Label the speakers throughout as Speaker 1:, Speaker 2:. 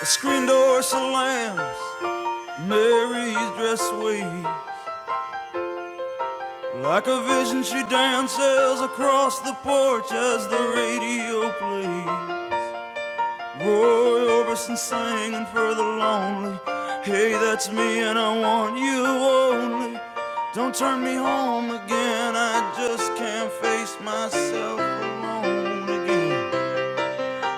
Speaker 1: The screen door slams, Mary's dress waves. Like a vision, she dances across the porch as the radio plays. Roy Orbison singing for the lonely. Hey, that's me, and I want you only. Don't turn me home again, I just can't face myself alone again.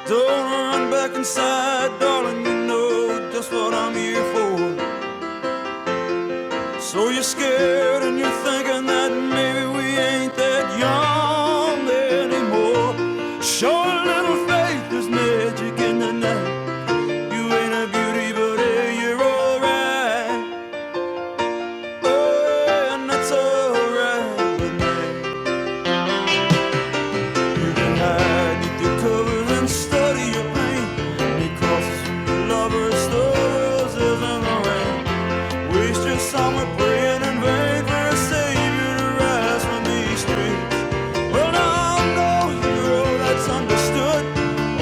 Speaker 1: Don't run back inside, darling, you know just what I'm here for. So you're scared and you're thinking that maybe we ain't that young anymore. Show a little faith, there's magic in the night. You ain't a beauty, but hey, you're alright. Oh, and that's alright. But now hide need your covers and study your pain. Because lovers, the roses and the rain. Wasting summer praying in vain for a savior to rise from these streets. Well, now I'm no hero that's understood,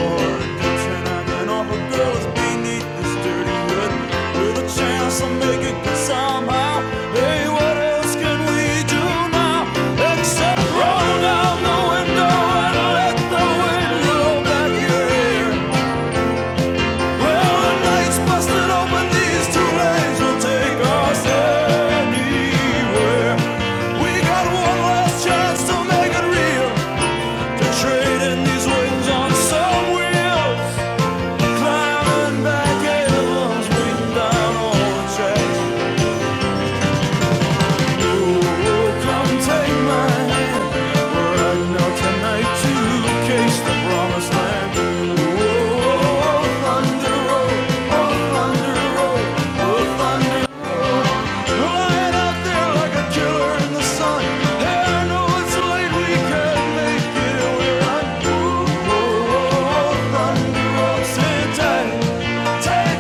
Speaker 1: or a dipshit hanging off a girl that's beneath this dirty hood. With a chance to make it good somehow. Hey, what else can we do now? Except roll down the window and let the wind blow back your hair. Well, the night's busted open, these two lanes will take us anywhere. We got one last chance to make it real, to trade in these wings on some wheels. Climbing back in the lungs, down all the tracks. Take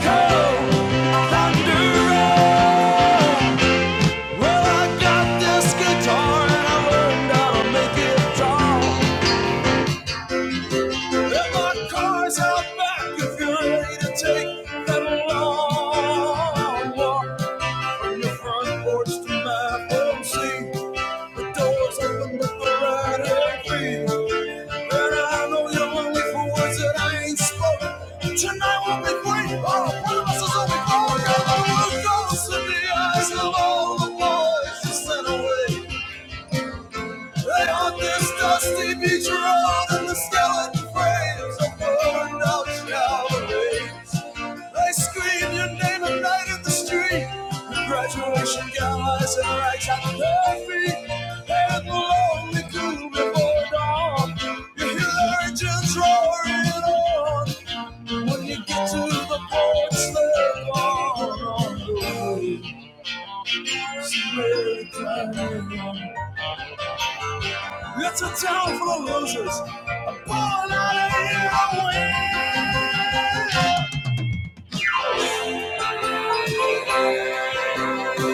Speaker 1: home, thunder roll. Well, I got this guitar and I learned how to make it draw. And my car's out back if you're ready to take that long walk from your front porch to my front seat. The door's open, but the rider creep. And I know you're lonely for words that I ain't spoken. Tonight will be great. All the promises will be gone. broken. The world goes in the eyes of all the boys you sent away. Lay on this dusty beach road in the skeleton frames of burned out shower rays. They scream your name at night in the street. With graduation gown eyes and rags on their feet. And the lonely cool before dawn. You hear the urchins roaring on. When you get to the porch, they're gone on the way. It's a town full of losers. Thank you.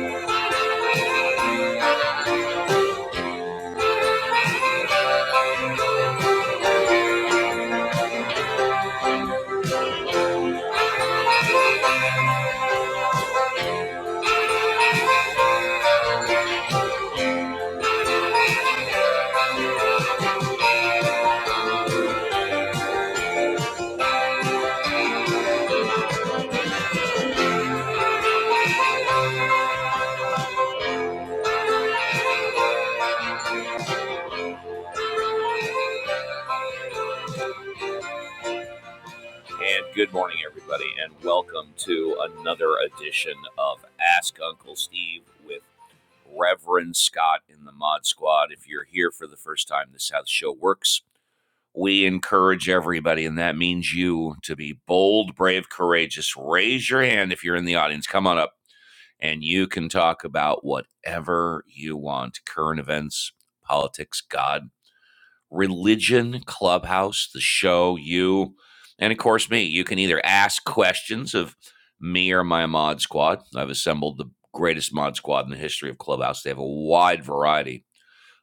Speaker 1: Thank you. And good morning, everybody, and welcome to another edition of Ask Uncle Steve with Reverend Scott in the Mod Squad. If you're here for the first time, this is how the show works. We encourage everybody, and that means you, to be bold, brave, courageous. Raise your hand if you're in the audience. Come on up and you can talk about whatever you want current events, politics, God, religion, clubhouse, the show, you, and of course, me. You can either ask questions of me or my mod squad. I've assembled the greatest mod squad in the history of Clubhouse. They have a wide variety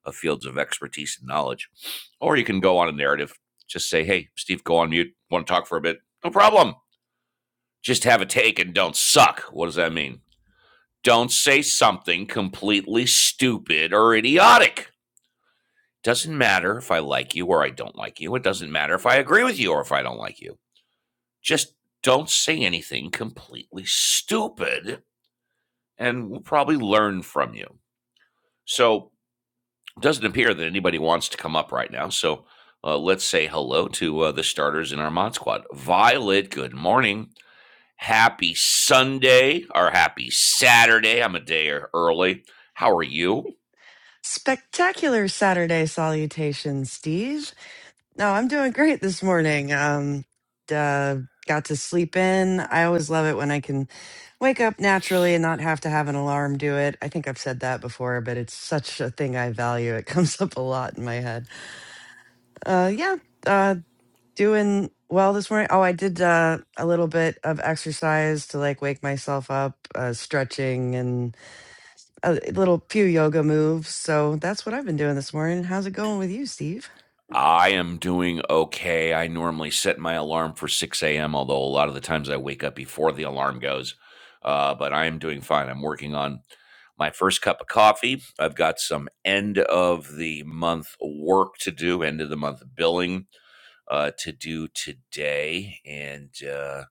Speaker 1: of fields of expertise and knowledge. Or you can go on a narrative, just say, hey, Steve, go on mute. Want to talk for a bit? No problem. Just have a take and don't suck. What does that mean? Don't say something completely stupid or idiotic. Doesn't matter if I like you or I don't like you. It doesn't matter if I agree with you or if I don't like you. Just don't say anything completely stupid and we'll probably learn from you. So, it doesn't appear that anybody wants to come up right now. So, uh, let's say hello to uh, the starters in our mod squad. Violet, good morning. Happy Sunday or happy Saturday. I'm a day early. How are you?
Speaker 2: Spectacular Saturday salutations, Steve. No, I'm doing great this morning. Um, uh, got to sleep in. I always love it when I can wake up naturally and not have to have an alarm do it. I think I've said that before, but it's such a thing I value. It comes up a lot in my head. Uh, yeah, uh, doing well this morning. Oh, I did uh, a little bit of exercise to like wake myself up, uh, stretching a little few yoga moves. So that's what I've been doing this morning. How's it going with you, Steve?
Speaker 1: I am doing okay. I normally set my alarm for 6 a.m., although a lot of the times I wake up before the alarm goes. Uh, but I am doing fine. I'm working on my first cup of coffee. I've got some end of the month work to do, end of the month billing uh, to do today. And uh,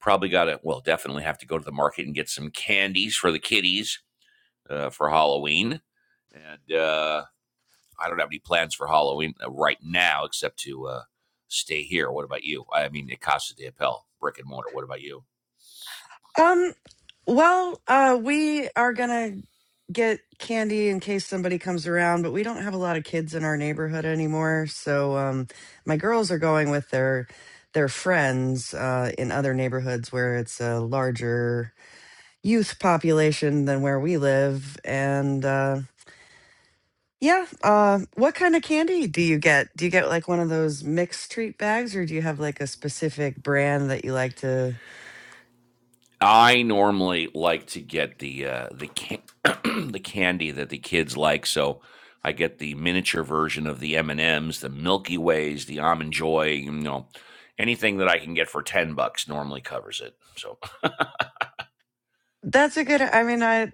Speaker 1: probably got to, well, definitely have to go to the market and get some candies for the kiddies uh, for Halloween. And, uh, I don't have any plans for Halloween uh, right now except to uh, stay here. What about you? I mean, at Casa de Appel, brick and mortar. What about you?
Speaker 2: Um, well, uh, we are gonna get candy in case somebody comes around, but we don't have a lot of kids in our neighborhood anymore. So um, my girls are going with their their friends uh, in other neighborhoods where it's a larger youth population than where we live, and. uh, Yeah. Uh, what kind of candy do you get? Do you get like one of those mixed treat bags, or do you have like a specific brand that you like to?
Speaker 1: I normally like to get the uh, the can- the candy that the kids like, so I get the miniature version of the M and M's, the Milky Ways, the Almond Joy. You know, anything that I can get for ten bucks normally covers it. So
Speaker 2: That's a good. I mean, I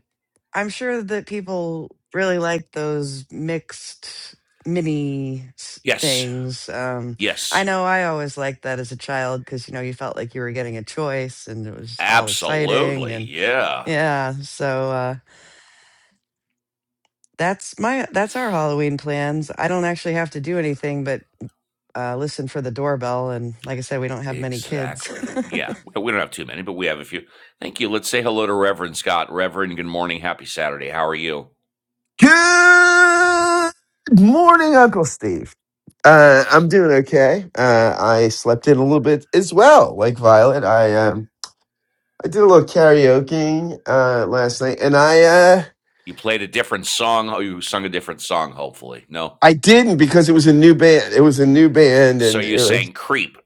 Speaker 2: I'm sure that people really like those mixed mini s-
Speaker 1: Yes.
Speaker 2: things. Um, I
Speaker 1: Yes.
Speaker 2: know I always liked that as a child because you know you felt like you were getting a choice and it was all exciting
Speaker 1: Absolutely.
Speaker 2: and
Speaker 1: Yeah.
Speaker 2: yeah. So. uh, That's my that's our Halloween plans. I don't actually have to do anything but uh, listen for the doorbell. And like I said, we don't have many kids.
Speaker 1: Exactly. Yeah. We we don't have too many, but we have a few. Thank you. Let's say hello to Reverend Scott. Reverend, good morning. Happy Saturday. How are you?
Speaker 3: Good morning, Uncle Steve. Uh, I'm doing okay. Uh, I slept in a little bit as well, like Violet. I um, I did a little karaoke uh, last night, and I uh,
Speaker 1: You played a different song. Oh, you sung a different song, hopefully. No.
Speaker 3: I didn't because it was a new band. It was a new band,
Speaker 1: So
Speaker 3: and
Speaker 1: you
Speaker 3: it was
Speaker 1: sang Creep.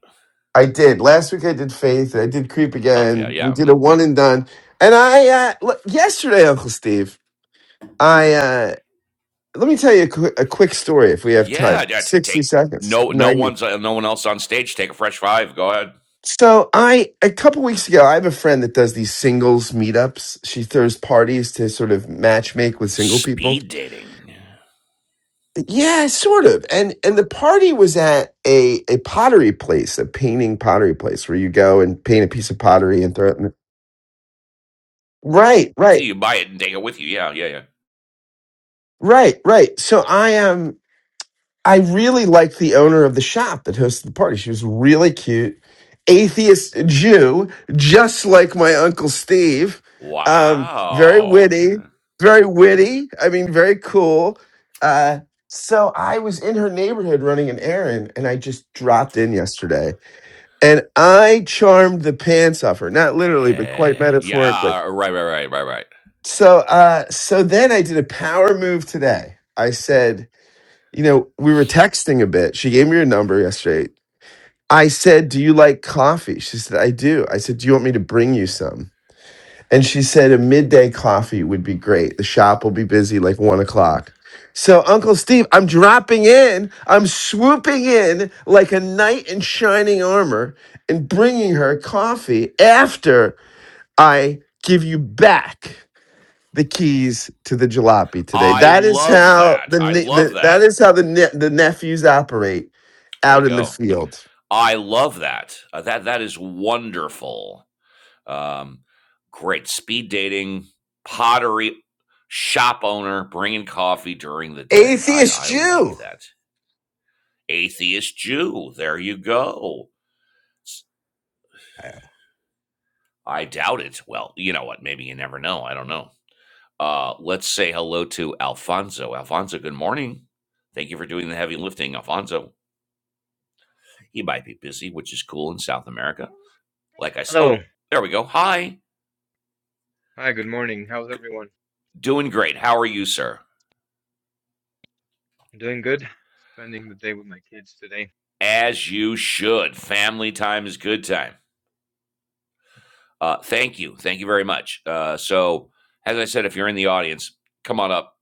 Speaker 3: I did last week. I did Faith. I did Creep
Speaker 1: Oh, yeah.
Speaker 3: again.
Speaker 1: Yeah.
Speaker 3: We did a
Speaker 1: mhm.
Speaker 3: one and done. And I uh, l- yesterday, Uncle Steve. I uh, let me tell you a, qu- a quick story if we have time.
Speaker 1: Yeah. yeah, to
Speaker 3: Sixty
Speaker 1: take
Speaker 3: seconds,
Speaker 1: no no
Speaker 3: 90,
Speaker 1: one's uh, no one else on stage. Take a fresh five. Go ahead.
Speaker 3: So I a couple weeks ago, I have a friend that does these singles meetups. She throws parties to sort of match make with single people.
Speaker 1: Speed dating.
Speaker 3: Yeah, sort of. And and the party was at a a pottery place, a painting pottery place where you go and paint a piece of pottery and throw it in the Right, right,
Speaker 1: Until you buy it and take it with you. Yeah, yeah, yeah.
Speaker 3: right, right. So I am I really liked the owner of the shop that hosted the party. She was really cute, atheist Jew, just like my uncle Steve. Um, very
Speaker 1: Wow. Yeah.
Speaker 3: witty, very witty. I mean, very cool. Uh, so I was in her neighborhood running an errand, and I just dropped in yesterday, and I charmed the pants off her. Not literally, but quite
Speaker 1: Eh, yeah,
Speaker 3: metaphorically.
Speaker 1: uh, right, right, right, right, right.
Speaker 3: So, uh, so then I did a power move today. I said you know, we were texting a bit. She gave me her number yesterday. I said, Do you like coffee? She said, I do. I said, Do you want me to bring you some? And she said, A midday coffee would be great. The shop will be busy like one o'clock. So, Uncle Steve, I'm dropping in. I'm swooping in like a knight in shining armor and bringing her coffee after I give you back the keys to the jalopy today.
Speaker 1: I
Speaker 3: That is
Speaker 1: love
Speaker 3: how
Speaker 1: that.
Speaker 3: the,
Speaker 1: I
Speaker 3: ne-
Speaker 1: love
Speaker 3: the
Speaker 1: that.
Speaker 3: that is how the ne- the nephews operate
Speaker 1: There
Speaker 3: out
Speaker 1: you
Speaker 3: in the
Speaker 1: go.
Speaker 3: field.
Speaker 1: I love that. Uh, that that is wonderful. Um, great speed dating, pottery shop owner, bringing coffee during the day. I
Speaker 3: Atheist
Speaker 1: I like
Speaker 3: Jew.
Speaker 1: that. Atheist Jew. There you go. I doubt it. Well, you know what? Maybe you never know. I don't know. Uh, let's say hello to Alfonso. Alfonso, good morning. Thank you for doing the heavy lifting, Alfonso. He might be busy, which is cool in South America. Like I said, oh, there we go. Hi,
Speaker 4: Hi, good morning. How's everyone?
Speaker 1: doing great. How are you, sir?
Speaker 4: Doing good. Spending the day with my kids today.
Speaker 1: As you should. Family time is good time. Uh, thank you, thank you very much. Uh, so, as I said, if you're in the audience, come on up.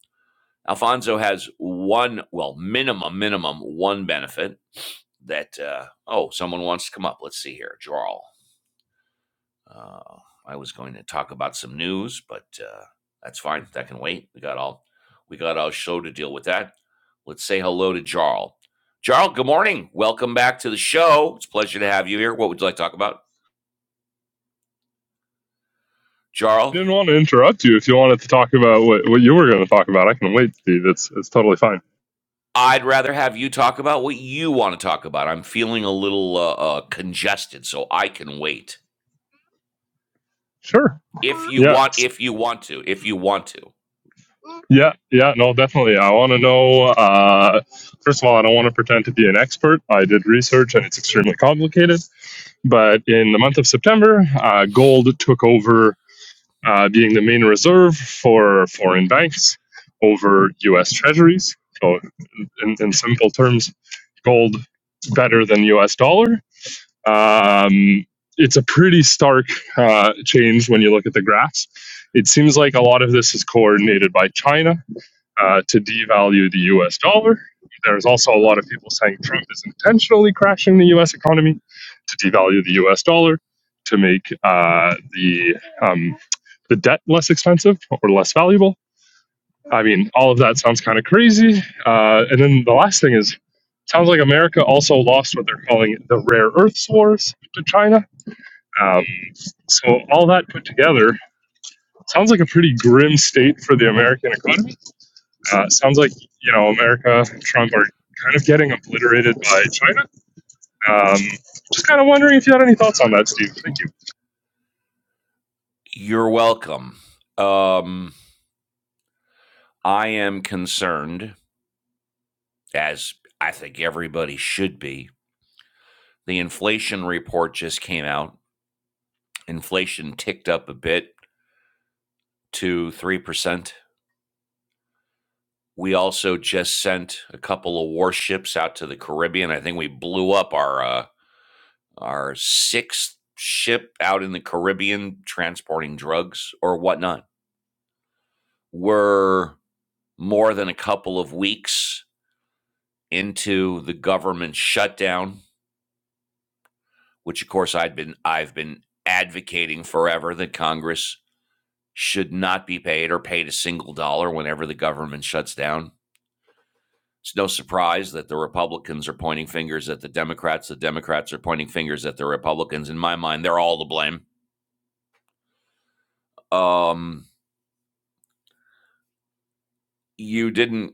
Speaker 1: Alfonso has one, well, minimum, minimum one benefit that. Uh, oh, someone wants to come up. Let's see here. Jarl. Uh, I was going to talk about some news, but uh, that's fine. That can wait. We got all we got all show to deal with that. Let's say hello to Jarl. Jarl, good morning. Welcome back to the show. It's a pleasure to have you here. What would you like to talk about, Jarl?
Speaker 5: didn't want to interrupt you. If you wanted to talk about what, what you were going to talk about, I can wait, Steve. It's it's totally fine.
Speaker 1: I'd rather have you talk about what you want to talk about. I'm feeling a little uh, uh, congested, so I can wait.
Speaker 5: Sure.
Speaker 1: If you
Speaker 5: Yeah.
Speaker 1: want, if you want to, if you want to,
Speaker 5: Yeah. Yeah. No, definitely. I want to know. Uh, first of all, I don't want to pretend to be an expert. I did research, and it's extremely complicated. But in the month of September, uh, gold took over uh, being the main reserve for foreign banks over U.S. Treasuries. So, in, in simple terms, gold better than U.S. dollar Um, it's a pretty stark uh, change when you look at the graphs. It seems like a lot of this is coordinated by China uh, to devalue the US dollar. There's also a lot of people saying Trump is intentionally crashing the US economy to devalue the US dollar to make uh, the, um, the debt less expensive or less valuable. I mean, all of that sounds kind of crazy. Uh, and then the last thing is, sounds like America also lost what they're calling the rare earths wars to China. Um, so all that put together sounds like a pretty grim state for the American economy. Uh, sounds like you know America and Trump are kind of getting obliterated by China. Um, just kind of wondering if you had any thoughts on that, Steve. Thank you.
Speaker 1: you're welcome. Um, I am concerned as I think everybody should be. The inflation report just came out. Inflation ticked up a bit to 3%. We also just sent a couple of warships out to the Caribbean. I think we blew up our uh, our sixth ship out in the Caribbean transporting drugs or whatnot. We're more than a couple of weeks into the government shutdown, which of course I'd been I've been advocating forever that Congress should not be paid or paid a single dollar whenever the government shuts down. It's no surprise that the Republicans are pointing fingers at the Democrats. The Democrats are pointing fingers at the Republicans. In my mind, they're all to blame. Um, you didn't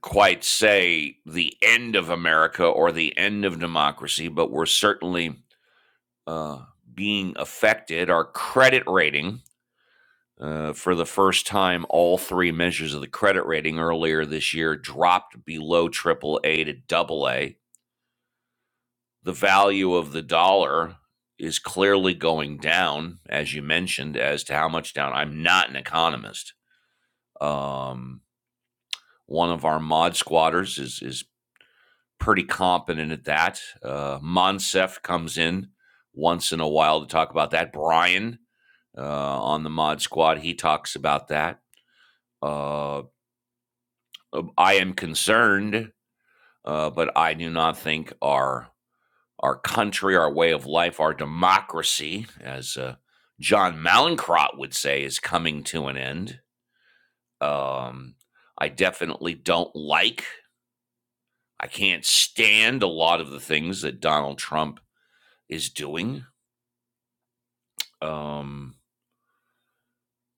Speaker 1: quite say the end of America or the end of democracy, but we're certainly uh, being affected. Our credit rating, uh, for the first time, all three measures of the credit rating earlier this year dropped below triple A to double A. the value of the dollar is clearly going down, as you mentioned, as to how much down. I'm not an economist. Um, one of our mod squatters is is pretty competent at that. Uh, Monsef comes in once in a while to talk about that. Brian uh, on the mod squad, he talks about that. Uh, I am concerned, uh, but I do not think our our country, our way of life, our democracy, as uh, John Malincrot would say, is coming to an end. Um, I definitely don't like, I can't stand a lot of the things that Donald Trump is doing. Um,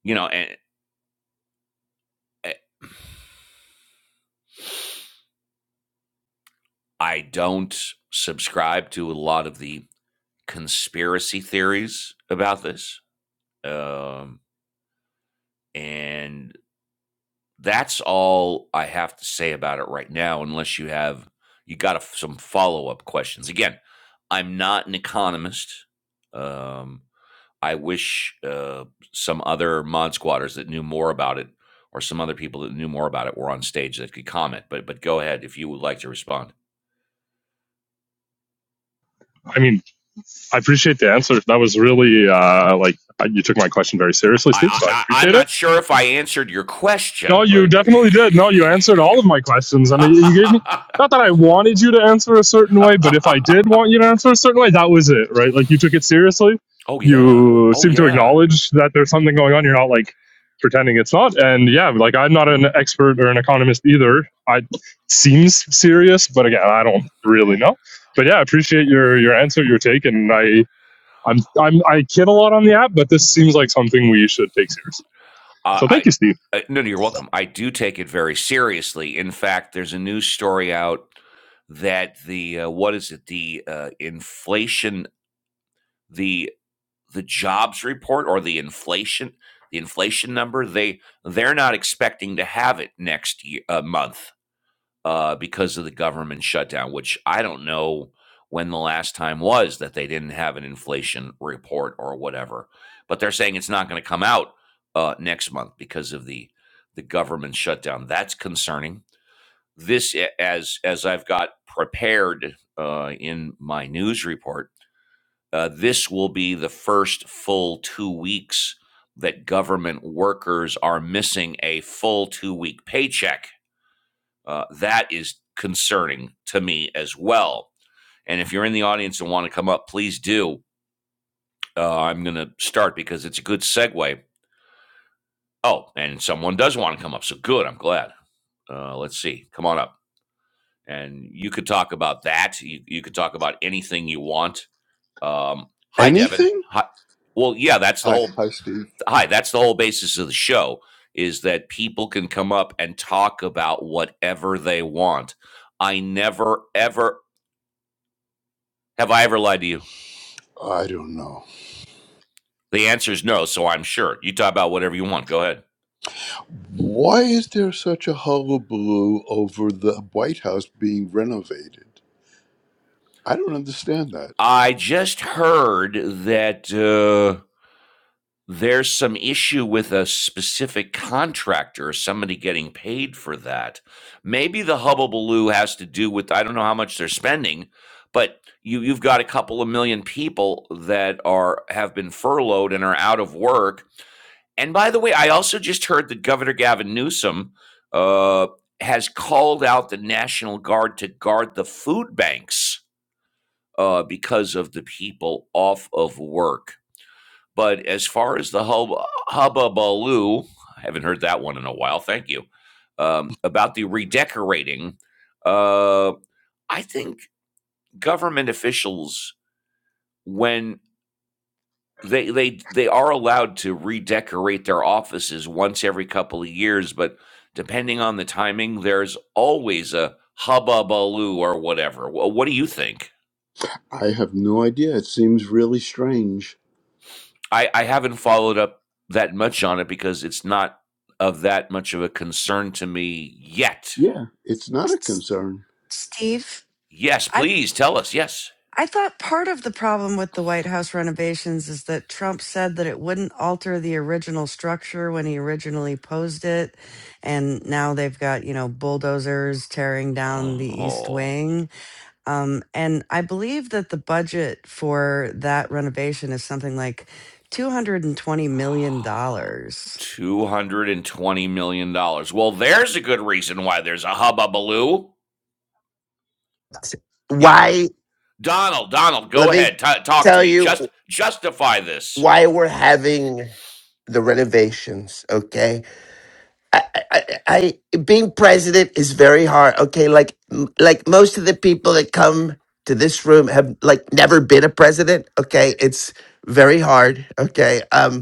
Speaker 1: you know, and eh, I don't subscribe to a lot of the conspiracy theories about this. Um, and That's all I have to say about it right now, unless you have you got a, some follow up questions. Again, I'm not an economist. Um, I wish uh, some other mod squatters that knew more about it, or some other people that knew more about it, were on stage that could comment. But but go ahead if you would like to respond.
Speaker 5: I mean, I appreciate the answer. That was really uh, like you took my question very seriously, Steve.
Speaker 1: I,
Speaker 5: So I
Speaker 1: I I- I'm
Speaker 5: appreciate it.
Speaker 1: not sure if I answered your
Speaker 5: No,
Speaker 1: question,
Speaker 5: you
Speaker 1: but
Speaker 5: definitely did. No, you answered all of my questions, and you you gave me not that I wanted you to answer a certain way, but if I did want you to answer a certain way, that was it, right? Like you took it seriously.
Speaker 1: Oh yeah.
Speaker 5: You
Speaker 1: Oh
Speaker 5: seem to
Speaker 1: yeah.
Speaker 5: acknowledge that there's something going on. You're not like pretending it's not. And yeah, like I'm not an expert or an economist either. I seems serious, but again, I don't really know. But yeah, I appreciate your your answer, your take, and I I'm, I'm I kid a lot on the app, but this seems like something we should take seriously.
Speaker 1: Uh,
Speaker 5: So thank
Speaker 1: I,
Speaker 5: you, Steve.
Speaker 1: I no, no, you're welcome. I do take it very seriously. In fact, there's a news story out that the uh, what is it? The uh, inflation, the the jobs report or the inflation, the inflation number. They they're not expecting to have it next year, uh, month. uh, because of the government shutdown, which I don't know when the last time was that they didn't have an inflation report or whatever. But they're saying it's not going to come out uh, next month because of the the government shutdown. That's concerning. This, as as I've got prepared uh, in my news report, uh, this will be the first full two weeks that government workers are missing a full two week paycheck uh, that is concerning to me as well. And if you're in the audience and want to come up, please do. Uh, I'm going to start because it's a good segue. Oh, and someone does want to come up. So good. I'm glad. Uh, let's see. Come on up. And you could talk about that. You, you could talk about anything you want. Um, hi, Devin.
Speaker 6: Anything?
Speaker 1: Hi. Well, yeah, that's the
Speaker 6: Hi,
Speaker 1: whole.
Speaker 6: hi, Steve.
Speaker 1: Hi, that's the whole basis of the show is that people can come up and talk about whatever they want. I never, ever, Have I ever lied to you?
Speaker 6: I don't know.
Speaker 1: The answer is no, so I'm sure. You talk about whatever you want. Go ahead.
Speaker 6: Why is there such a hullabaloo over the White House being renovated? I don't understand that.
Speaker 1: I just heard that uh, there's some issue with a specific contractor, somebody getting paid for that. Maybe the hubbubaloo has to do with, I don't know how much they're spending, but you, you've got a couple of million people that are have been furloughed and are out of work And by the way, I also just heard that Governor Gavin Newsom uh, has called out the National Guard to guard the food banks uh, because of the people off of work. But as far as the hub- hubbubaloo, I haven't heard that one in a while. Thank you. Um, about the redecorating, uh, I think government officials, when they they they are allowed to redecorate their offices once every couple of years, but depending on the timing, there's always a hubbubaloo or whatever. Wha what do you think?
Speaker 6: I have no idea. It seems really strange.
Speaker 1: I, I haven't followed up that much on it because it's not of that much of a concern to me yet.
Speaker 6: Yeah, it's not a concern.
Speaker 2: Steve,
Speaker 1: Yes,
Speaker 2: I
Speaker 1: please tell us. Yes.
Speaker 2: I thought part of the problem with the White House renovations is that Trump said that it wouldn't alter the original structure when he originally posed it, and now they've got you know bulldozers tearing down the East
Speaker 1: Oh,
Speaker 2: Wing. Um, and I believe that the budget for that renovation is something like $220 million. dollars.
Speaker 1: $220 million. dollars. Well, there's a good reason why there's a hubbubaloo. Yeah,
Speaker 3: Why?
Speaker 1: Donald, Donald,
Speaker 3: Let
Speaker 1: go
Speaker 3: me
Speaker 1: ahead. T- talk to
Speaker 3: tell
Speaker 1: me.
Speaker 3: you
Speaker 1: Just justify this.
Speaker 3: why we're having the renovations. Okay, I, I, I I- being president is very hard. Okay, like like most of the people that come to this room have like never been a president. Okay, it's very hard. Okay, um,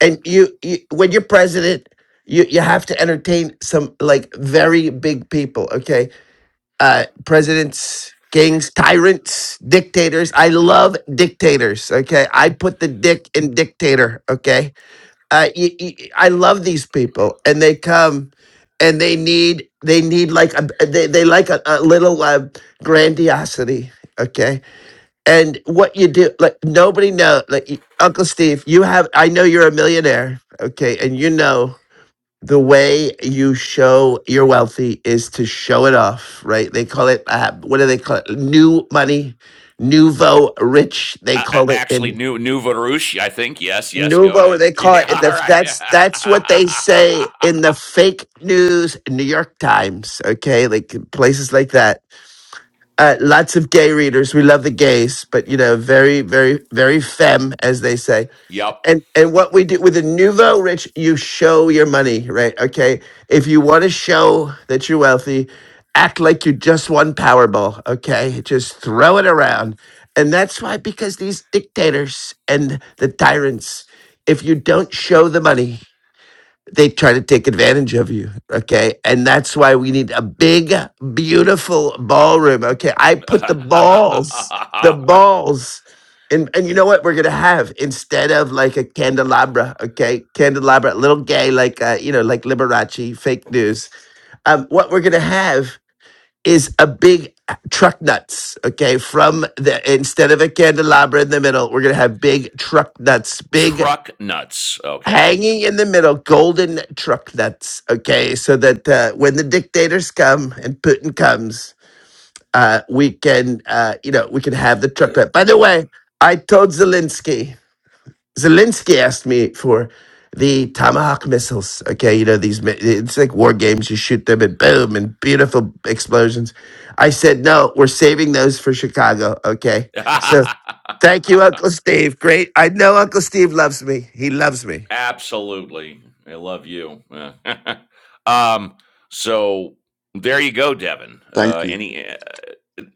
Speaker 3: and you, you when you're president you you have to entertain some like very big people okay uh presidents kings tyrants dictators i love dictators okay i put the dick in dictator okay uh y- y- i love these people and they come and they need they need like a they, they like a, a little uh, grandiosity okay and what you do like nobody know like y- uncle steve you have i know you're a millionaire okay and you know the way you show you're wealthy is to show it off right they call it uh, what do they call it new money nouveau rich they
Speaker 1: Uh, uh,
Speaker 3: call it
Speaker 1: actually,
Speaker 3: in
Speaker 1: new new Varush, I think. Yes, yes. Go
Speaker 3: nouveau
Speaker 1: ahead.
Speaker 3: they call
Speaker 1: Yeah.
Speaker 3: it in
Speaker 1: All
Speaker 3: the
Speaker 1: right.
Speaker 3: that's that's what they say in the fake news new york times okay like places like that uh, lots of gay readers. We love the gays, but you know, very, very, very femme, as they say.
Speaker 1: yep.
Speaker 3: And and what we do with the nouveau rich, you show your money, right? Okay, if you want to show that you're wealthy, act like you just won Powerball. Okay, just throw it around, and that's why because these dictators and the tyrants, if you don't show the money, they try to take advantage of you. Okay. And that's why we need a big, beautiful ballroom. Okay. I put the balls, the balls. And, and you know what we're gonna have instead of like a candelabra, okay, candelabra, a little gay like uh, you know like Liberace, fake news. Um, what we're gonna have is a big uh, truck nuts, okay? From the instead of a candelabra in the middle, we're gonna have big truck nuts, big
Speaker 1: Truck nuts. Okay.
Speaker 3: hanging in the middle, golden truck nuts. Okay, so that uh, when the dictators come and Putin comes, uh, we can, uh, you know, we can have the truck nut. By the way, I told Zelensky. Zelensky asked me for the Tomahawk missiles. Okay, you know these. mi- It's like war games. You shoot them and boom, and beautiful explosions. I said no. We're saving those for Chicago. Okay, so. Thank you, Uncle Steve. Great. I know Uncle Steve loves me. He loves me.
Speaker 1: Absolutely. I love you. um. So there you go, Devin.
Speaker 6: Thank
Speaker 1: Uh,
Speaker 6: you.
Speaker 1: any? Uh,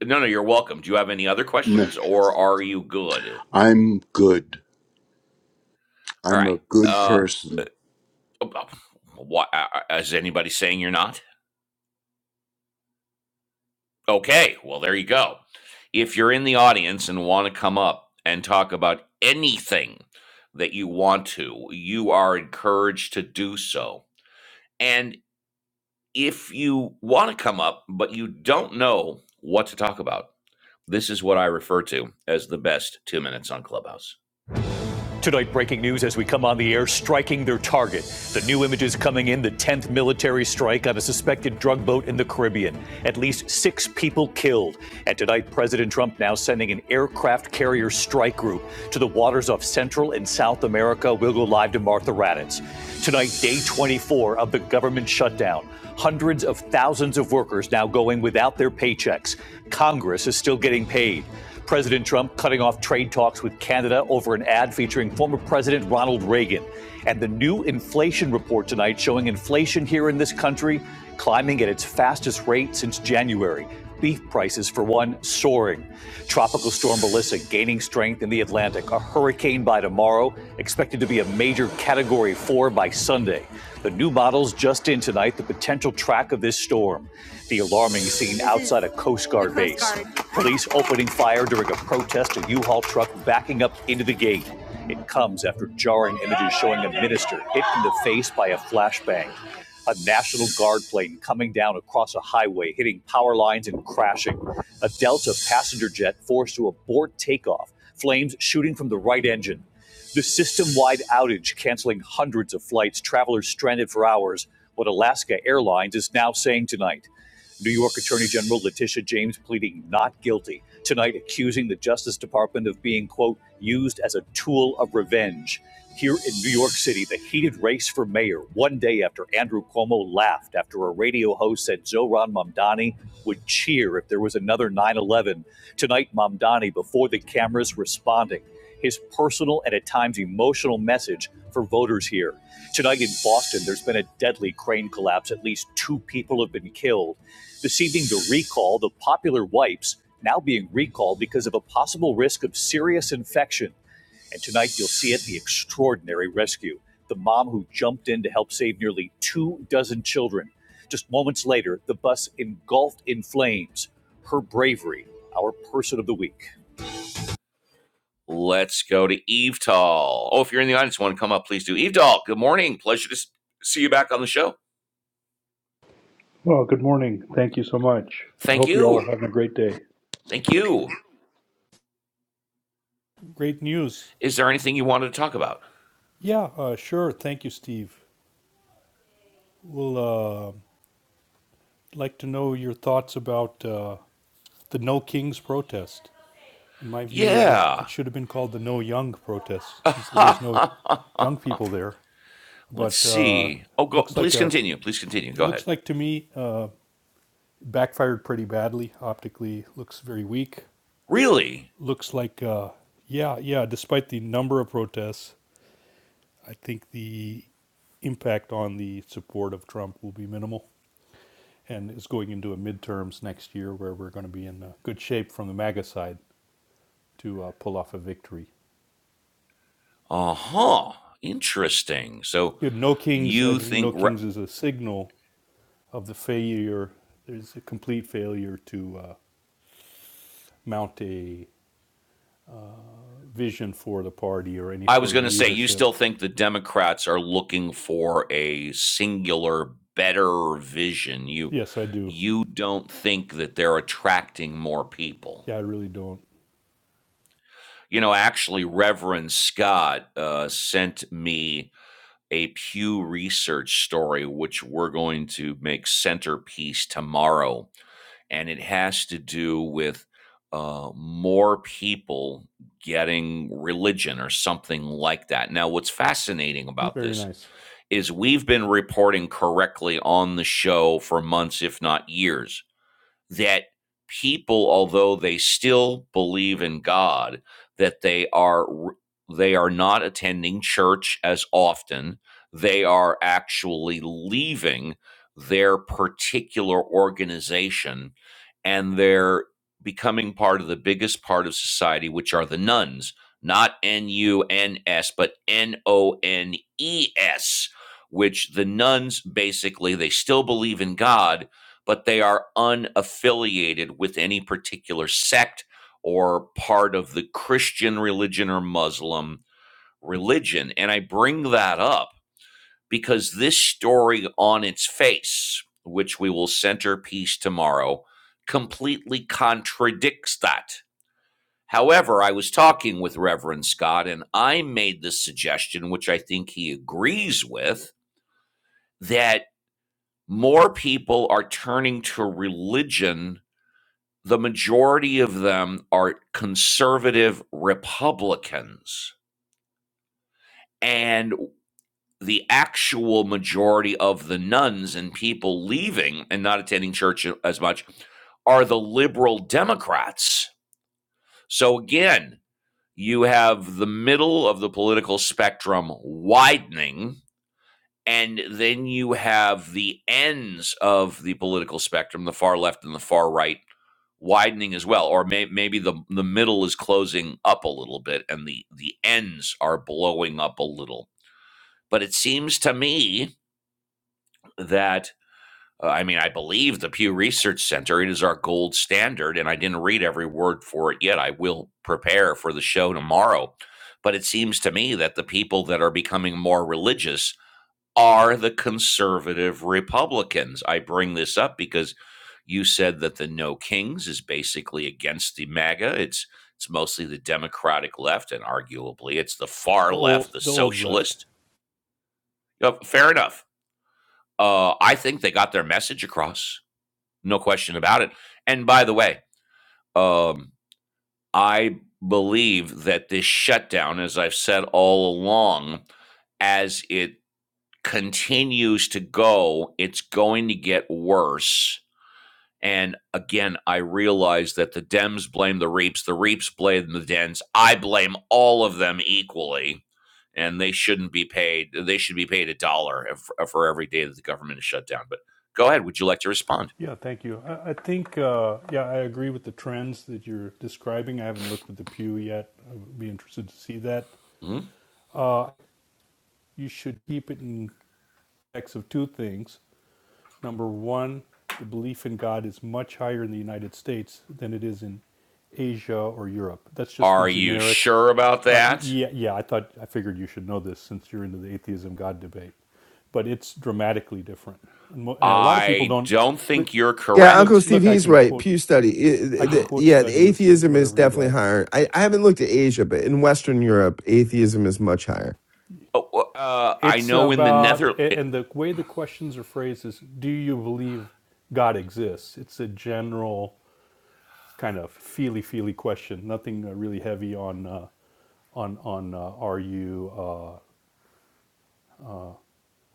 Speaker 1: no, no. You're welcome. Do you have any other
Speaker 6: No,
Speaker 1: questions, or are you good?
Speaker 6: I'm good.
Speaker 1: All
Speaker 6: I'm a
Speaker 1: right.
Speaker 6: good
Speaker 1: Uh,
Speaker 6: person.
Speaker 1: What is anybody saying you're not? Okay, well there you go. If you're in the audience and want to come up and talk about anything that you want to, you are encouraged to do so. And if you want to come up but you don't know what to talk about, this is what I refer to as the best 2 minutes on Clubhouse. Tonight, breaking news as we come on the air, striking their target. The new images coming in the 10th military strike on a suspected drug boat in the Caribbean. At least six people killed. And tonight, President Trump now sending an aircraft carrier strike group to the waters off Central and South America. We'll go live to Martha Raddatz. Tonight, day 24 of the government shutdown. Hundreds of thousands of workers now going without their paychecks. Congress is still getting paid. President Trump cutting off trade talks with Canada over an ad featuring former President Ronald Reagan. And the new inflation report tonight showing inflation here in this country climbing at its fastest rate since January. Beef prices, for one, soaring. Tropical storm Melissa gaining strength in the Atlantic. A hurricane by tomorrow, expected to be a major category four by Sunday. The new models just in tonight, the potential track of this storm. The alarming scene outside a Coast Guard base. Police opening fire during a protest, a U-Haul truck backing up into the gate. It comes after jarring images showing a minister hit in the face by a flashbang. A National Guard plane coming down across a highway, hitting power lines and crashing. A Delta passenger jet forced to abort takeoff, flames shooting from the right engine. The system wide outage canceling hundreds of flights, travelers stranded for hours, what Alaska Airlines is now saying tonight. New York Attorney General Letitia James pleading not guilty, tonight accusing the Justice Department of being, quote, used as a tool of revenge. Here in New York City, the heated race for mayor, one day after Andrew Cuomo laughed after a radio host said Zohran Mamdani would cheer if there was another 9 11. Tonight, Mamdani before the cameras responding his personal and at times emotional message for voters here. Tonight in Boston, there's been a deadly crane collapse. At least two people have been killed. This evening, the recall, the popular wipes, now being recalled because of a possible risk of serious infection. And tonight, you'll see it the extraordinary rescue the mom who jumped in to help save nearly two dozen children. Just moments later, the bus engulfed in flames. Her bravery, our person of the week. Let's go to Eve Tall. Oh, if you're in the audience, want to come up, please do. Eve Tall, good morning. Pleasure to see you back on the show.
Speaker 7: Well, good morning. Thank you so much. I
Speaker 1: Thank
Speaker 7: hope you all are
Speaker 1: you.
Speaker 7: having a great day.
Speaker 1: Thank you.
Speaker 7: Great news.
Speaker 1: Is there anything you wanted to talk about?
Speaker 7: Yeah, uh, sure. Thank you, Steve. We'll uh, like to know your thoughts about uh, the No Kings protest. In my view, it was it
Speaker 1: Yeah.
Speaker 7: should have been called the No Young protest since there was no young people there.
Speaker 1: Let's
Speaker 7: But uh,
Speaker 1: see. Oh, go,
Speaker 7: looks like
Speaker 1: please
Speaker 7: a
Speaker 1: continue. Please continue.
Speaker 7: it
Speaker 1: Go ahead.
Speaker 7: looks like to me uh, backfired pretty badly optically. Looks very weak.
Speaker 1: Really?
Speaker 7: Looks like uh, yeah, yeah. Despite the number of protests. I think the impact on the support of Trump will be minimal. And it's going into a midterms next year where we're going to be in uh, good shape from the MAGA side to uh, pull off a victory.
Speaker 1: Uh huh. Interesting. So
Speaker 7: You know, no Kings, I
Speaker 1: you
Speaker 7: think
Speaker 1: think?
Speaker 7: No
Speaker 1: Re-
Speaker 7: Kings is a signal of the failure. There's a complete failure to uh, mount a vision for the party or any
Speaker 1: I
Speaker 7: sort
Speaker 1: was
Speaker 7: of
Speaker 1: going to say, you
Speaker 7: leadership.
Speaker 1: still think the Democrats are looking for a singular, better vision. You,
Speaker 7: Yes, I do.
Speaker 1: you don't think that they're attracting more people.
Speaker 7: Yeah, I really don't.
Speaker 1: You know, actually, Reverend Scott uh, sent me a Pew Research story, which we're going to make centerpiece tomorrow and it has to do with uh, more people getting religion or something like that. Now, what's fascinating about
Speaker 7: Very
Speaker 1: this
Speaker 7: nice.
Speaker 1: is we've been reporting correctly on the show for months, if not years, that people, although they still believe in God, that they are they are not attending church as often. They are actually leaving their particular organization and they're becoming part of the biggest part of society, which are the nuns, not N U N S, but N O N E S, which the nuns basically they still believe in God, but they are unaffiliated with any particular sect or part of the Christian religion or Muslim religion. And I bring that up because this story on its face, which we will centerpiece tomorrow, completely contradicts that. However, I was talking with Reverend Scott and I made the suggestion, which I think he agrees with, that more people are turning to religion the majority of them are conservative Republicans. And the actual majority of the nuns and people leaving and not attending church as much are the liberal Democrats. So again, you have the middle of the political spectrum widening And then you have the ends of the political spectrum, the far left and the far right, widening as well. Or may, maybe the, the middle is closing up a little bit and the, the ends are blowing up a little. But it seems to me that, uh, I mean, I believe the Pew Research Center, it is our gold standard. And I didn't read every word for it yet. I will prepare for the show tomorrow. But it seems to me that the people that are becoming more religious are the conservative Republicans. I bring this up because you said that the No Kings is basically against the MAGA. It's it's mostly the Democratic left, and arguably it's the far
Speaker 7: The
Speaker 1: left,
Speaker 7: old,
Speaker 1: the
Speaker 7: the old left.
Speaker 1: socialist. Uh, fair enough. Uh, I think they got their message across, no question about it. And by the way, um, I believe that this shutdown, as I've said all along, as it continues to go, it's going to get worse. And again, I realize that the Dems blame the Reaps, the Reaps blame the Dems. I blame all of them equally, and they shouldn't be paid. They should be paid a dollar for every day that the government is shut down. But go ahead. Would you like to respond?
Speaker 7: Yeah, thank you. I, I think, uh, yeah, I agree with the trends that you're describing. I haven't looked at the Pew yet. I would be interested to see that.
Speaker 1: Mhm.
Speaker 7: Uh, you should keep it in context of two things. Number one, the belief in God is much higher in the United States than it is in Asia or Europe. That's just the
Speaker 1: Are you
Speaker 7: generic.
Speaker 1: sure about
Speaker 7: Uh,
Speaker 1: that?
Speaker 7: yeah, yeah. I thought I figured you should know this since you're into the atheism God debate, but it's dramatically different, and, mo- and a lot of people
Speaker 1: I
Speaker 7: don't.
Speaker 1: don't think you're
Speaker 3: Yeah,
Speaker 7: look,
Speaker 3: Uncle
Speaker 1: correct.
Speaker 3: Steve,
Speaker 7: look, I
Speaker 3: he's
Speaker 7: can
Speaker 3: right.
Speaker 7: quote
Speaker 3: Pew study. I-
Speaker 7: I
Speaker 3: I-
Speaker 7: can
Speaker 3: the-
Speaker 7: quote
Speaker 3: Yeah, the
Speaker 7: studies,
Speaker 3: atheism is
Speaker 7: whatever you'd
Speaker 3: definitely
Speaker 7: like.
Speaker 3: higher. I, I haven't looked at Asia, but in Western Europe, atheism is much higher.
Speaker 1: Oh, uh, I
Speaker 7: It's
Speaker 1: know in the
Speaker 7: about,
Speaker 1: Nether,
Speaker 7: and the way the questions are phrased is Do you believe God exists? It's a general kind of feely feely question, nothing uh, really heavy on, uh, on, on uh, are you uh,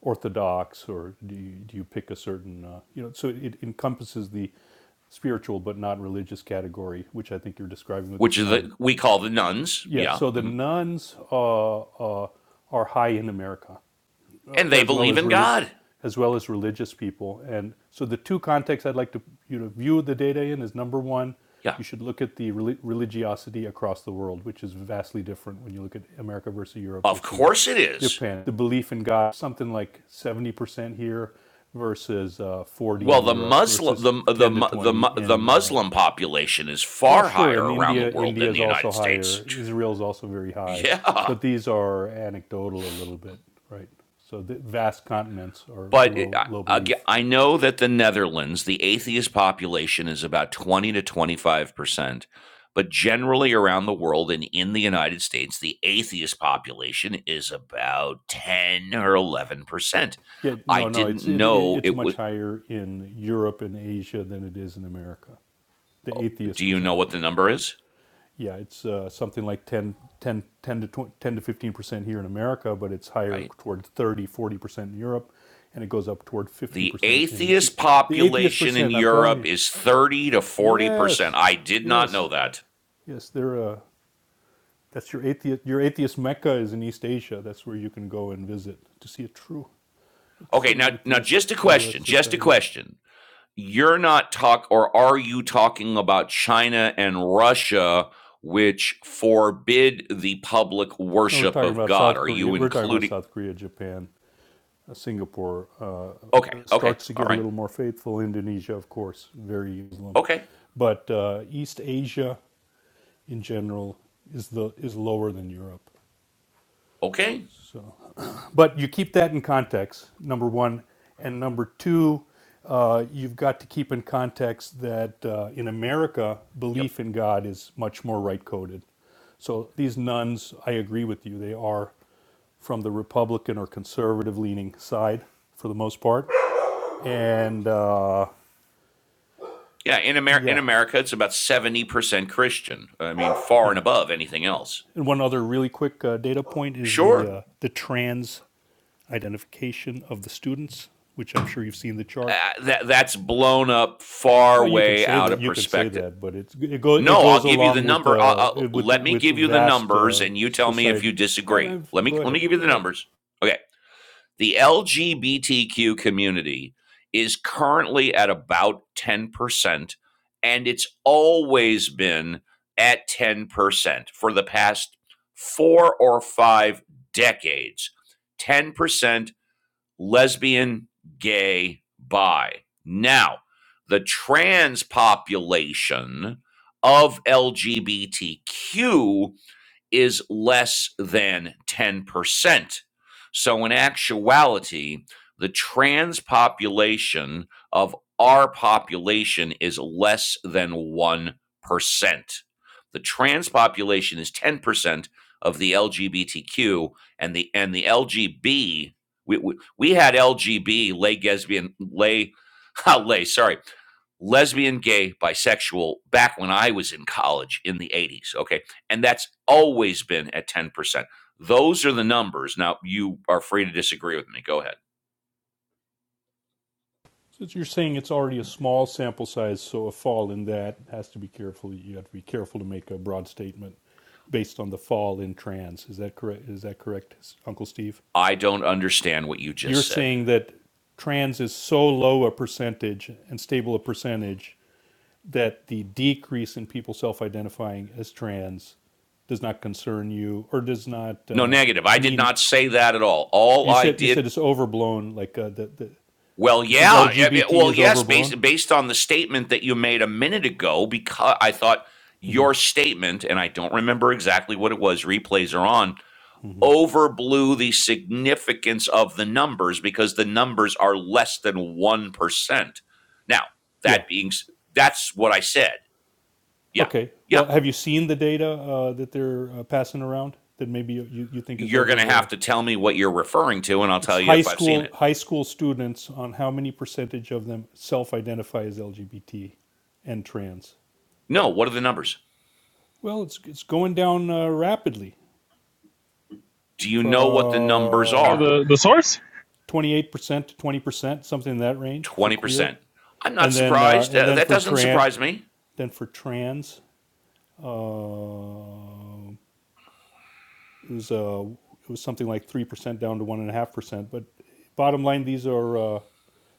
Speaker 7: orthodox or do you, do you pick a certain, uh, you know, so it encompasses the spiritual but not religious category, which I think you're describing with
Speaker 1: which
Speaker 7: this
Speaker 1: is
Speaker 7: nun.
Speaker 1: the, we call the nuns.
Speaker 7: Yeah,
Speaker 1: Yeah.
Speaker 7: so the
Speaker 1: mhm.
Speaker 7: nuns uh, uh, are high in America uh,
Speaker 1: and they
Speaker 7: as well
Speaker 1: believe
Speaker 7: as
Speaker 1: in
Speaker 7: relig-
Speaker 1: God.
Speaker 7: as well as religious people. And so the two contexts I'd like to you know view the data in is number one,
Speaker 1: Yeah,
Speaker 7: you should look at the reli- religiosity across the world, which is vastly different when you look at America versus Europe
Speaker 1: of
Speaker 7: versus
Speaker 1: course it is.
Speaker 7: Japan. The belief in God, something like seventy percent here versus uh, forty
Speaker 1: Well,
Speaker 7: in
Speaker 1: the
Speaker 7: Europe
Speaker 1: Muslim
Speaker 7: versus
Speaker 1: the the
Speaker 7: ten to
Speaker 1: the the,
Speaker 7: twenty in uh,
Speaker 1: Muslim population is
Speaker 7: well,
Speaker 1: far
Speaker 7: sure. In
Speaker 1: higher around the
Speaker 7: India,
Speaker 1: world
Speaker 7: India
Speaker 1: than the
Speaker 7: is also
Speaker 1: United States.
Speaker 7: higher. Israel is also very high,
Speaker 1: Yeah,
Speaker 7: but these are anecdotal a little bit, right? So the vast continents are
Speaker 1: but it,
Speaker 7: low,
Speaker 1: I,
Speaker 7: low belief.
Speaker 1: I know that the Netherlands, the atheist population is about twenty to twenty five percent, but generally around the world and in the United States, the atheist population is about ten or eleven percent.
Speaker 7: Yeah,
Speaker 1: I
Speaker 7: no, no.
Speaker 1: didn't
Speaker 7: It's it, it,
Speaker 1: know
Speaker 7: it's
Speaker 1: it
Speaker 7: much
Speaker 1: was.
Speaker 7: higher in Europe and Asia than it is in America. The
Speaker 1: Do
Speaker 7: atheist
Speaker 1: you know what the
Speaker 7: percentage.
Speaker 1: number is?
Speaker 7: Yeah, it's uh, something like 10, 10, 10 to 20, 10 to fifteen percent here in America, but it's higher
Speaker 1: Right
Speaker 7: toward 30, 40 percent in Europe, and it goes up toward fifty
Speaker 1: The
Speaker 7: percent in
Speaker 1: atheist
Speaker 7: the atheist
Speaker 1: population in
Speaker 7: percent. I'm telling
Speaker 1: Europe
Speaker 7: you.
Speaker 1: is 30 to 40%.
Speaker 7: Yes,
Speaker 1: I did not
Speaker 7: yes,
Speaker 1: know that.
Speaker 7: yes. They're uh, that's your atheist. Your atheist mecca is in East Asia. That's where you can go and visit to see a true, a
Speaker 1: Okay,
Speaker 7: true
Speaker 1: now now
Speaker 7: atheist
Speaker 1: just a
Speaker 7: religious
Speaker 1: question, just a
Speaker 7: society.
Speaker 1: question. You're not talk or are you talking about China and Russia which forbid the public
Speaker 7: No, we're
Speaker 1: worship
Speaker 7: talking
Speaker 1: of
Speaker 7: about
Speaker 1: God?
Speaker 7: South
Speaker 1: Are you
Speaker 7: Korea. We're talking about
Speaker 1: including
Speaker 7: South Korea, Japan, uh, Singapore.
Speaker 1: Okay,
Speaker 7: Uh, it
Speaker 1: okay.
Speaker 7: starts to
Speaker 1: All
Speaker 7: get a
Speaker 1: right.
Speaker 7: little more faithful. Indonesia, of course, very Muslim,
Speaker 1: Okay.
Speaker 7: but uh, East Asia in general is the is lower than Europe.
Speaker 1: Okay.
Speaker 7: So. But you keep that in context, number one. And number two, uh, you've got to keep in context that uh, in America,
Speaker 1: Yep.
Speaker 7: belief in God is much more right coded. So these nuns, I agree with you, they are from the Republican or conservative leaning side for the most part. And uh,
Speaker 1: Yeah, in Amer- in
Speaker 7: yeah,
Speaker 1: America it's about 70% Christian. I mean far and
Speaker 7: yeah.
Speaker 1: above anything else.
Speaker 7: And one other really quick uh, data point is the
Speaker 1: Sure.
Speaker 7: uh, the trans identification of the students, which I'm sure you've seen the
Speaker 1: uh,
Speaker 7: chart.
Speaker 1: that that's blown up far
Speaker 7: Well, you can
Speaker 1: way
Speaker 7: say
Speaker 1: out
Speaker 7: that.
Speaker 1: of
Speaker 7: You can say
Speaker 1: perspective.
Speaker 7: that, but it's it goes it
Speaker 1: No, I'll
Speaker 7: goes
Speaker 1: give you the
Speaker 7: along with
Speaker 1: number. I'll, I'll-
Speaker 7: the with the,
Speaker 1: let me
Speaker 7: with the
Speaker 1: give you the
Speaker 7: vast
Speaker 1: numbers,
Speaker 7: uh,
Speaker 1: and you tell me if
Speaker 7: society.
Speaker 1: you
Speaker 7: I,
Speaker 1: disagree.
Speaker 7: I,
Speaker 1: Let me
Speaker 7: go
Speaker 1: let me
Speaker 7: ahead,
Speaker 1: give you the
Speaker 7: go ahead.
Speaker 1: numbers. Okay, the LGBTQ community is currently at about ten percent, and it's always been at ten percent for the past four or five decades. Ten percent lesbian, gay, bi. Now, the trans population of LGBTQ is less than 10%. So, in actuality, the trans population of our population is less than 1%. The trans population is 10% of the LGBTQ and the and the LGB we, we, we had LGB lay lesbian lay lay sorry lesbian gay bisexual back when I was in college in the 80s okay and that's always been at 10%. Those are the numbers. Now, you are free to disagree with me. Go ahead.
Speaker 7: Since you're saying it's already a small sample size, so a fall in that has to be careful. You have to be careful to make a broad statement based on the fall in trans. Is that correct? Is that correct, Uncle Steve?
Speaker 1: I don't understand what you
Speaker 7: You're
Speaker 1: just said.
Speaker 7: saying that trans is so low a percentage and stable a percentage that the decrease in people self-identifying as trans does not concern you or does not
Speaker 1: No,
Speaker 7: uh,
Speaker 1: negative. I did
Speaker 7: mean
Speaker 1: not say that at all. All
Speaker 7: you
Speaker 1: I
Speaker 7: said you said
Speaker 1: did,
Speaker 7: it's overblown like uh, the, the
Speaker 1: well,
Speaker 7: you think
Speaker 1: yeah, yeah, yeah,
Speaker 7: lgbt
Speaker 1: well,
Speaker 7: is
Speaker 1: yes,
Speaker 7: overblown
Speaker 1: based based on the statement that you made a minute ago, because I thought your statement, and I don't remember exactly what it was. Replays are on overblew the significance of the numbers because the numbers are less than 1%. Now,
Speaker 7: yeah
Speaker 1: that being that's what I said. Yeah.
Speaker 7: okay well
Speaker 1: Yeah.
Speaker 7: have you seen the data uh, that they're uh, passing around that maybe you, you think is
Speaker 1: You're going to
Speaker 7: over uh,
Speaker 1: have to tell me what you're referring to and I'll
Speaker 7: it's
Speaker 1: tell you
Speaker 7: high
Speaker 1: if I've seen
Speaker 7: school
Speaker 1: it.
Speaker 7: high school students on how many percentage of them self-identify as lgbt and trans
Speaker 1: No, what are the numbers?
Speaker 7: well it's, it's going down uh, rapidly
Speaker 1: Do you know what the numbers
Speaker 5: So
Speaker 7: from
Speaker 1: are?
Speaker 5: The the source.
Speaker 7: 28% to 20%, something in that range for queer.
Speaker 1: 20%. I'm not
Speaker 7: And then uh,
Speaker 1: surprised.
Speaker 7: and
Speaker 1: Uh,
Speaker 7: then
Speaker 1: that
Speaker 7: for
Speaker 1: doesn't
Speaker 7: trans,
Speaker 1: surprise me.
Speaker 7: then for trans, uh, it was uh, it was something like 3% down to 1.5%. But bottom line, these are uh,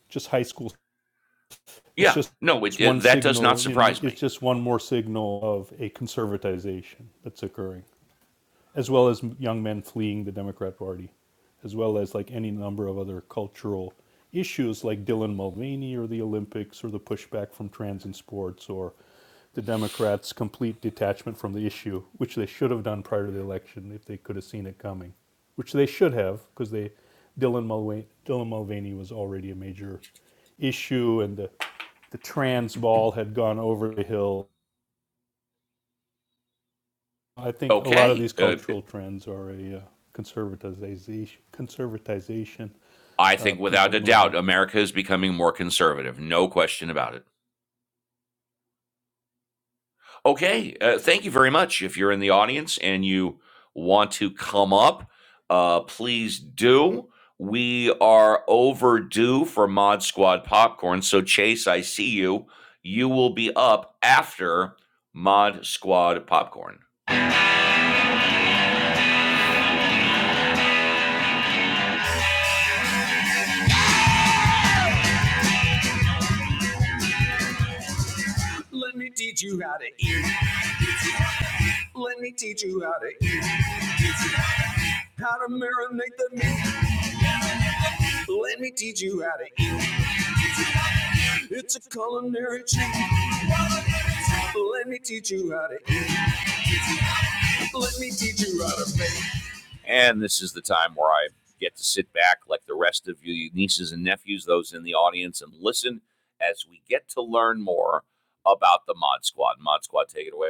Speaker 7: just high school. It's
Speaker 1: Yeah.
Speaker 7: just
Speaker 1: No, it,
Speaker 7: one
Speaker 1: it- that does not
Speaker 7: signal in. The,
Speaker 1: surprise me.
Speaker 7: It's just one more signal of a conservatization that's occurring. as well as young men fleeing the Democrat Party, as well as like any number of other cultural issues like Dylan Mulvaney or the Olympics or the pushback from trans in sports or the Democrats' complete detachment from the issue, which they should have done prior to the election if they could have seen it coming, which they should have because they Dylan Mulvaney, Dylan Mulvaney was already a major issue and the, the trans ball had gone over the hill I think a lot of
Speaker 1: Okay.
Speaker 7: these
Speaker 1: Uh,
Speaker 7: cultural trends are a uh, conservatization, conservatization,
Speaker 1: I
Speaker 7: uh,
Speaker 1: think
Speaker 7: people
Speaker 1: without a
Speaker 7: moving.
Speaker 1: doubt America is becoming more conservative. No question about it. Okay. Uh, thank you very much. If you're in the audience and you want to come up, uh, please do. We are overdue for Mod Squad popcorn. So, Chase, I see you. You will be up after Mod Squad popcorn. Let me teach you how to eat. Let me teach you how to eat. How to marinate the meat. Let me teach you how to eat. It's a culinary treat. Let me teach you how to eat. Let me teach you how to make. And this is the time where I get to sit back, like the rest of you nieces and nephews, those in the audience, and listen as we get to learn more about the Mod Squad. Mod Squad, take it away.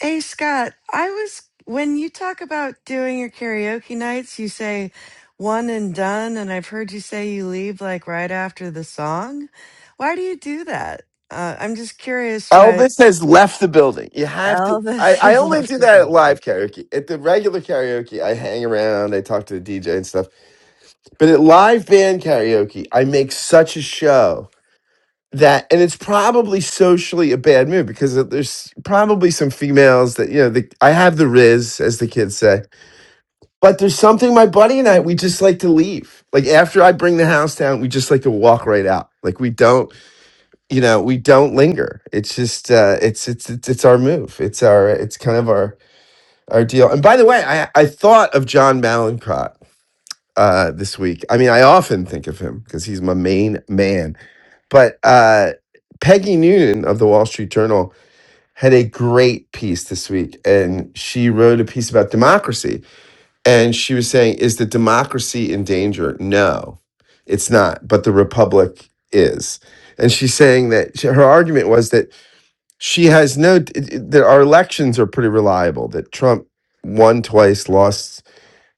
Speaker 2: Hey, Scott, I was, when you talk about doing your karaoke nights, you say one and done. And I've heard you say you leave like right after the song. Why do you do that? Uh, I'm just curious why
Speaker 3: Elvis has left the building. You have to. I,
Speaker 2: Elvis
Speaker 3: I
Speaker 2: has
Speaker 3: only
Speaker 2: left
Speaker 3: do
Speaker 2: the
Speaker 3: that at
Speaker 2: building.
Speaker 3: live karaoke. At the regular karaoke, I hang around, I talk to the DJ and stuff. But at live band karaoke, I make such a show that, and it's probably socially a bad move because there's probably some females that, you know, the, I have the Riz, as the kids say But there's something my buddy and I we just like to leave. Like after I bring the house down, we just like to walk right out. Like we don't, you know, we don't linger. It's just uh it's it's it's, it's our move. It's our it's kind of our our deal. And by the way, I I thought of John Malincrot uh this week. I mean, I often think of him because he's my main man. But uh Peggy Noonan of the Wall Street Journal had a great piece this week and she wrote a piece about democracy and she was saying, Is the democracy in danger? No, it's not, but the republic is. And she's saying that she- her argument was that she has no, that our elections are pretty reliable, that Trump won twice, lost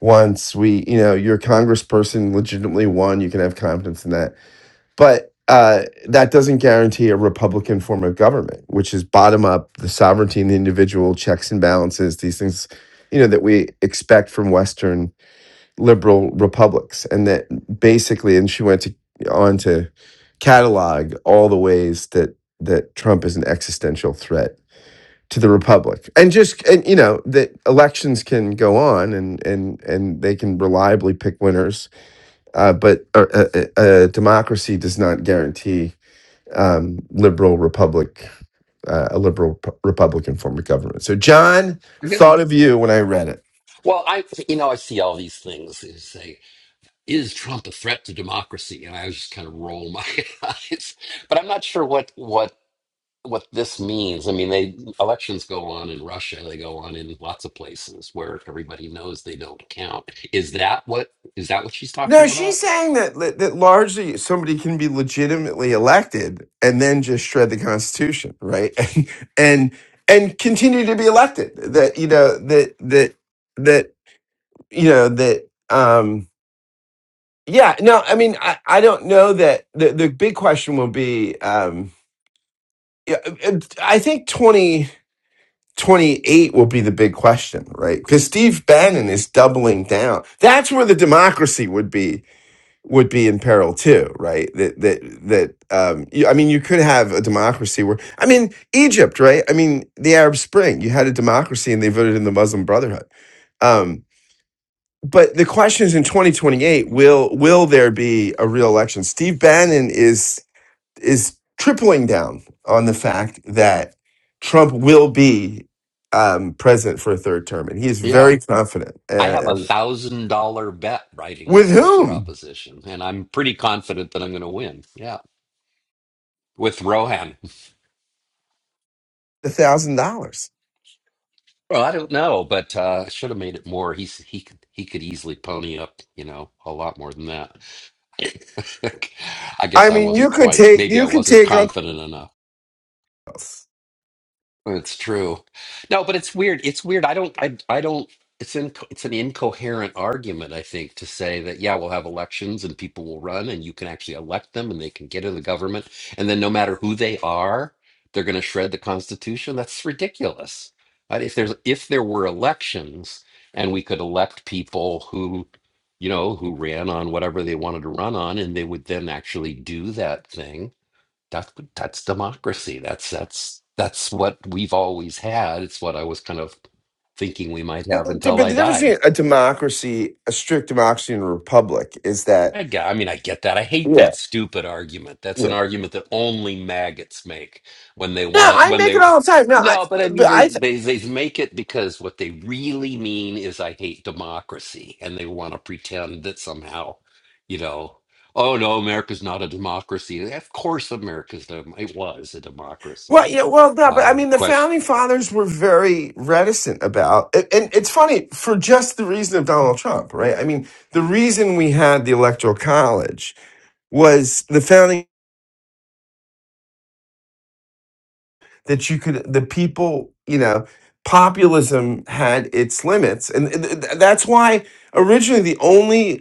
Speaker 3: once. We, you know, your congressperson legitimately won. You can have confidence in that. But uh, that doesn't guarantee a Republican form of government, which is bottom up, the sovereignty and the individual checks and balances, these things, you know, that we expect from Western liberal republics and that basically and she went to on to catalog all the ways that that Trump is an existential threat to the republic and just and you know that elections can go on and and and they can reliably pick winners uh, but a, a, a democracy does not guarantee um, liberal republic uh, a liberal p- republican form of government so john
Speaker 8: I guess.
Speaker 3: thought of you when i read it
Speaker 8: Well, I you know I see all these things. They say, "Is Trump a threat to democracy?" And I just kind of roll my eyes. But I'm not sure what what what this means. I mean, they elections go on in Russia. They go on in lots of places where everybody knows they don't count. Is that what is that what she's
Speaker 3: No,
Speaker 8: talking
Speaker 3: she's
Speaker 8: about?
Speaker 3: saying that that that largely somebody can be legitimately elected and then just shred the Constitution, right? And and and continue to be elected. That you know that that that you know that um yeah. No, I mean I I don't know that the the big question will be um yeah, uh, uh, I think twenty twenty eight will be the big question, right? Because Steve Bannon is doubling down. That's where the democracy would be would be in peril too, right? That that that um, you, I mean, you could have a democracy where I mean, Egypt, right? I mean, the Arab Spring, you had a democracy and they voted in the Muslim Brotherhood. Um, but the question is, in 2028, will will there be a real election? Steve Bannon is is tripling down on the fact that Trump will be um, president for a third term, and he is
Speaker 8: Yeah.
Speaker 3: very confident.
Speaker 8: I have
Speaker 3: Uh,
Speaker 8: a thousand dollar bet writing
Speaker 3: with
Speaker 8: on that
Speaker 3: whom?
Speaker 8: proposition, and I'm pretty confident that I'm going to win. Yeah, with Rohan.
Speaker 3: The thousand dollars.
Speaker 8: Well, I don't know, but uh, I should have made it more. He's he could he could easily pony up, you know, a lot more than that. I
Speaker 3: I
Speaker 8: guess I
Speaker 3: mean, you
Speaker 8: wasn't
Speaker 3: could
Speaker 8: quite.
Speaker 3: take
Speaker 8: Maybe I
Speaker 3: you could
Speaker 8: wasn't
Speaker 3: take on.
Speaker 8: confident enough. It's true. No, but it's weird. It's weird. I don't. I. I don't. It's in. It's an incoherent argument. I think to say that yeah, we'll have elections and people will run and you can actually elect them and they can get in the government and then no matter who they are, they're going to shred the Constitution. That's ridiculous. Uh, If there's if there were elections and we could elect people who, you know, who ran on whatever they wanted to run on and they would then actually do that thing that's that's democracy. That's that's that's what we've always had. It's what I was kind of thinking we might
Speaker 3: But
Speaker 8: have
Speaker 3: the,
Speaker 8: until
Speaker 3: but
Speaker 8: I
Speaker 3: the difference
Speaker 8: died.
Speaker 3: between a democracy, a strict democracy, and a republic is that
Speaker 8: I got, I mean, I get that. I hate
Speaker 3: yeah,
Speaker 8: that stupid argument. That's
Speaker 3: yeah.
Speaker 8: an argument that only maggots make when they
Speaker 3: No,
Speaker 8: want to,
Speaker 3: I
Speaker 8: when
Speaker 3: make it
Speaker 8: they,
Speaker 3: all the time. No, I
Speaker 8: no, but I
Speaker 3: but
Speaker 8: mean, they,
Speaker 3: I th-
Speaker 8: they, they make it because what they really mean is I hate democracy and they want to pretend that somehow, you know, oh no, America's not a democracy. Of course, America's, dem- it was a
Speaker 3: well
Speaker 8: democracy.
Speaker 3: yeah well no, but I
Speaker 8: Uh,
Speaker 3: mean the founding fathers were very reticent about, and and it's funny for just the reason of Donald Trump, right? I mean, the reason we had the electoral college was the founding. that you could the people you know populism had its limits and th- th- that's why originally the only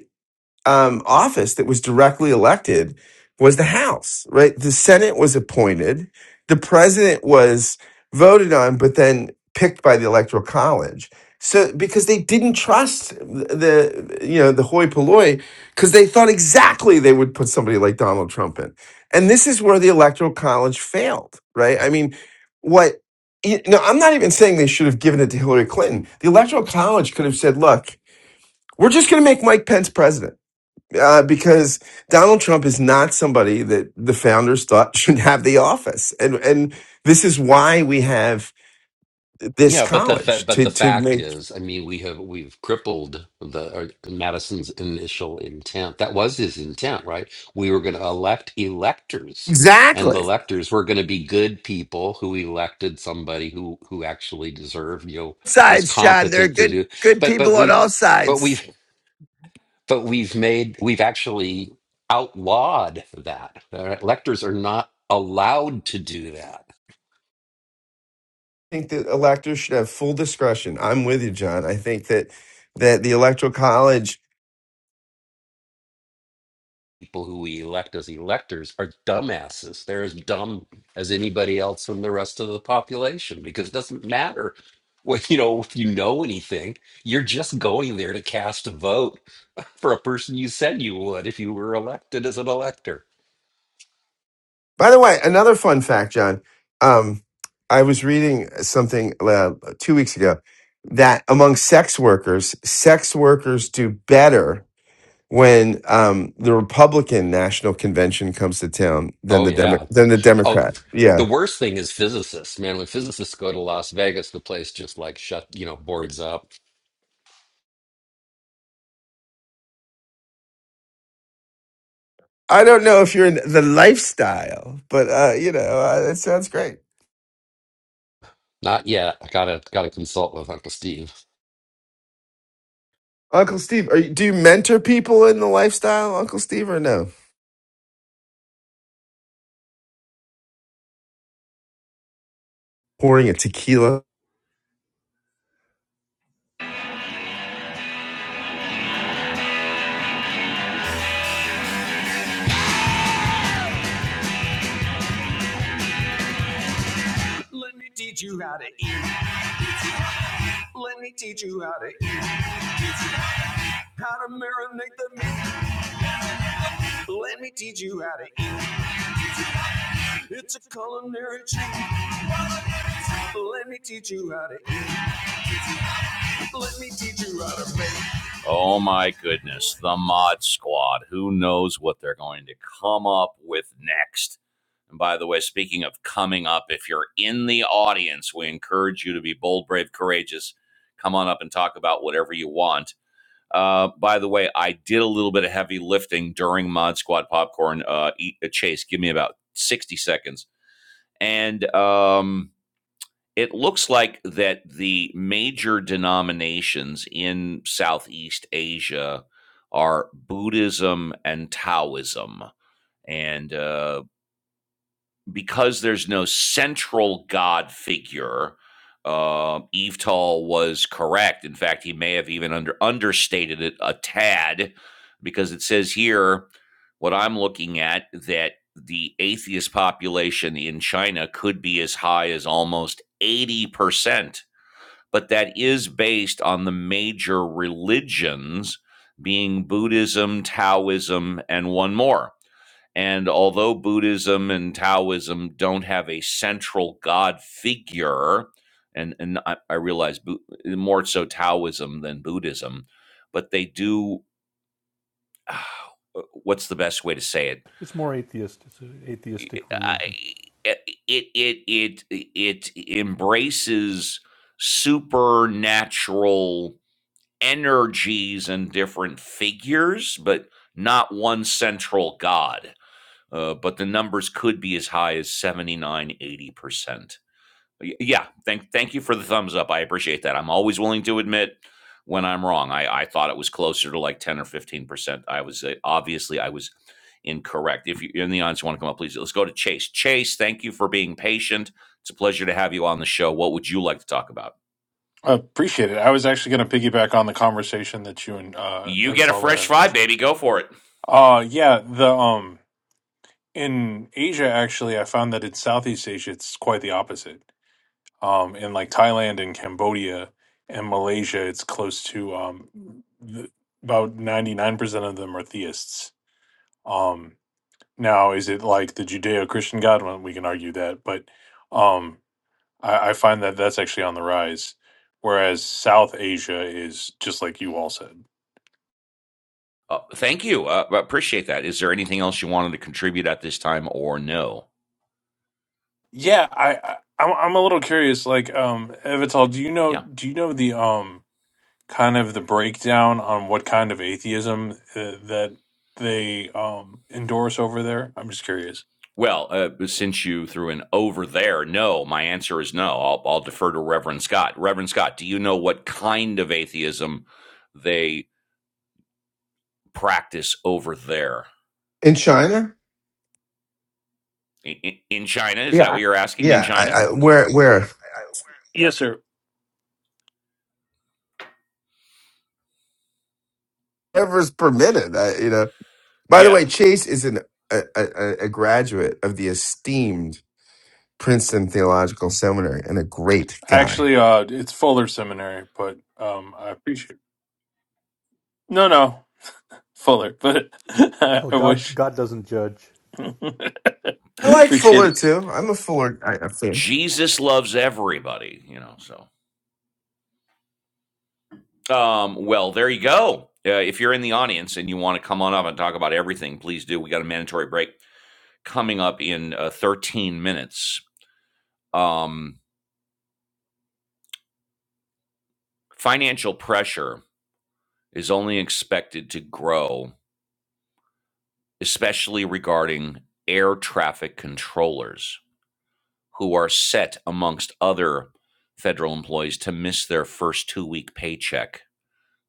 Speaker 3: um, office that was directly elected was the House, right? The Senate was appointed, the president was voted on, but then picked by the Electoral College. So because they didn't trust the you know the hoi polloi because they thought exactly they would put somebody like Donald Trump in, and this is where the Electoral College failed, right? I mean, what? You know, I'm not even saying they should have given it to Hillary Clinton. The Electoral College could have said, "Look, we're just going to make Mike Pence president." uh, because Donald Trump is not somebody that the founders thought should have the office, and and this is why we have this
Speaker 8: Yeah, but the fa-
Speaker 3: college
Speaker 8: but
Speaker 3: to
Speaker 8: the
Speaker 3: to
Speaker 8: fact
Speaker 3: make
Speaker 8: is, I mean, we have we've crippled the or Madison's initial intent. That was his intent, right? We were going to elect electors, and the
Speaker 3: exactly.
Speaker 8: electors were going to be good people who elected somebody who who actually deserved, you know, was
Speaker 3: Sides, John. There are
Speaker 8: competent to
Speaker 3: good
Speaker 8: do.
Speaker 3: good
Speaker 8: But but
Speaker 3: people on
Speaker 8: we
Speaker 3: all
Speaker 8: but
Speaker 3: sides.
Speaker 8: we've but we've made we've actually outlawed that. All right? Electors are not allowed to do that
Speaker 3: I think that electors should have full discretion. I'm with you, John. I think that that the electoral college
Speaker 8: people who we elect as electors are dumbasses. They're as dumb as anybody else in the rest of the population because it doesn't matter what you know if you know anything. You're just going there to cast a vote for a person you said you would if you were elected as an elector.
Speaker 3: By the way, another fun fact, John. Um, I was reading something uh, two weeks ago that among sex workers, sex workers do better when um, the Republican National Convention comes to town than
Speaker 8: Oh
Speaker 3: the Demo-
Speaker 8: yeah.
Speaker 3: than the
Speaker 8: Oh,
Speaker 3: Democrat.
Speaker 8: the
Speaker 3: Yeah,
Speaker 8: worst thing is physicists. Man, when physicists go to Las Vegas, the place just like shut, you know, boards up.
Speaker 3: I don't know if you're in the lifestyle, but uh, you know, uh, it sounds great.
Speaker 8: Not yet. I gotta gotta consult with Uncle Steve.
Speaker 3: Uncle Steve, are you, do you mentor people in the lifestyle, Uncle Steve, or no? Pouring a tequila
Speaker 1: Let me teach you how to eat. Let me teach you how to eat. How to marinate the meat. Let me teach you how to eat. It's a culinary treat. Let me teach you how to eat. Let me teach you how to make. Oh my goodness, the Mod Squad. Who knows what they're going to come up with next? And by the way, speaking of coming up, if you're in the audience, we encourage you to be bold, brave, courageous. Come on up and talk about whatever you want. Uh, by the way, I did a little bit of heavy lifting during Mod Squad Popcorn. Uh, eat, a Chase, give me about 60 seconds. And um, it looks like that the major denominations in Southeast Asia are Buddhism and Taoism. And uh, because there's no central god figure, uh, Evetal was correct. In fact, he may have even under understated it a tad, because it says here what I'm looking at that the atheist population in China could be as high as almost 80% but that is based on the major religions being Buddhism, Taoism, and one more. And although Buddhism and Taoism don't have a central God figure, and, and I, I realize more so Taoism than Buddhism, but they do. What's the best way to say it?
Speaker 7: It's more atheist. It's an atheistic religion.
Speaker 1: It it it it, it embraces supernatural energies and different figures, but not one central god. Uh, but the numbers could be as high as seventy-nine, eighty percent yeah, thank thank you for the thumbs up. I appreciate that. I'm always willing to admit when I'm wrong. I, I thought it was closer to like 10 or 15 percent. I was uh, obviously I was incorrect. If you in the audience want to come up, please let's go to Chase. Chase, thank you for being patient. It's a pleasure to have you on the show. What would you like to talk about?
Speaker 9: I appreciate it. I was actually going to piggyback on the conversation that you and uh
Speaker 1: You get a
Speaker 9: Avital were
Speaker 1: fresh
Speaker 9: having.
Speaker 1: fry, baby. Go for it.
Speaker 9: Uh yeah, the um in Asia actually I found that in Southeast Asia it's quite the opposite. Um in like Thailand and Cambodia and Malaysia it's close to um th- about 99% of them are theists. Um now is it like the Judeo-Christian God well, we can argue that, but um I, I find that that's actually on the rise whereas South Asia is just like you all said.
Speaker 1: Uh, thank you. Uh, I appreciate that. Is there anything else you wanted to contribute at this time or no?
Speaker 9: Yeah, I, I I'm I'm a little curious. Like, um, Evital, do you know
Speaker 1: Yeah.
Speaker 9: do you know the um kind of the breakdown on what kind of atheism uh, that they um endorse over there? I'm just curious.
Speaker 1: Well, uh, since you threw in over there, no, my answer is no. I'll, I'll defer to Reverend Scott. Reverend Scott, do you know what kind of atheism they practice over there
Speaker 3: in China?
Speaker 1: in, in China. Is
Speaker 3: Yeah,
Speaker 1: that
Speaker 3: I-
Speaker 1: what you're asking? In
Speaker 3: yeah, I,
Speaker 1: China,
Speaker 3: I, where, where?
Speaker 9: Yes, sir.
Speaker 3: whatever's permitted. I, you know. By the way,
Speaker 1: yeah,
Speaker 3: Chase is an, a, a, a graduate of the esteemed Princeton Theological Seminary and a great guy.
Speaker 9: Actually, uh, it's Fuller Seminary, but um, I appreciate. No, no, Fuller, but I
Speaker 7: Well, God,
Speaker 9: wish.
Speaker 7: God doesn't judge.
Speaker 3: I like
Speaker 9: appreciate
Speaker 3: Fuller
Speaker 9: it.
Speaker 3: too. I'm a Fuller guy, I fan.
Speaker 1: Jesus loves everybody. You know, so um, well, there you go. Uh, if you're in the audience and you want to come on up and talk about everything, please do. We got a mandatory break coming up in uh, 13 minutes. Um, financial pressure is only expected to grow, especially regarding air traffic controllers. who are set amongst other federal employees to miss their first two week paycheck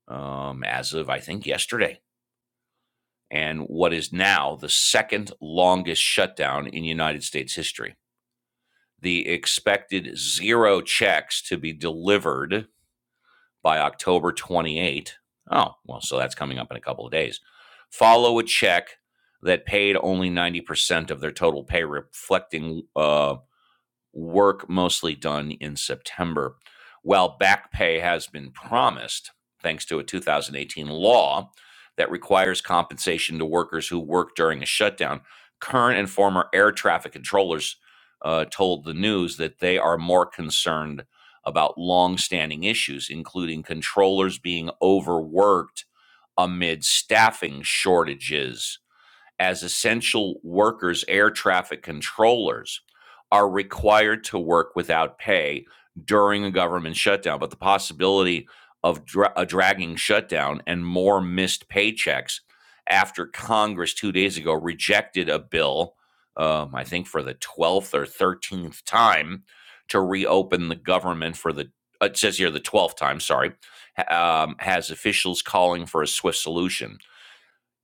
Speaker 1: um, as of, I think, yesterday, and what is now the second longest shutdown in United States history. The expected zero checks to be delivered by October 28. Oh, well, so that's coming up in a couple of days. Follow a check that paid only 90% of their total pay, reflecting uh, work mostly done in September. While back pay has been promised, thanks to a 2018 law that requires compensation to workers who work during a shutdown, current and former air traffic controllers uh, told the news that they are more concerned about longstanding issues, including controllers being overworked amid staffing shortages as essential workers, air traffic controllers are required to work without pay during a government shutdown. But the possibility of dra- a dragging shutdown and more missed paychecks after Congress two days ago rejected a bill, um, I think for the 12th or 13th time, to reopen the government for the, it says here the 12th time, sorry, um, has officials calling for a swift solution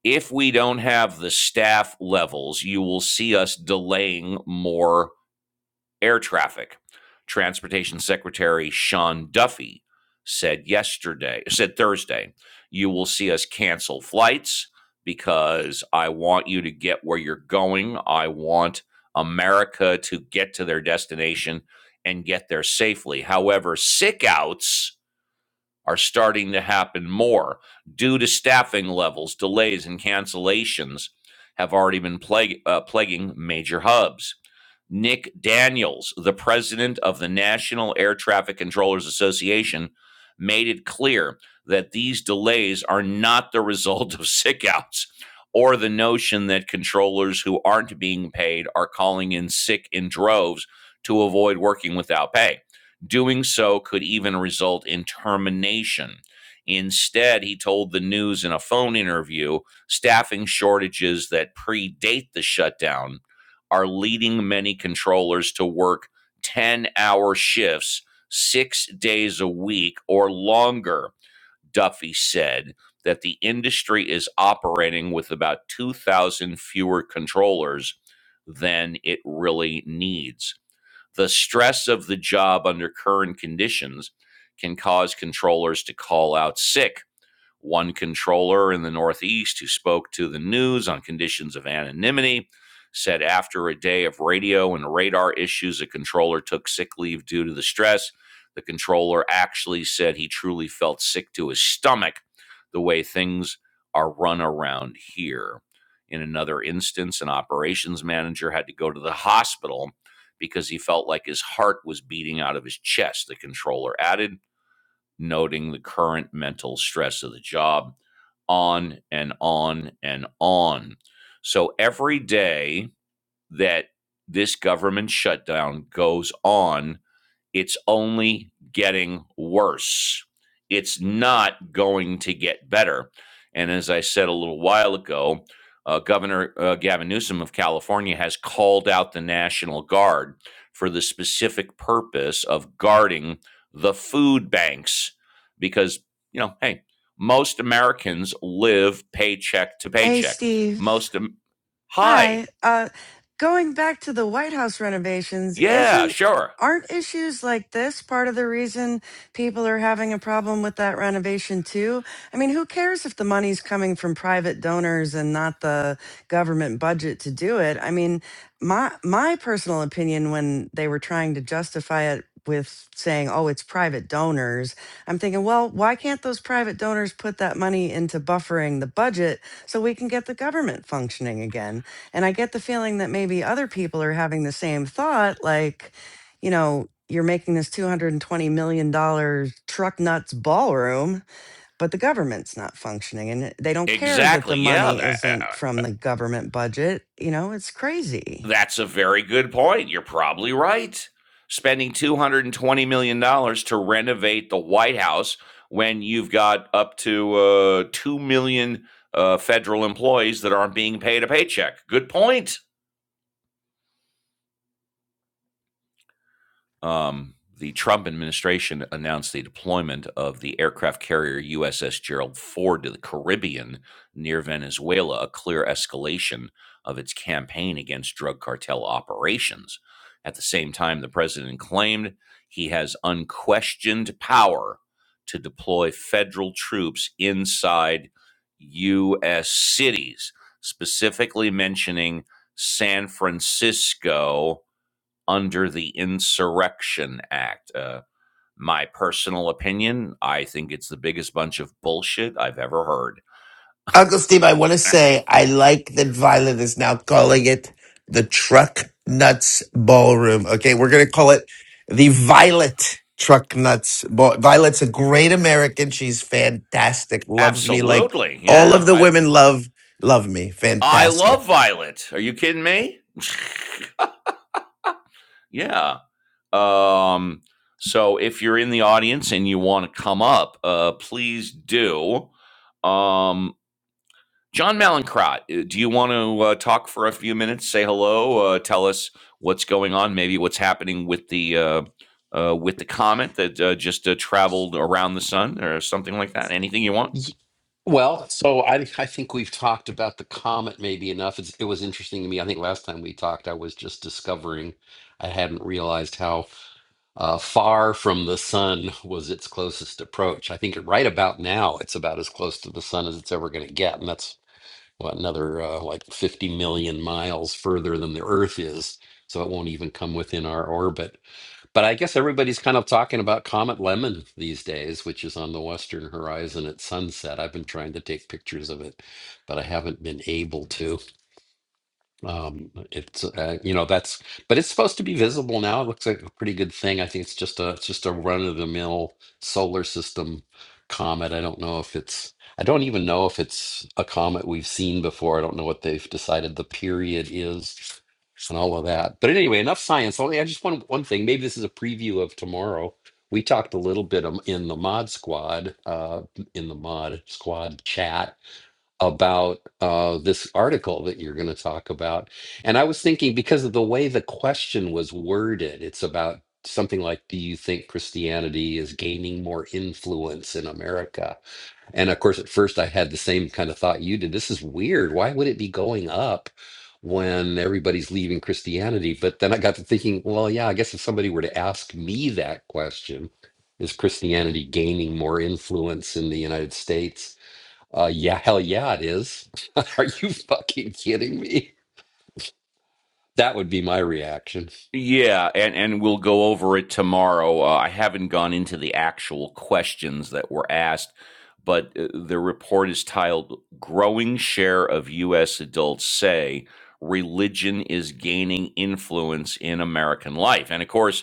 Speaker 1: if we don't have the staff levels, you will see us delaying more air traffic. Transportation Secretary Sean Duffy said yesterday, said Thursday, you will see us cancel flights because I want you to get where you're going. I want America to get to their destination and get there safely. However, sick outs are starting to happen more due to staffing levels, delays, and cancellations have already been plague, uh, plaguing major hubs. Nick Daniels, the president of the National Air Traffic Controllers Association, made it clear that these delays are not the result of sickouts or the notion that controllers who aren't being paid are calling in sick in droves to avoid working without pay. Doing so could even result in termination. Instead, he told the news in a phone interview staffing shortages that predate the shutdown are leading many controllers to work 10 hour shifts six days a week or longer. Duffy said that the industry is operating with about 2,000 fewer controllers than it really needs. The stress of the job under current conditions can cause controllers to call out sick one controller in the Northeast who spoke to the news on conditions of anonymity said after a day of radio and radar issues, a controller took sick leave due to the stress. The controller actually said he truly felt sick to his stomach the way things are run around here. In another instance, an operations manager had to go to the hospital because he felt like his heart was beating out of his chest, the controller added noting the current mental stress of the job, on and on and on. So every day that this government shutdown goes on, it's only getting worse. It's not going to get better. And as I said a little while ago, uh, Governor uh, Gavin Newsom of California has called out the National Guard for the specific purpose of guarding the food banks because, you know, hey, most Americans live paycheck to
Speaker 2: Hey,
Speaker 1: paycheck.
Speaker 2: Steve.
Speaker 1: Most, Am- hi,
Speaker 2: Hi. Uh, going back to the White House renovations,
Speaker 1: yeah,
Speaker 2: isn't
Speaker 1: sure,
Speaker 2: aren't issues like this part of the reason people are having a problem with that renovation too? I mean, who cares if the money's coming from private donors and not the government budget to do it? I mean, my my personal opinion when they were trying to justify it with saying, "Oh, it's private donors," I'm thinking, well, why can't those private donors put that money into buffering the budget so we can get the government functioning again? And I get the feeling that maybe other people are having the same thought like, you know, you're making this $220 million dollars truck nuts ballroom, but the government's not functioning and they don't care that the
Speaker 1: exactly, yeah,
Speaker 2: money
Speaker 1: that, uh,
Speaker 2: isn't from the government budget. You know, it's crazy.
Speaker 1: That's a very good point. You're probably right. Spending $220 million dollars to renovate the White House when you've got up to uh, 2 million uh, federal employees that aren't being paid a paycheck. Good point. um, the Trump administration announced the deployment of the aircraft carrier USS Gerald Ford to the Caribbean near Venezuela, a clear escalation of its campaign against drug cartel operations. At the same time, the president claimed he has unquestioned power to deploy federal troops inside U.S. cities, specifically mentioning San Francisco under the Insurrection Act. Uh, my personal opinion, I think it's the biggest bunch of bullshit I've ever heard.
Speaker 3: Uncle Steve, I want to say I like that Violet is now calling it the Truck Nuts Ballroom. Okay, we're going to call it the Violet Truck Nuts Ball. Violet's a great American. She's fantastic. Loves me like
Speaker 1: Absolutely.
Speaker 3: all
Speaker 1: Yeah.
Speaker 3: of the
Speaker 1: I
Speaker 3: women love love me.
Speaker 1: I
Speaker 3: Fantastic.
Speaker 1: love Violet. Are you kidding me? yeah. Um so if you're in the audience and you want to come up, uh please do. Um John Malincrot, uh, do you want to uh, talk for a few minutes? Say hello. Uh, tell us what's going on. Maybe what's happening with the uh, uh, with the comet that uh, just uh, traveled around the sun, or something like that. Anything you want?
Speaker 8: Well, so I I think we've talked about the comet maybe enough. It's, it was interesting to me. I think last time we talked, I was just discovering I hadn't realized how uh, far from the sun was its closest approach. I think right about now, it's about as close to the sun as it's ever going to get, and that's what another uh, like 50 million miles further than the Earth is. So it won't even come within our orbit. But I guess everybody's kind of talking about Comet Lemon these days, which is on the western horizon at sunset. I've been trying to take pictures of it, but I haven't been able to. Um, it's uh, you know that's but it's supposed to be visible now. It looks like a pretty good thing. I think it's just a it's just a run of the mill solar system comet. I don't know if it's I don't even know if it's a comet we've seen before. I don't know what they've decided the period is and all of that. But anyway, enough science. Only I just want one thing. Maybe this is a preview of tomorrow. We talked a little bit um, in the mod squad, uh, in the mod squad chat about uh, this article that you're going to talk about. And I was thinking because of the way the question was worded, it's about something like do you think christianity is gaining more influence in america and of course at first i had the same kind of thought you did this is weird why would it be going up when everybody's leaving christianity but then i got to thinking well yeah i guess if somebody were to ask me that question is christianity gaining more influence in the united states uh, yeah, hell yeah, it is. Are you fucking kidding me? That would be my reaction.
Speaker 1: Yeah, and and we'll go over it tomorrow. Uh, I haven't gone into the actual questions that were asked, but uh, the report is titled "Growing Share of U.S. Adults Say." Religion is gaining influence in American life. And of course,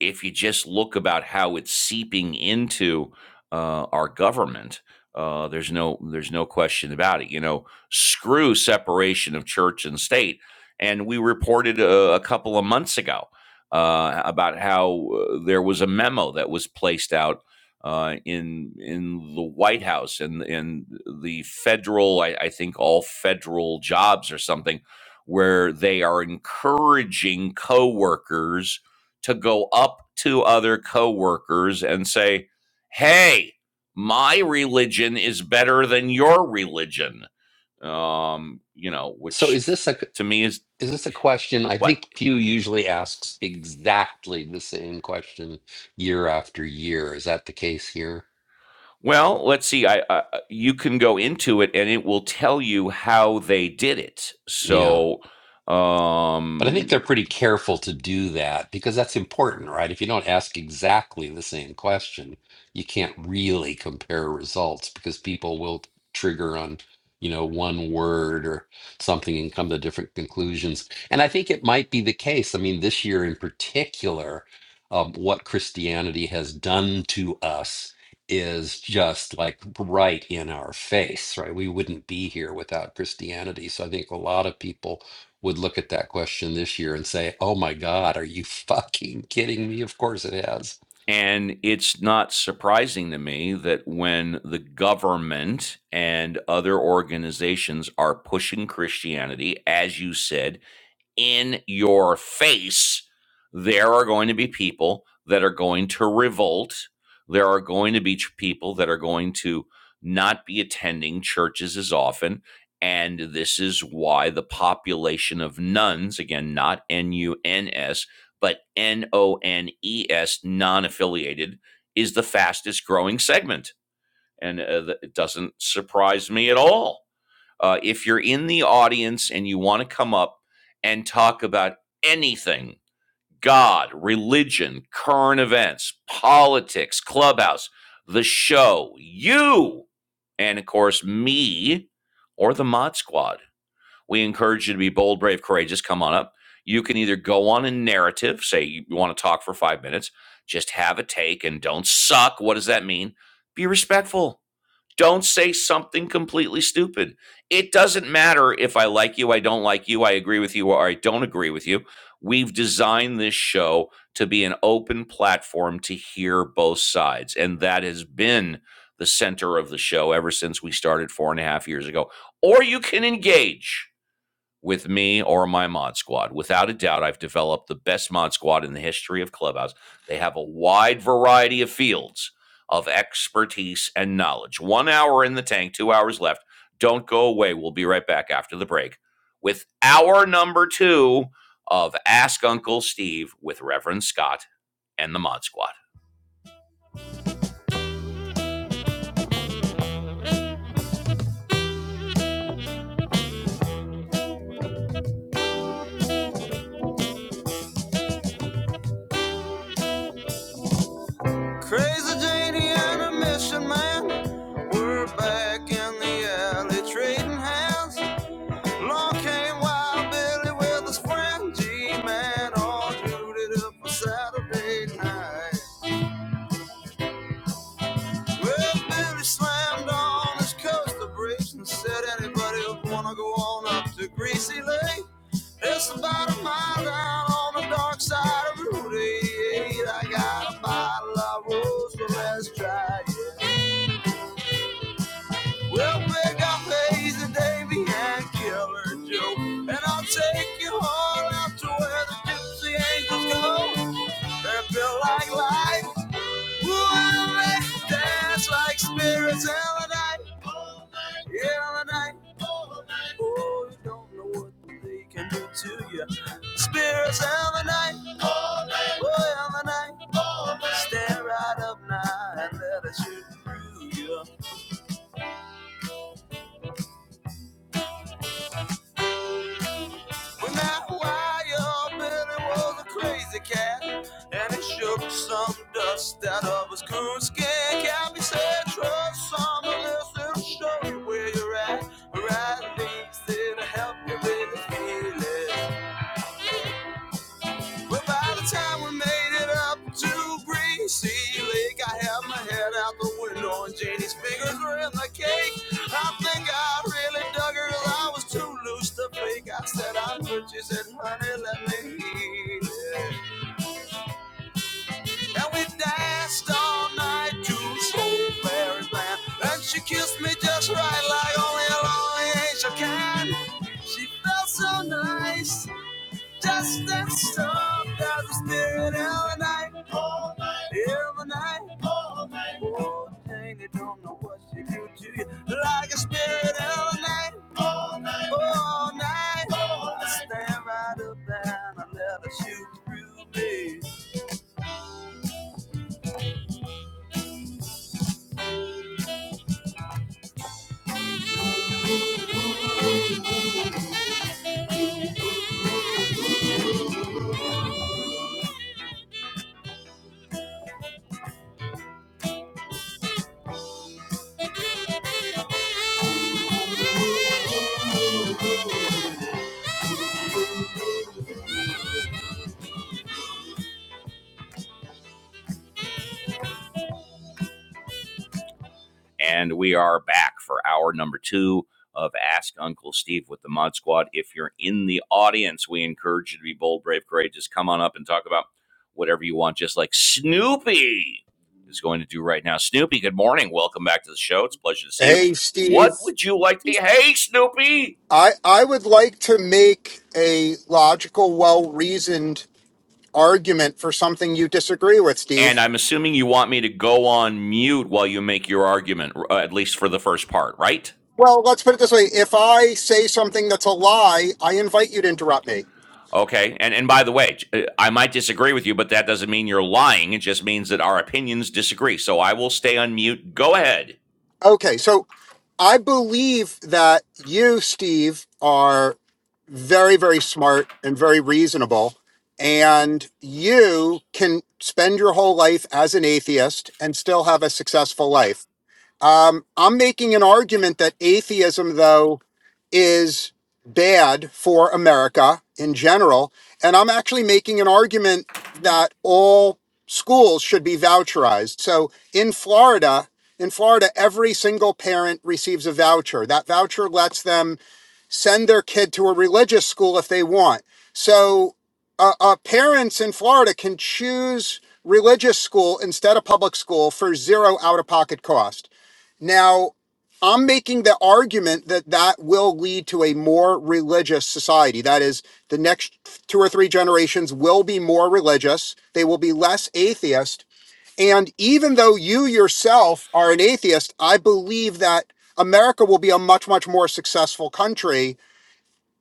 Speaker 1: if you just look about how it's seeping into uh, our government, uh, there's no there's no question about it. You know, screw separation of church and state. And we reported a, a couple of months ago uh, about how uh, there was a memo that was placed out uh, in in the White House and in the federal, I, I think all federal jobs or something, where they are encouraging coworkers to go up to other coworkers and say, "Hey, my religion is better than your religion." Um, you know,
Speaker 8: So
Speaker 1: which
Speaker 8: is this a
Speaker 1: to me is
Speaker 8: is this a question? I
Speaker 1: what.
Speaker 8: think Pew usually asks exactly the same question year after year. Is that the case here?
Speaker 1: Well, let's see. I, I you can go into it, and it will tell you how they did it.
Speaker 8: yeah.
Speaker 1: So,
Speaker 8: But I think they're
Speaker 1: um,
Speaker 8: pretty careful to do that because that's important, right? If you don't ask exactly the same question, you can't really compare results because people will trigger on, you know, one word or something and come to different conclusions. And I think it might be the case. I mean, this year in particular, um, what Christianity has done to us is just like right in our face, right? We wouldn't be here without Christianity. So I think a lot of people would look at that question this year and say, "Oh my God, are you fucking kidding me? Of course it has."
Speaker 1: and it's not surprising to me that when the government and other organizations are pushing Christianity, as you said, in your face, there are going to be people that are going to revolt. There are going to be people that are going to not be attending churches as often. And this is why the population of nuns, again, not N U N S, but N O N E S, non affiliated, is the fastest growing segment. And uh, it doesn't surprise me at all uh, if you're in the audience and you want to come up and talk about anything God, religion, current events, politics, clubhouse, the show, you, and of course, me or the Mod Squad, we encourage you to be bold, brave, courageous. Come on up. You can either go on a narrative, say you want to talk for five minutes, just have a take and don't suck. What does that mean? Be respectful don't say something completely stupid. It doesn't matter if I like you, I don't like you, I agree with you, or I don't agree with you. We've designed this show to be an open platform to hear both sides. And that has been the center of the show ever since we started four and a half years ago. Or you can engage with me or my mod squad. Without a doubt, I've developed the best mod squad in the history of Clubhouse. They have a wide variety of fields of expertise and knowledge. One hour in the tank, two hours left. Don't go away. We'll be right back after the break with our number two of Ask Uncle Steve with Reverend Scott and the Mod Squad. Crazy Janie and her mission man. We're back in the alley trading hands. Along came Wild Billy with his friend G-Man, all suited up for Saturday night. Well, Billy slammed on his coaster brakes and said, "Anybody who wanna go on up to Greasy Lake? It's about a mile down on the dark side of Route 88. I got a bottle of rose, so let's try it." We'll pick up Hazy Davy and Killer Joe. And I'll take you all out to where the gypsy angels go. They're built like life. Ooh, and they dance like spirits hell and night, hell and night. all night. Oh, you don't know what they can do to you. Spirits hell and night, oh, hell and night. Stand right up now and let us shoot through you. When that wire Billy was a crazy cat, and it shook some dust out of his coonskin cap. He said, "Trust someone else, it'll show you where you're at. Where I least it'll help you with the feeling." But by the time we made it up to Greasy Lake, I had my head out the window and Janie's fingers were in the cake. I think I really dug her 'cause I was too loose to fake. I said I'm good, she said, honey, let me eat it. And we danced all night to Soulberry Land. And she kissed me just right like only a lonely angel can. She felt so nice, just and soft as a spirit of the night. Every night, oh, dang, they don't know what she do to you. Like a spirit every night, all night. I stand right up there and I let her shoot through me. And we are back for hour number two of Ask Uncle Steve with the Mod Squad. If you're in the audience, we encourage you to be bold, brave, courageous. Come on up and talk about whatever you want, just like Snoopy is going to do right now. Snoopy, good morning. Welcome back to the show. It's a pleasure to see you.
Speaker 10: Hey, Steve.
Speaker 1: What would you like to? Hey, Snoopy!
Speaker 10: I, I would like to make a logical, well reasoned argument for something you disagree with,
Speaker 1: And
Speaker 10: Steve.
Speaker 1: I'm assuming you want me to go on mute while you make your argument, at least for the first part, right?
Speaker 10: Well, let's put it this way if I say something that's a lie, I invite you to interrupt me.
Speaker 1: Okay. And and by the way, uh, I might disagree with you, but that doesn't mean you're lying. It just means that our opinions disagree. So I will stay on mute. Go ahead.
Speaker 10: Okay, so I believe that you, Steve, are very, very smart and very reasonable. And you can spend your whole life as an atheist and still have a successful life. Um, I'm making an argument that atheism, though, is bad for America in general. And I'm actually making an argument that all schools should be voucherized. So in Florida, in Florida, every single parent receives a voucher. That voucher lets them send their kid to a religious school if they want. So uh, uh, parents in Florida can choose religious school instead of public school for zero out of pocket cost. Now, I'm making the argument that that will lead to a more religious society. That is, the next two or three generations will be more religious. They will be less atheist. And even though you yourself are an atheist, I believe that America will be a much, much more successful country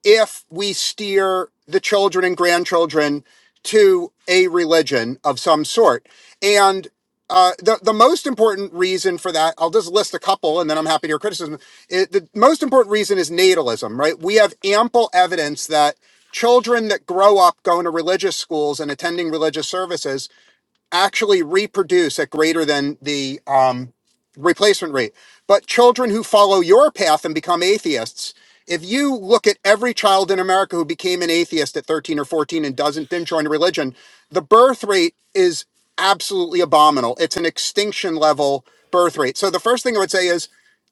Speaker 10: if we steer the children and grandchildren to a religion of some sort. And uh, the, the most important reason for that, I'll just list a couple and then I'm happy to hear criticism. It, the most important reason is natalism, right? We have ample evidence that children that grow up going to religious schools and attending religious services actually reproduce at greater than the um, replacement rate. But children who follow your path and become atheists, if you look at every child in America who became an atheist at 13 or 14 and doesn't then join a religion, the birth rate is absolutely abominable. It's an extinction level birth rate. So the first thing I would say is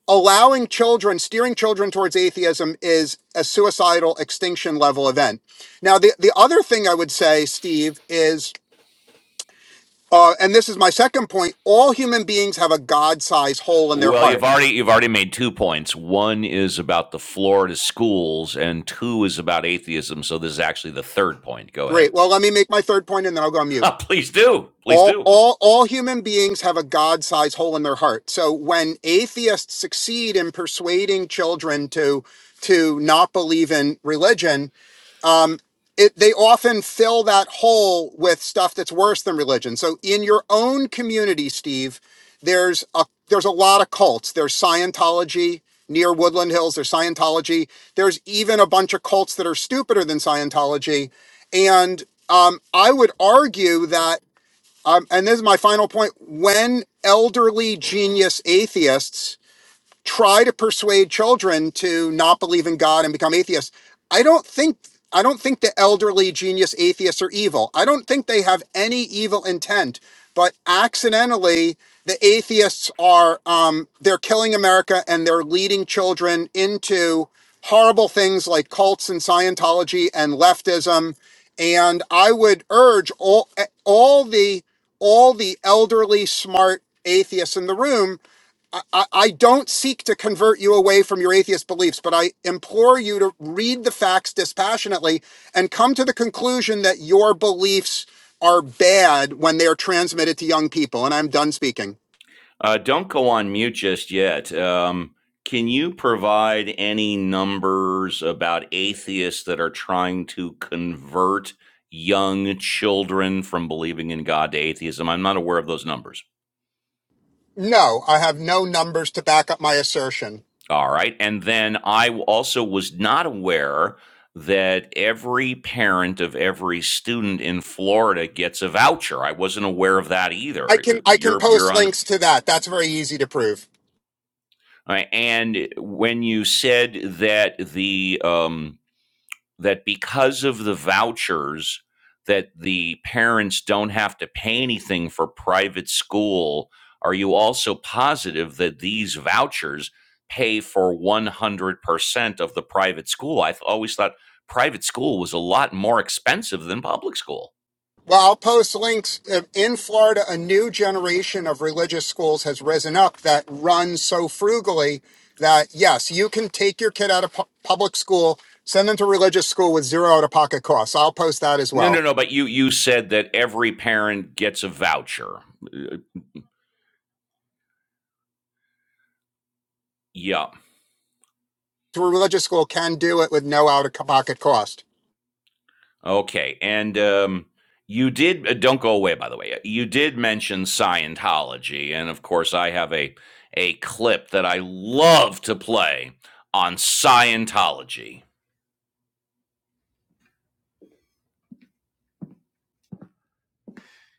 Speaker 10: allowing children, steering children towards atheism is a suicidal extinction level event. Now, the, the other thing I would say, Steve, is uh, and this is my second point. All human beings have a God-sized hole in their
Speaker 1: Well, you've
Speaker 10: heart.
Speaker 1: already you've already made two points. One is about the Florida schools, and two is about atheism. So this is actually the third point. Go ahead.
Speaker 10: Great. Well, let me make my third point, and then I'll go on mute.
Speaker 1: Please do. Please
Speaker 10: All,
Speaker 1: do.
Speaker 10: all, all human beings have a God-sized hole in their heart. So when atheists succeed in persuading children to to not believe in religion, it they often fill that hole with stuff that's worse than religion. So in your own community, Steve, there's a there's a lot of cults. There's Scientology near Woodland Hills, there's Scientology. There's even a bunch of cults that are stupider than Scientology. And um, I would argue that um, and this is my final point, when elderly genius atheists try to persuade children to not believe in God and become atheists. I don't think I don't think the elderly genius atheists are evil. I don't think they have any evil intent, but accidentally the atheists are um, they're killing America and they're leading children into horrible things like cults and Scientology and leftism. And I would urge all all the all the elderly smart atheists in the room I, I don't seek to convert you away from your atheist beliefs, but I implore you to read the facts dispassionately and come to the conclusion that your beliefs are bad when they are transmitted to young people. And I'm done speaking.
Speaker 1: Uh, don't go on mute just yet. Um, can you provide any numbers about atheists that are trying to convert young children from believing in God to atheism? I'm not aware of those numbers.
Speaker 10: No, I have no numbers to back up my assertion.
Speaker 1: All right. And then I also was not aware that every parent of every student in Florida gets a voucher. I wasn't aware of that
Speaker 10: I
Speaker 1: either.
Speaker 10: can I can
Speaker 1: You're you're
Speaker 10: post
Speaker 1: on.
Speaker 10: links to that. That's very easy to prove.
Speaker 1: uh, And when you said that the um, that because of the vouchers that the parents don't have to pay anything for private school are you also positive that these vouchers pay for 100% of the private school i've always thought private school was a lot more expensive than public school
Speaker 10: Well, I'll post links. Uh, In Florida, a new generation of religious schools has risen up that run so frugally that, yes, you can take your kid out of pu- public school, send them to religious school with zero out of pocket costs. I'll post that as
Speaker 1: no no
Speaker 10: well.
Speaker 1: no but you you said that every parent gets a voucher Uh, yeah
Speaker 10: To a religious school can do it with no out of pocket cost.
Speaker 1: Okay, and um, you did uh, don't go away by the way. You did mention Scientology, and of course, I have a a clip that I love to play on Scientology.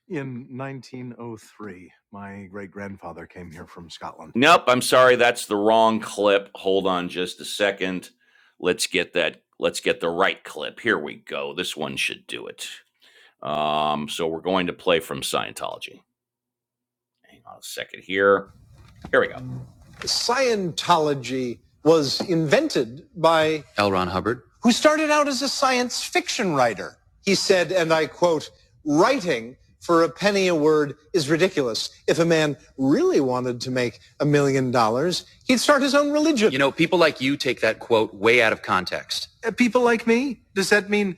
Speaker 1: In 1903, my great grandfather came here from Scotland. Nope, I'm sorry, that's the wrong clip. Hold on just a second. Let's get that. Let's get the right clip. Here we go. This one should do it. Um, so we're going to play from Scientology. Hang on a second here. Here we go. Scientology was invented by L. Ron Hubbard. who started out as a science fiction writer. He said, and I quote, writing for a penny a word is ridiculous. If a man really wanted to make a million dollars, he'd start his own religion. You know, people like you take that quote way out of context. Uh, people like me? Does that mean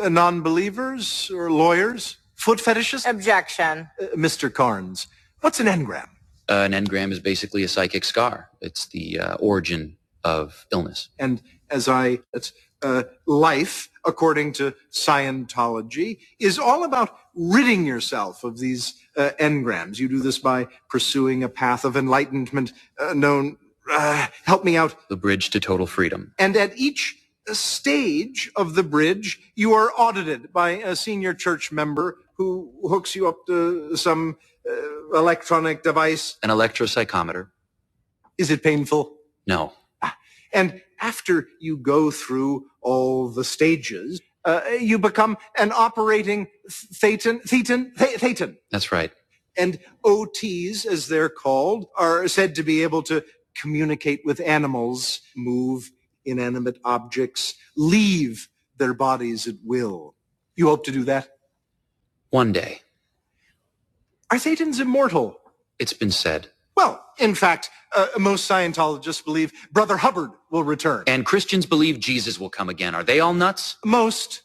Speaker 1: uh, non-believers or lawyers? Foot fetishists? Objection. Uh, Mr. Carnes, what's an engram? Uh, an engram is basically a psychic scar. It's the uh, origin of illness. And as I, it's, uh, life, according to Scientology, is all about ridding yourself of these uh, engrams. You do this by pursuing a path of enlightenment uh, known, uh, help me out, The bridge to total freedom. and at each uh, stage of the bridge, you are audited by a senior church member who hooks you up to some uh, electronic device? An electropsychometer? Is it painful? No. And after you go through all the stages, uh, you become an operating thetan, thetan, thetan. That's right. And OTs, as they're called, are said to be able to communicate with animals, move inanimate objects, leave their bodies at will. You hope to do that? One day. Are Satans immortal? It's been said. Well, in fact, uh, most Scientologists believe Brother Hubbard will return. And Christians believe Jesus will come again. Are they all nuts? Most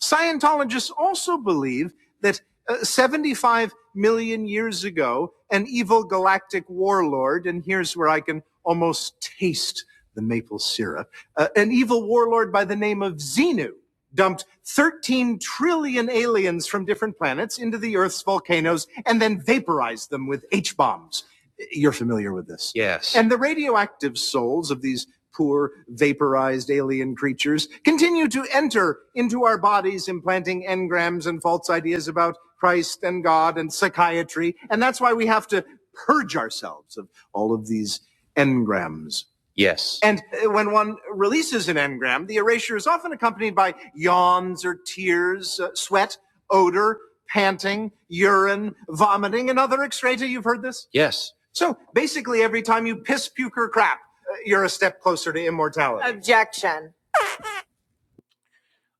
Speaker 1: Scientologists also believe that uh, 75 million years ago, an evil galactic warlord, and here's where I can almost taste the maple syrup, uh, an evil warlord by the name of Xenu dumped 13 trillion aliens from different planets into the Earth's volcanoes and then vaporized them with H bombs. You're familiar with this. Yes. And the radioactive souls of these poor vaporized alien creatures, continue to enter into our bodies, implanting engrams and false ideas about Christ and God and psychiatry. And that's why we have to purge ourselves of all of these engrams. Yes. And uh, when one releases an engram, the erasure is often accompanied by yawns or tears, uh, sweat, odor, panting, urine, vomiting, and other excreta. You've heard this? Yes. So basically, every time you piss, puke, or crap, you're a step closer to immortality. Objection.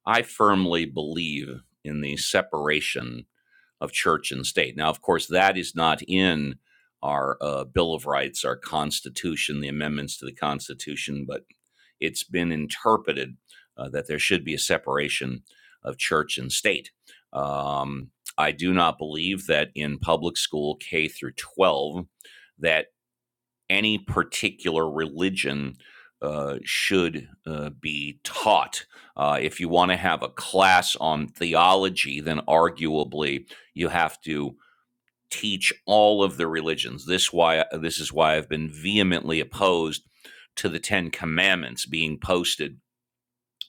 Speaker 1: I firmly believe in the separation of church and state. Now, of course, that is not in our uh, Bill of Rights, our Constitution, the amendments to the Constitution, but it's been interpreted uh, that there should be a separation of church and state. Um, I do not believe that in public school K through 12, that any particular religion uh, should uh, be taught. Uh, if you want to have a class on theology, then arguably you have to teach all of the religions. This why this is why I've been vehemently opposed to the Ten Commandments being posted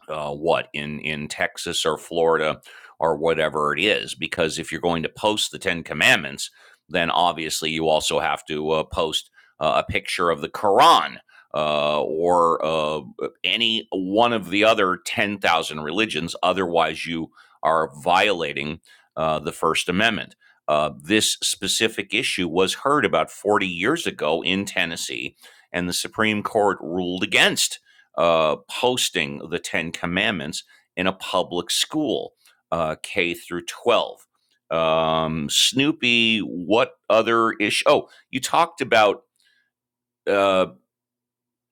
Speaker 1: uh, what in in Texas or Florida or whatever it is. Because if you're going to post the Ten Commandments, then obviously you also have to uh, post uh, a picture of the Quran uh, or uh, any one of the other ten thousand religions. Otherwise, you are violating uh, the First Amendment. Uh, this specific issue was heard about 40 years ago in Tennessee, and the Supreme Court ruled against uh, posting the Ten Commandments in a public school, uh, K through 12. Um, Snoopy, what other issue? Oh, you talked about uh,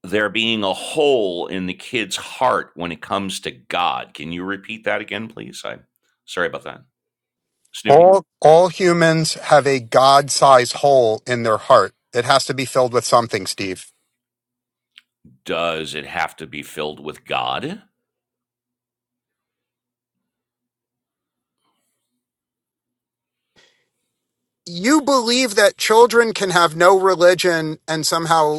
Speaker 1: there being a hole in the kid's heart when it comes to God. Can you repeat that again, please? I'm sorry about that. Snoopy,
Speaker 10: All, all humans have a God sized hole in their heart. It has to be filled with something, Steve.
Speaker 1: does it have to be filled with God?
Speaker 10: You believe that children can have no religion and somehow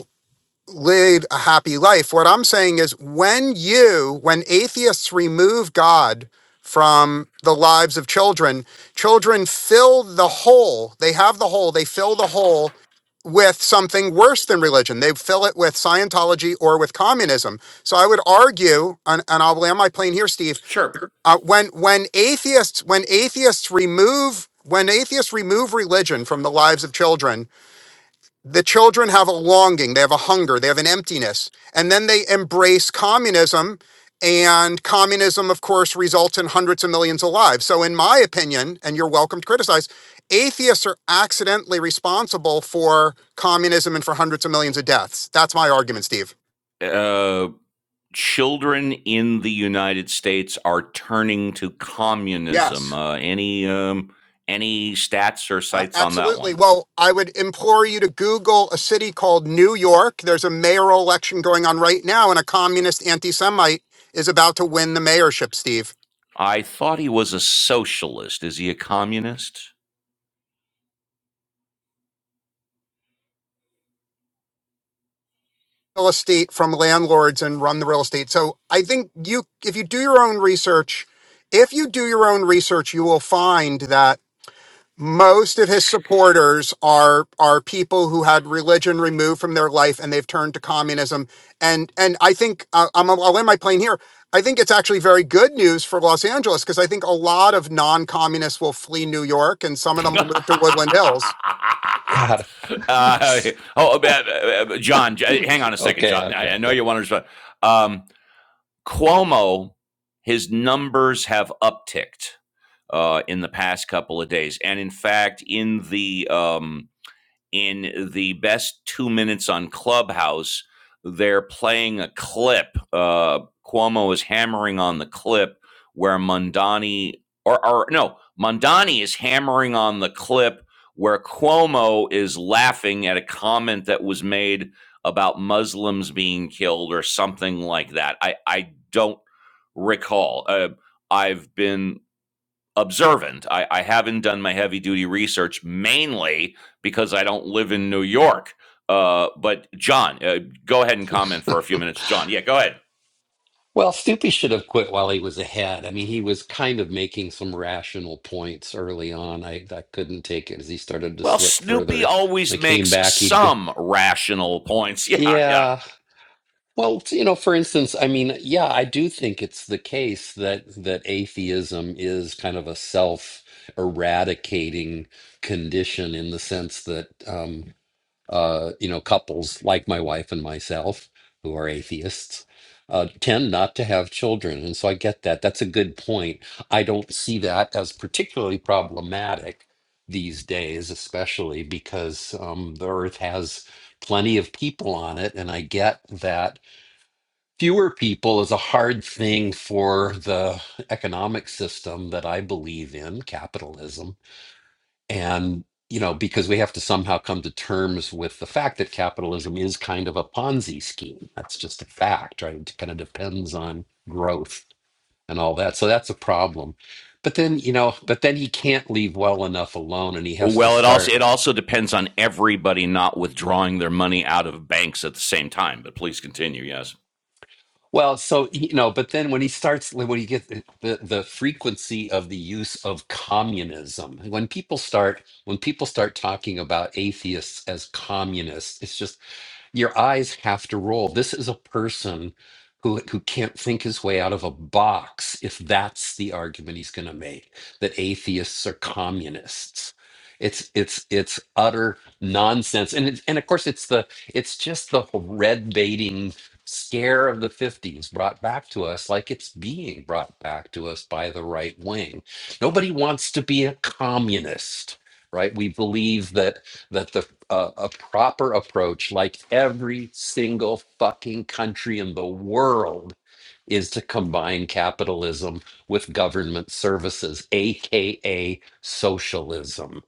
Speaker 10: live a happy life. What I'm saying is when you, when atheists remove God from the lives of children, children fill the hole. They have the hole, they fill the hole with something worse than religion. They fill it with Scientology or with communism. So I would argue, and, and I'll land my plane here, Steve,
Speaker 1: Sure.
Speaker 10: uh, when when atheists when atheists remove when atheists remove religion from the lives of children the children have a longing, they have a hunger, they have an emptiness. And then they embrace communism. And communism, of course, results in hundreds of millions of lives. So, in my opinion, and you're welcome to criticize, atheists are accidentally responsible for communism and for hundreds of millions of deaths. That's my argument, Steve.
Speaker 1: Uh, children in the United States are turning to communism.
Speaker 10: Yes.
Speaker 1: Uh, any um, any stats or
Speaker 10: Uh,
Speaker 1: sites on that
Speaker 10: absolutely.
Speaker 1: one?
Speaker 10: Well, I would implore you to Google a city called New York. There's a mayoral election going on right now, and a communist anti Semite is about to win the mayorship, Steve.
Speaker 1: I thought he was a socialist. Is he a communist?
Speaker 10: real estate from landlords and run the real estate. So I think you, if you do your own research, if you do your own research, you will find that most of his supporters are are people who had religion removed from their life and they've turned to communism. And and I think uh, I'm, I'll land my plane here. I think it's actually very good news for Los Angeles because I think a lot of non-communists will flee New York and some of them will move to
Speaker 1: uh,
Speaker 10: Woodland Hills.
Speaker 8: God.
Speaker 1: oh, uh, uh, uh, John, hang on a second,
Speaker 8: okay, okay,
Speaker 1: John. I, I know
Speaker 8: okay.
Speaker 1: you want to respond. Um, Cuomo, his numbers have upticked uh, in the past couple of days, and in fact, in the um, in the best two minutes on Clubhouse. They're playing a clip. Uh, Cuomo is hammering on the clip where Mondani, or, or no, Mondani is hammering on the clip where Cuomo is laughing at a comment that was made about Muslims being killed or something like that. I, I don't recall. Uh, I've been observant. I, I haven't done my heavy duty research mainly because I don't live in New York. Uh, but John, uh, go ahead and comment for a few minutes. John, yeah, go ahead.
Speaker 8: Well, Stupi should have quit while he was ahead. I mean, he was kind of making some rational points early on. I I couldn't take it as he started to
Speaker 1: Well,
Speaker 8: slip
Speaker 1: Snoopy
Speaker 8: further.
Speaker 1: always
Speaker 8: When he came
Speaker 1: makes
Speaker 8: back, he would
Speaker 1: some rational points. Yeah, yeah.
Speaker 8: yeah. Well, t- you know, for instance, I mean, yeah, I do think it's the case that that atheism is kind of a self-eradicating condition in the sense that um uh you know, couples like my wife and myself who are atheists uh tend not to have children. And so I get that. That's a good point. I don't see that as particularly problematic these days, especially because um the earth has plenty of people on it, and I get that fewer people is a hard thing for the economic system that I believe in, capitalism. And, you know, because we have to somehow come to terms with the fact that capitalism is kind of a Ponzi scheme. That's just a fact, right? It kind of depends on growth and all that. So that's a problem. But then, you know, but then he can't leave well enough alone and he has to
Speaker 1: Well, it also it
Speaker 8: start.
Speaker 1: also depends on everybody not withdrawing their money out of banks at the same time. But please continue. Yes.
Speaker 8: Well, so you know, but then when he starts, like, when you get the, the the frequency of the use of communism, when people start when people start talking about atheists as communists, it's just your eyes have to roll. This is a person who who can't think his way out of a box if that's the argument he's going to make that atheists are communists. It's it's it's utter nonsense. And it's, and of course it's the it's just the red baiting scare of the 50s brought back to us like it's being brought back to us by the right wing. Nobody wants to be a communist, right? We believe that that the a, a proper approach, like every single fucking country in the world, is to combine capitalism with government services, aka socialism.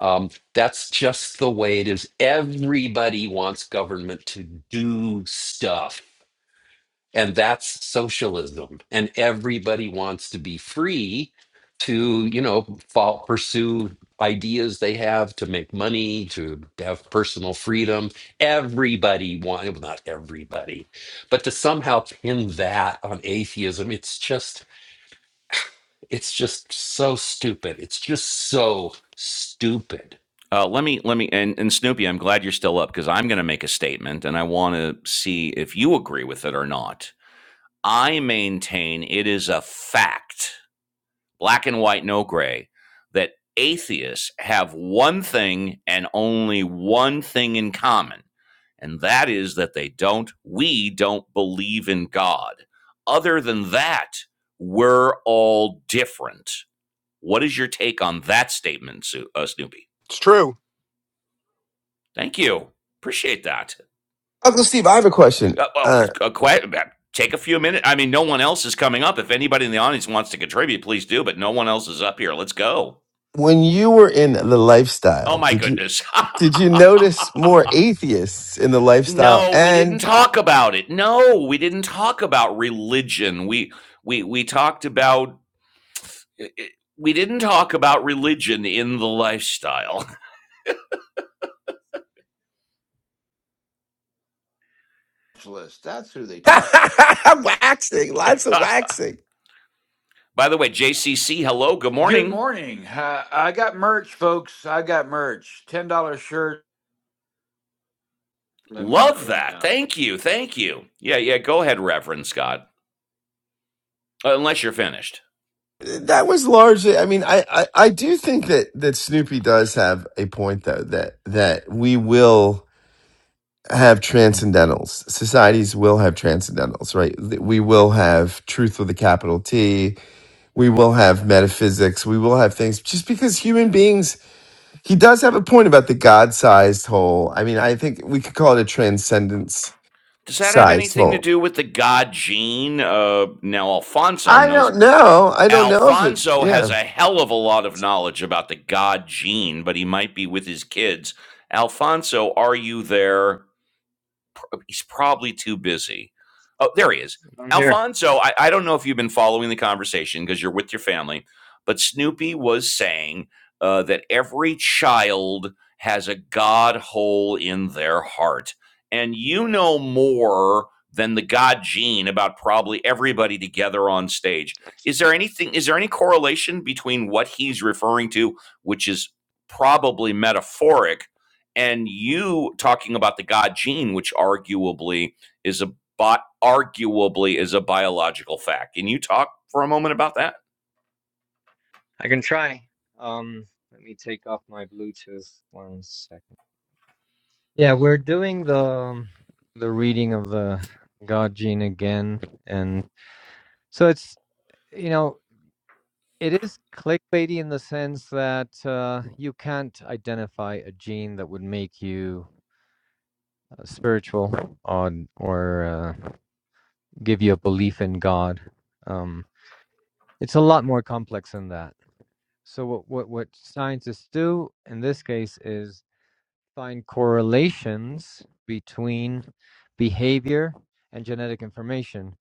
Speaker 8: Um, that's just the way it is. Everybody wants government to do stuff and that's socialism. And everybody wants to be free to, you know, fall, pursue ideas they have to make money, to have personal freedom. Everybody wants, well, not everybody, but to somehow pin that on atheism, it's just, it's just so stupid. It's just so stupid.
Speaker 1: Uh, let me let me and, and Snoopy, I'm glad you're still up because I'm going to make a statement and I want to see if you agree with it or not. I maintain it is a fact, black and white, no gray, that atheists have one thing and only one thing in common, and that is that they don't, we don't believe in God. Other than that, we're all different. What is your take on that statement, uh, Snoopy?
Speaker 10: It's true.
Speaker 1: Thank you. Appreciate that.
Speaker 3: Uncle Steve, I have a question.
Speaker 1: Uh, well,
Speaker 3: Uh,
Speaker 1: a, que- take a few minutes. I mean, no one else is coming up. If anybody in the audience wants to contribute, please do, but no one else is up here. Let's go.
Speaker 3: when you were in the
Speaker 1: Oh
Speaker 3: lifestyle,
Speaker 1: my
Speaker 3: did you
Speaker 1: goodness.
Speaker 3: did you notice more atheists in the lifestyle
Speaker 1: no, we
Speaker 3: and
Speaker 1: didn't talk about it. No, we didn't talk about religion. We we we talked about we didn't talk about religion in the lifestyle.
Speaker 11: Specialist. That's who they talk. to.
Speaker 3: waxing? Lots of waxing.
Speaker 1: By the way, JCC, hello, good
Speaker 11: Good
Speaker 1: morning.
Speaker 11: morning. Uh, I got merch, folks. I got merch. Ten dollar shirt. Let me know.
Speaker 1: Love
Speaker 11: Let me
Speaker 1: that.
Speaker 11: know.
Speaker 1: Thank you. Thank you. Yeah, yeah, go ahead, Reverend Scott. Uh, Unless you're finished.
Speaker 3: That was largely. I mean, I, I I do think that that Snoopy does have a point though that that we will have transcendentals. Societies will have transcendentals, right? That We will have truth with a capital T. We will have metaphysics. We will have things just because human beings He does have a point about the God sized hole. I mean, I think we could call it a transcendence
Speaker 1: Does that have
Speaker 3: sized
Speaker 1: anything to
Speaker 3: hole.
Speaker 1: do with the god Gene? Uh, now Alfonso
Speaker 3: I
Speaker 1: knows.
Speaker 3: don't know. I don't know if it,
Speaker 1: Alfonso
Speaker 3: yeah.
Speaker 1: has a hell of a lot of knowledge about the god Gene, but he might be with his kids. Alfonso, are you there? he's probably too busy. Oh, there he is.
Speaker 4: I'm here.
Speaker 1: Alfonso, I, I don't know if you've been following the conversation because you're with your family, but Snoopy was saying uh, that every child has a God hole in their heart. And you know more than the God gene about probably everybody together on stage. Is there anything, is there any correlation between what he's referring to, which is probably metaphoric, and you talking about the God gene, which arguably is a bi- arguably is a biological fact. Can you talk for a moment about that?
Speaker 4: Um, let me take off my Bluetooth one second. Yeah, we're doing the um, the reading of the God Gene again, and so it's you know it is clickbaity in the sense that uh, you can't identify a gene that would make you uh, spiritual or or uh, give you a belief in God. Um, it's a lot more complex than that So what what what scientists do in this case is find correlations between behavior and genetic information.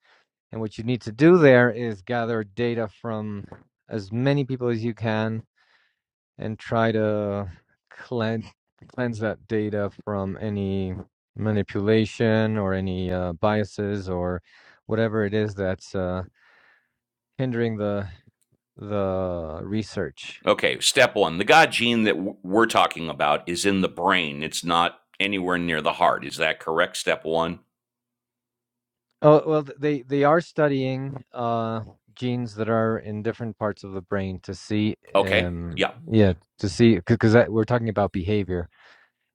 Speaker 4: And what you need to do there is gather data from as many people as you can and try to cleanse cleanse that data from any manipulation or any uh, biases or whatever it is that's uh, hindering the the research.
Speaker 1: Okay, step one: the God gene that w- we're talking about is in the brain. It's not anywhere near the heart. Is that correct? Step one.
Speaker 4: Oh, well, th- they they are studying uh genes that are in different parts of the brain to see
Speaker 1: Okay.
Speaker 4: um
Speaker 1: Yeah.
Speaker 4: yeah, to see because we're talking about behavior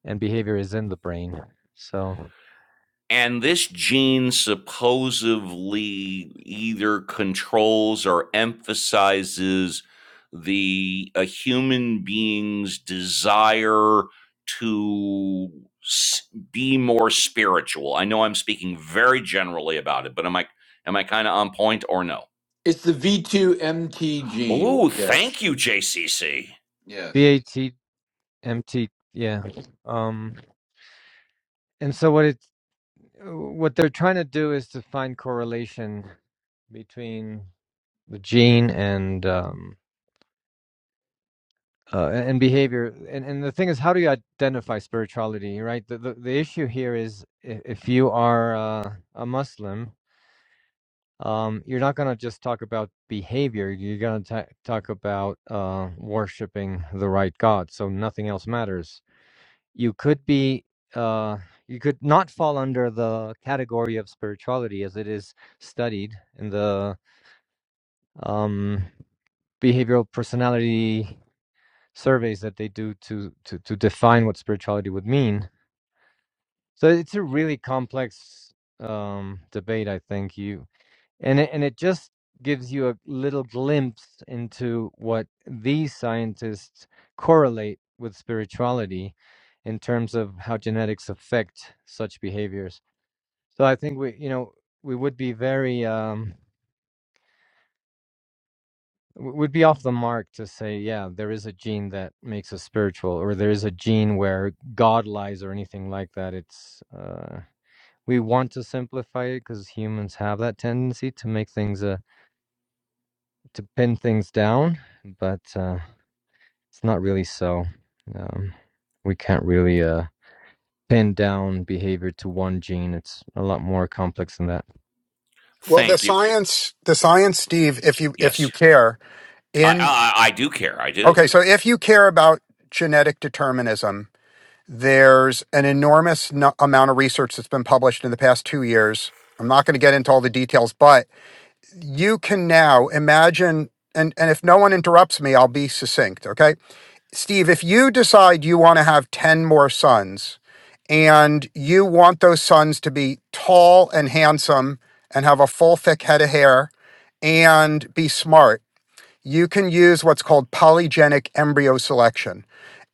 Speaker 4: and behavior is in the brain. So,
Speaker 1: And this gene supposedly either controls or emphasizes the a human being's desire to be more spiritual. I know I'm speaking very generally about it, but am I am I kind of on point or no?
Speaker 11: It's the V two MT gene.
Speaker 1: Oh,
Speaker 11: Yes.
Speaker 1: thank you, JCC.
Speaker 11: Yes.
Speaker 4: BATMT, yeah. Um and so what it what they're trying to do is to find correlation between the gene and um uh, and behavior and, and the thing is how do you identify spirituality right the, the, the issue here is if, if you are uh, a muslim um, you're not going to just talk about behavior you're going to talk about uh, worshiping the right god so nothing else matters you could be uh, you could not fall under the category of spirituality as it is studied in the um, behavioral personality surveys that they do to to to define what spirituality would mean. So it's a really complex um, debate, I think. You and it, and it just gives you a little glimpse into what these scientists correlate with spirituality in terms of how genetics affect such behaviors. So I think we, you know, we would be very um, w- would be off the mark to say, yeah, there is a gene that makes us spiritual, or there is a gene where God lies, or anything like that. It's uh, we want to simplify it because humans have that tendency to make things, uh, to pin things down, but uh, it's not really so. Um, we can't really uh, pin down behavior to one gene. It's a lot more complex than that.
Speaker 10: Well, the
Speaker 1: Thank you.
Speaker 10: science, the science, Steve, if you if you
Speaker 1: Yes,
Speaker 10: care,
Speaker 1: I,
Speaker 10: in
Speaker 1: I I do care. I do.
Speaker 10: Okay, so if you care about genetic determinism, there's an enormous no- amount of research that's been published in the past two years. I'm not going to get into all the details, but you can now imagine. And, and if no one interrupts me, I'll be succinct. Okay. Steve, if you decide you want to have 10 more sons and you want those sons to be tall and handsome and have a full, thick head of hair and be smart, you can use what's called polygenic embryo selection.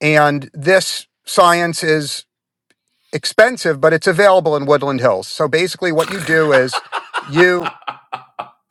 Speaker 10: And this science is expensive, but it's available in Woodland Hills. So basically, what you do is you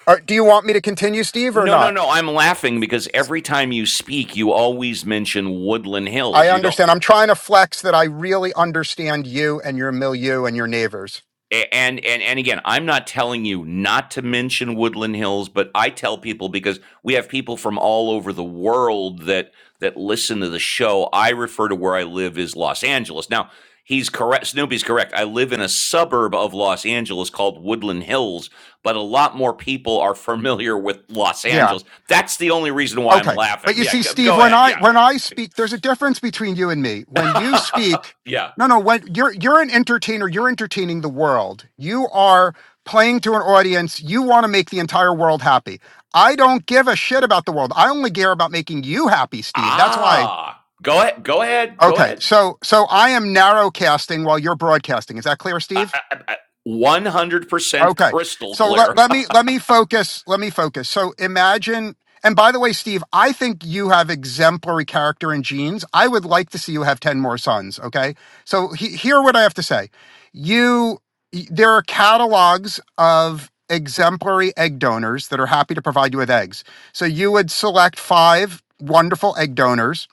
Speaker 10: are, do you want me to continue, Steve, or
Speaker 1: No, no,
Speaker 10: not?
Speaker 1: no. I'm laughing because every time you speak, you always mention Woodland Hills.
Speaker 10: I
Speaker 1: You don't.
Speaker 10: understand. I'm trying to flex that I really understand you and your milieu and your neighbors.
Speaker 1: a- And and and again, I'm not telling you not to mention Woodland Hills, but I tell people because we have people from all over the world that that listen to the show. I refer to where I live as Los Angeles. Now, he's correct. Snoopy's correct. I live in a suburb of Los Angeles called Woodland Hills, but a lot more people are familiar with Los
Speaker 10: Yeah.
Speaker 1: Angeles. That's the only reason why I'm
Speaker 10: Okay. But
Speaker 1: laughing.
Speaker 10: you
Speaker 1: Yeah,
Speaker 10: see,
Speaker 1: go
Speaker 10: Steve,
Speaker 1: go
Speaker 10: when
Speaker 1: ahead.
Speaker 10: I
Speaker 1: Yeah.
Speaker 10: when I speak, there's a difference between you and me. When you speak,
Speaker 1: yeah.
Speaker 10: no, no, when you're you're an entertainer, you're entertaining the world. You are playing to an audience. You want to make the entire world happy. I don't give a shit about the world. I only care about making you happy, Steve. That's why.
Speaker 1: Ah, go ahead. Go ahead. Go
Speaker 10: Okay.
Speaker 1: ahead.
Speaker 10: So so I am narrowcasting while you're broadcasting. Is that clear,
Speaker 1: I,
Speaker 10: Steve?
Speaker 1: I, I, One hundred percent
Speaker 10: Okay.
Speaker 1: crystal
Speaker 10: So let,
Speaker 1: clear.
Speaker 10: let me let me focus. Let me focus. So imagine and by the way, Steve, I think you have exemplary character and genes. I would like to see you have 10 more sons, okay? So he, hear what I have to say. You y- there are catalogs of exemplary egg donors that are happy to provide you with eggs. So you would select 5 wonderful egg donors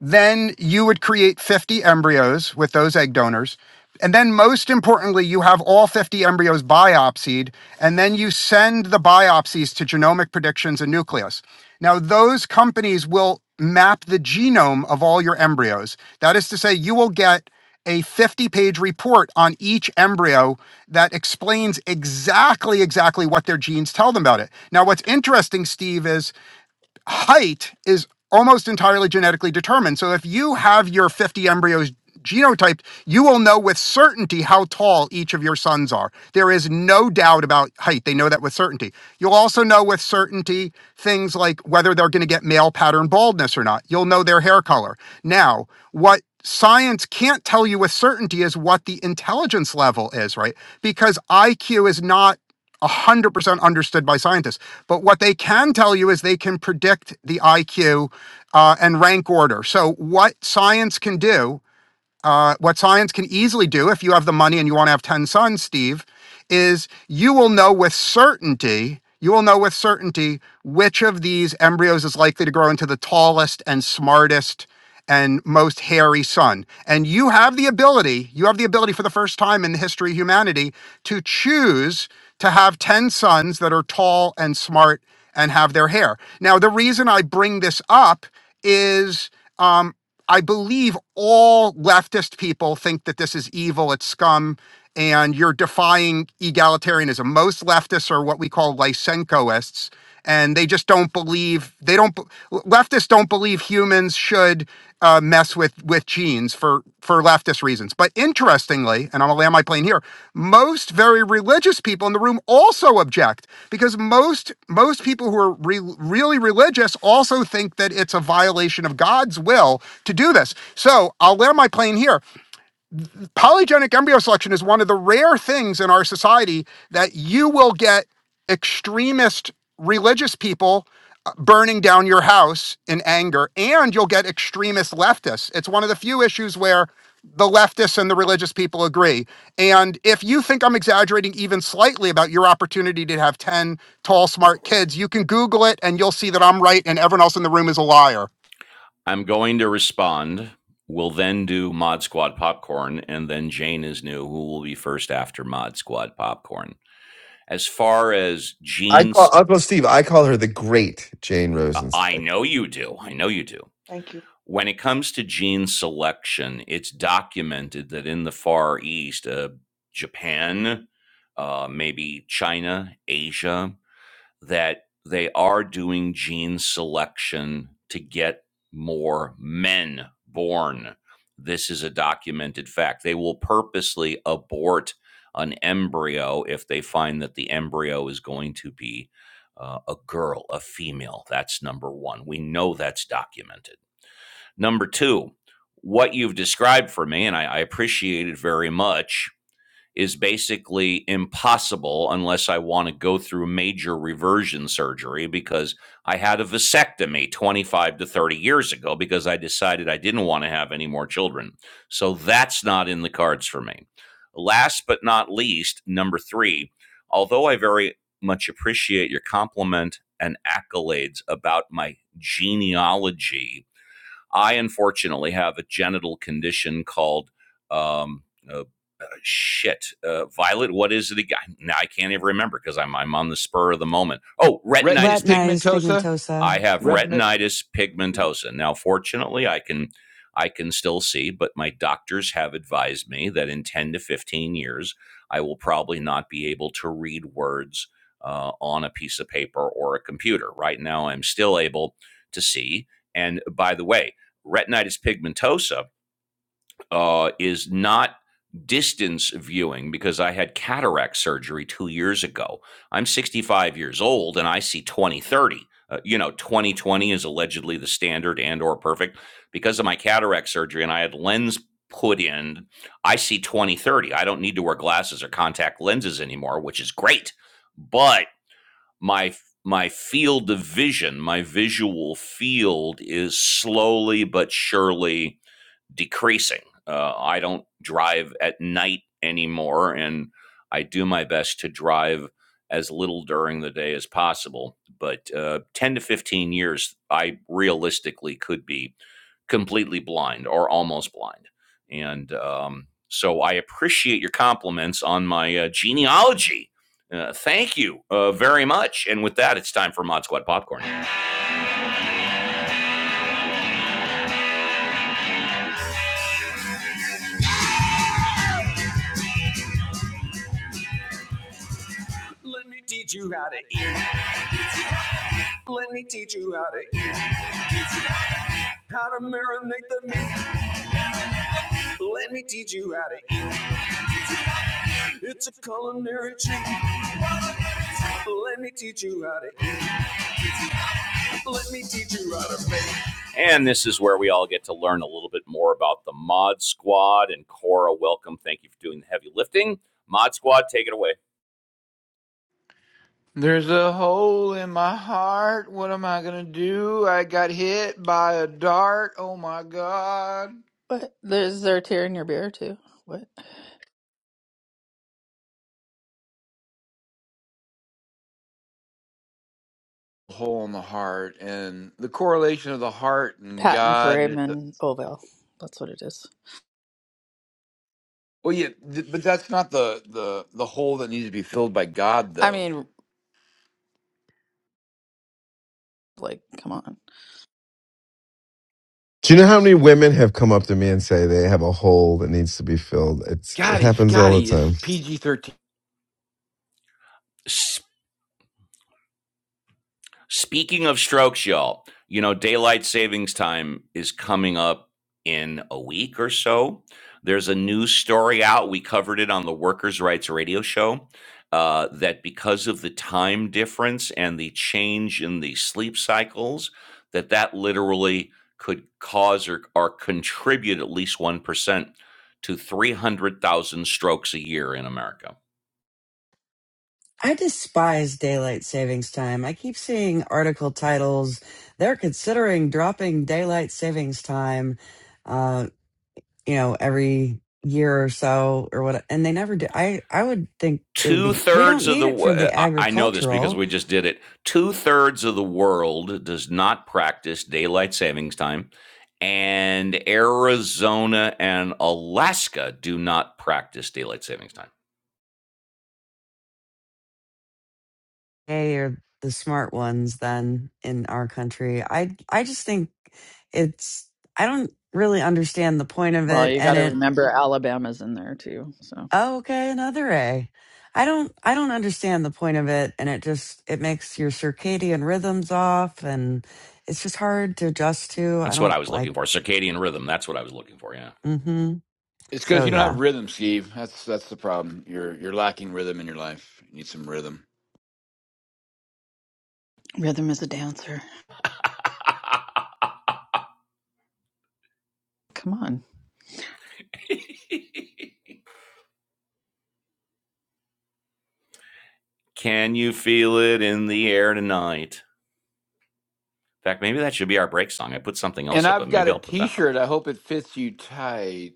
Speaker 10: then you would create 50 embryos with those egg donors. And then, most importantly, you have all 50 embryos biopsied, and then you send the biopsies to Genomic Predictions and Nucleus. Now, those companies will map the genome of all your embryos. That is to say, you will get a 50 page report on each embryo that explains exactly exactly what their genes tell them about it now what's interesting steve is height is almost entirely genetically determined. So if you have your 50 embryos genotyped, you will know with certainty how tall each of your sons are. There is no doubt about height. They know that with certainty. You'll also know with certainty things like whether they're going to get male pattern baldness or not. You'll know their hair color. Now, what science can't tell you with certainty is what the intelligence level is, right? Because IQ is not. 100% understood by scientists. But what they can tell you is they can predict the IQ uh, and rank order. So, what science can do uh, what science can easily do if you have the money and you want to have 10 sons, Steve, is you will know with certainty, you will know with certainty which of these embryos is likely to grow into the tallest and smartest and most hairy son. And you have the ability, you have the ability for the first time in the history of humanity to choose to have 10 sons that are tall and smart and have their hair. Now, the reason I bring this up is. um, I believe all leftist people think that this is evil, it's scum, and you're defying egalitarianism. Most leftists are what we call Lysenkoists, and they just don't believe they don't be- leftists don't believe humans should uh, mess with with genes genes for for leftist reasons. But interestingly, and I'm gonna land my plane here, most very religious people in the room also object because most most people who are re- really religious also think that it's a violation of God's will to do this. So I'll land my plane here polygenic embryo selection is one of the rare things in our society that you will get extremist religious people uh, burning down your house in anger and you'll get extremist leftists it's one of the few issues where the leftists and the religious people agree and if you think i'm exaggerating even slightly about your opportunity to have 10 tall smart kids you can google it and you'll see that i'm right and everyone else in the room is a liar
Speaker 1: I'm going to respond. We'll then do Mod Squad Popcorn, and then Jane is new, who will be first after Mod Squad Popcorn. As far as
Speaker 3: I call
Speaker 1: Jean's,
Speaker 3: Uncle Steve, I call her the great Jane
Speaker 1: I
Speaker 3: Rosenzweig.
Speaker 1: know you do. I know you do.
Speaker 12: Thank you.
Speaker 1: when it comes to gene selection, it's documented that in the Far East, uh, Japan, uh, maybe China, Asia, that they are doing gene selection to get more men born. This is a documented fact. They will purposely abort an embryo if they find that the embryo is going to be uh, a girl, a female. That's number one. We know that's documented. Number two, what you've described for me, and I, I appreciate it very much, is basically impossible unless I want to go through major reversion surgery because I had a vasectomy 25 to 30 years ago because I decided I didn't want to have any more children. So that's not in the cards for me. Last but not least, number three, although I very much appreciate your compliment and accolades about my genealogy I unfortunately have a genital condition called um, uh, uh, shit, uh, Violet. What is it again? Now I can't even remember because I'm I'm on the spur of the moment. Oh,
Speaker 11: Retinus
Speaker 1: retinitis pig,
Speaker 2: Retinitis
Speaker 11: pigmentosa.
Speaker 2: pigmentosa.
Speaker 1: I have
Speaker 11: Retinus.
Speaker 1: retinitis pigmentosa. Now, fortunately, I can I can still see, but my doctors have advised me that in 10 to 15 years, I will probably not be able to read words uh, on a piece of paper or a computer. Right now, I'm still able to see. And by the way, retinitis pigmentosa uh, is not distance viewing because I had cataract surgery two years ago. I'm 65 years old and I see 2030. Uh, you know, 2020 is allegedly the standard and or perfect. Because of my cataract surgery and I had lens put in, I see 2030. I don't need to wear glasses or contact lenses anymore, which is great. But my my field of vision, my visual field is slowly but surely decreasing. Uh, I don't drive at night anymore, and I do my best to drive as little during the day as possible. But uh, 10 to 15 years, I realistically could be completely blind or almost blind. And um, so I appreciate your compliments on my uh, genealogy. Uh, thank you uh, very much. And with that, it's time for Mod Squad Popcorn. Let me teach you how to eat. Let me teach you how to How to marinate the meat. Let me teach you how to eat. It's a culinary treat. Let me teach you how to eat. Let me teach you how to make. And this is where we all get to learn a little bit more about the Mod Squad. And Cora, welcome. Thank you for doing the heavy lifting. Mod Squad, take it away.
Speaker 11: There's a hole in my heart. What am I gonna do? I got hit by a dart. Oh my god.
Speaker 13: What? There's there a tear in your beer too? What?
Speaker 11: Hole in the heart and the correlation of the heart and
Speaker 13: Patent frame
Speaker 11: God.
Speaker 13: and Oval. That's what it is.
Speaker 11: Well, yeah, th- but that's not the the the hole that needs to be filled by God,
Speaker 13: I
Speaker 11: though.
Speaker 13: mean, like, come on.
Speaker 3: Do you know how many women have come up to me and say they have a hole that needs to be filled? It's it
Speaker 11: Scotty,
Speaker 3: happens all the
Speaker 11: Scotty, it's
Speaker 3: time.
Speaker 11: PG thirteen.
Speaker 1: Speaking of strokes, y'all, you know, daylight savings time is coming up in a week or so. There's a news story out. We covered it on the Workers' Rights Radio Show uh, that because of the time difference and the change in the sleep cycles, that that literally could cause or, or contribute at least 1% to 300,000 strokes a year in America.
Speaker 2: I despise daylight savings time. I keep seeing article titles. They're considering dropping daylight savings time. Uh, you know, every year or so or what, and they never do. I, I would think it would
Speaker 1: two
Speaker 2: be, we don't
Speaker 1: thirds of
Speaker 2: need
Speaker 1: the
Speaker 2: it for
Speaker 1: wo-
Speaker 2: the
Speaker 1: I I know this because
Speaker 2: agricultural.
Speaker 1: we just did it. Two thirds of the world does not practice daylight savings time, and Arizona and Alaska do not practice daylight savings time.
Speaker 2: They are the smart ones then in our country. I, I just think it's, I don't really understand the point of
Speaker 13: Well,
Speaker 2: it
Speaker 13: you got
Speaker 2: and
Speaker 13: to
Speaker 2: it,
Speaker 13: remember Alabama's in there too. So
Speaker 2: oh, okay, another A. I don't, I don't understand the point of it and it just, it makes your circadian rhythms off and it's just hard to adjust to. I
Speaker 1: That's what
Speaker 2: don't
Speaker 1: I was
Speaker 2: like,
Speaker 1: looking for. Circadian rhythm. That's what I was looking for. Yeah.
Speaker 2: mm hmm.
Speaker 11: It's because
Speaker 2: So
Speaker 11: you don't
Speaker 2: yeah.
Speaker 11: have rhythm, Steve. That's that's the problem. You're you're lacking rhythm in your life. You need some rhythm.
Speaker 13: rhythm is a dancer. Come on.
Speaker 1: Can you feel it in the air tonight? In fact, maybe that should be our break song. I put something
Speaker 11: And
Speaker 1: else up, but
Speaker 11: I've got
Speaker 1: maybe
Speaker 11: a
Speaker 1: I'll put that up.
Speaker 11: T-shirt. I hope it fits you tight.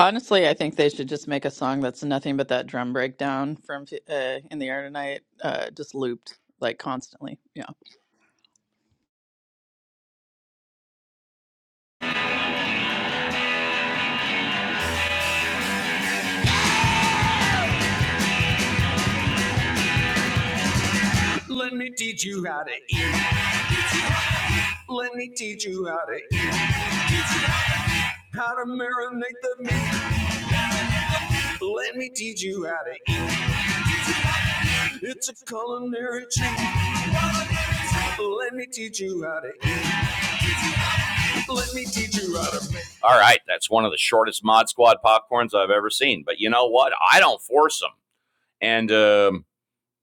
Speaker 13: Honestly, I think they should just make a song that's nothing but that drum breakdown from uh, "In the Air Tonight," uh, just looped like constantly. Yeah,
Speaker 1: Let me teach you how to eat. Let me teach you how to eat. How to marinate the meat. Let me teach you how to eat. It's a culinary treat. Let me teach you how to eat. Let me teach you how to make. All right, that's one of the shortest Mod Squad popcorns I've ever seen. But you know what? I don't force them. And um,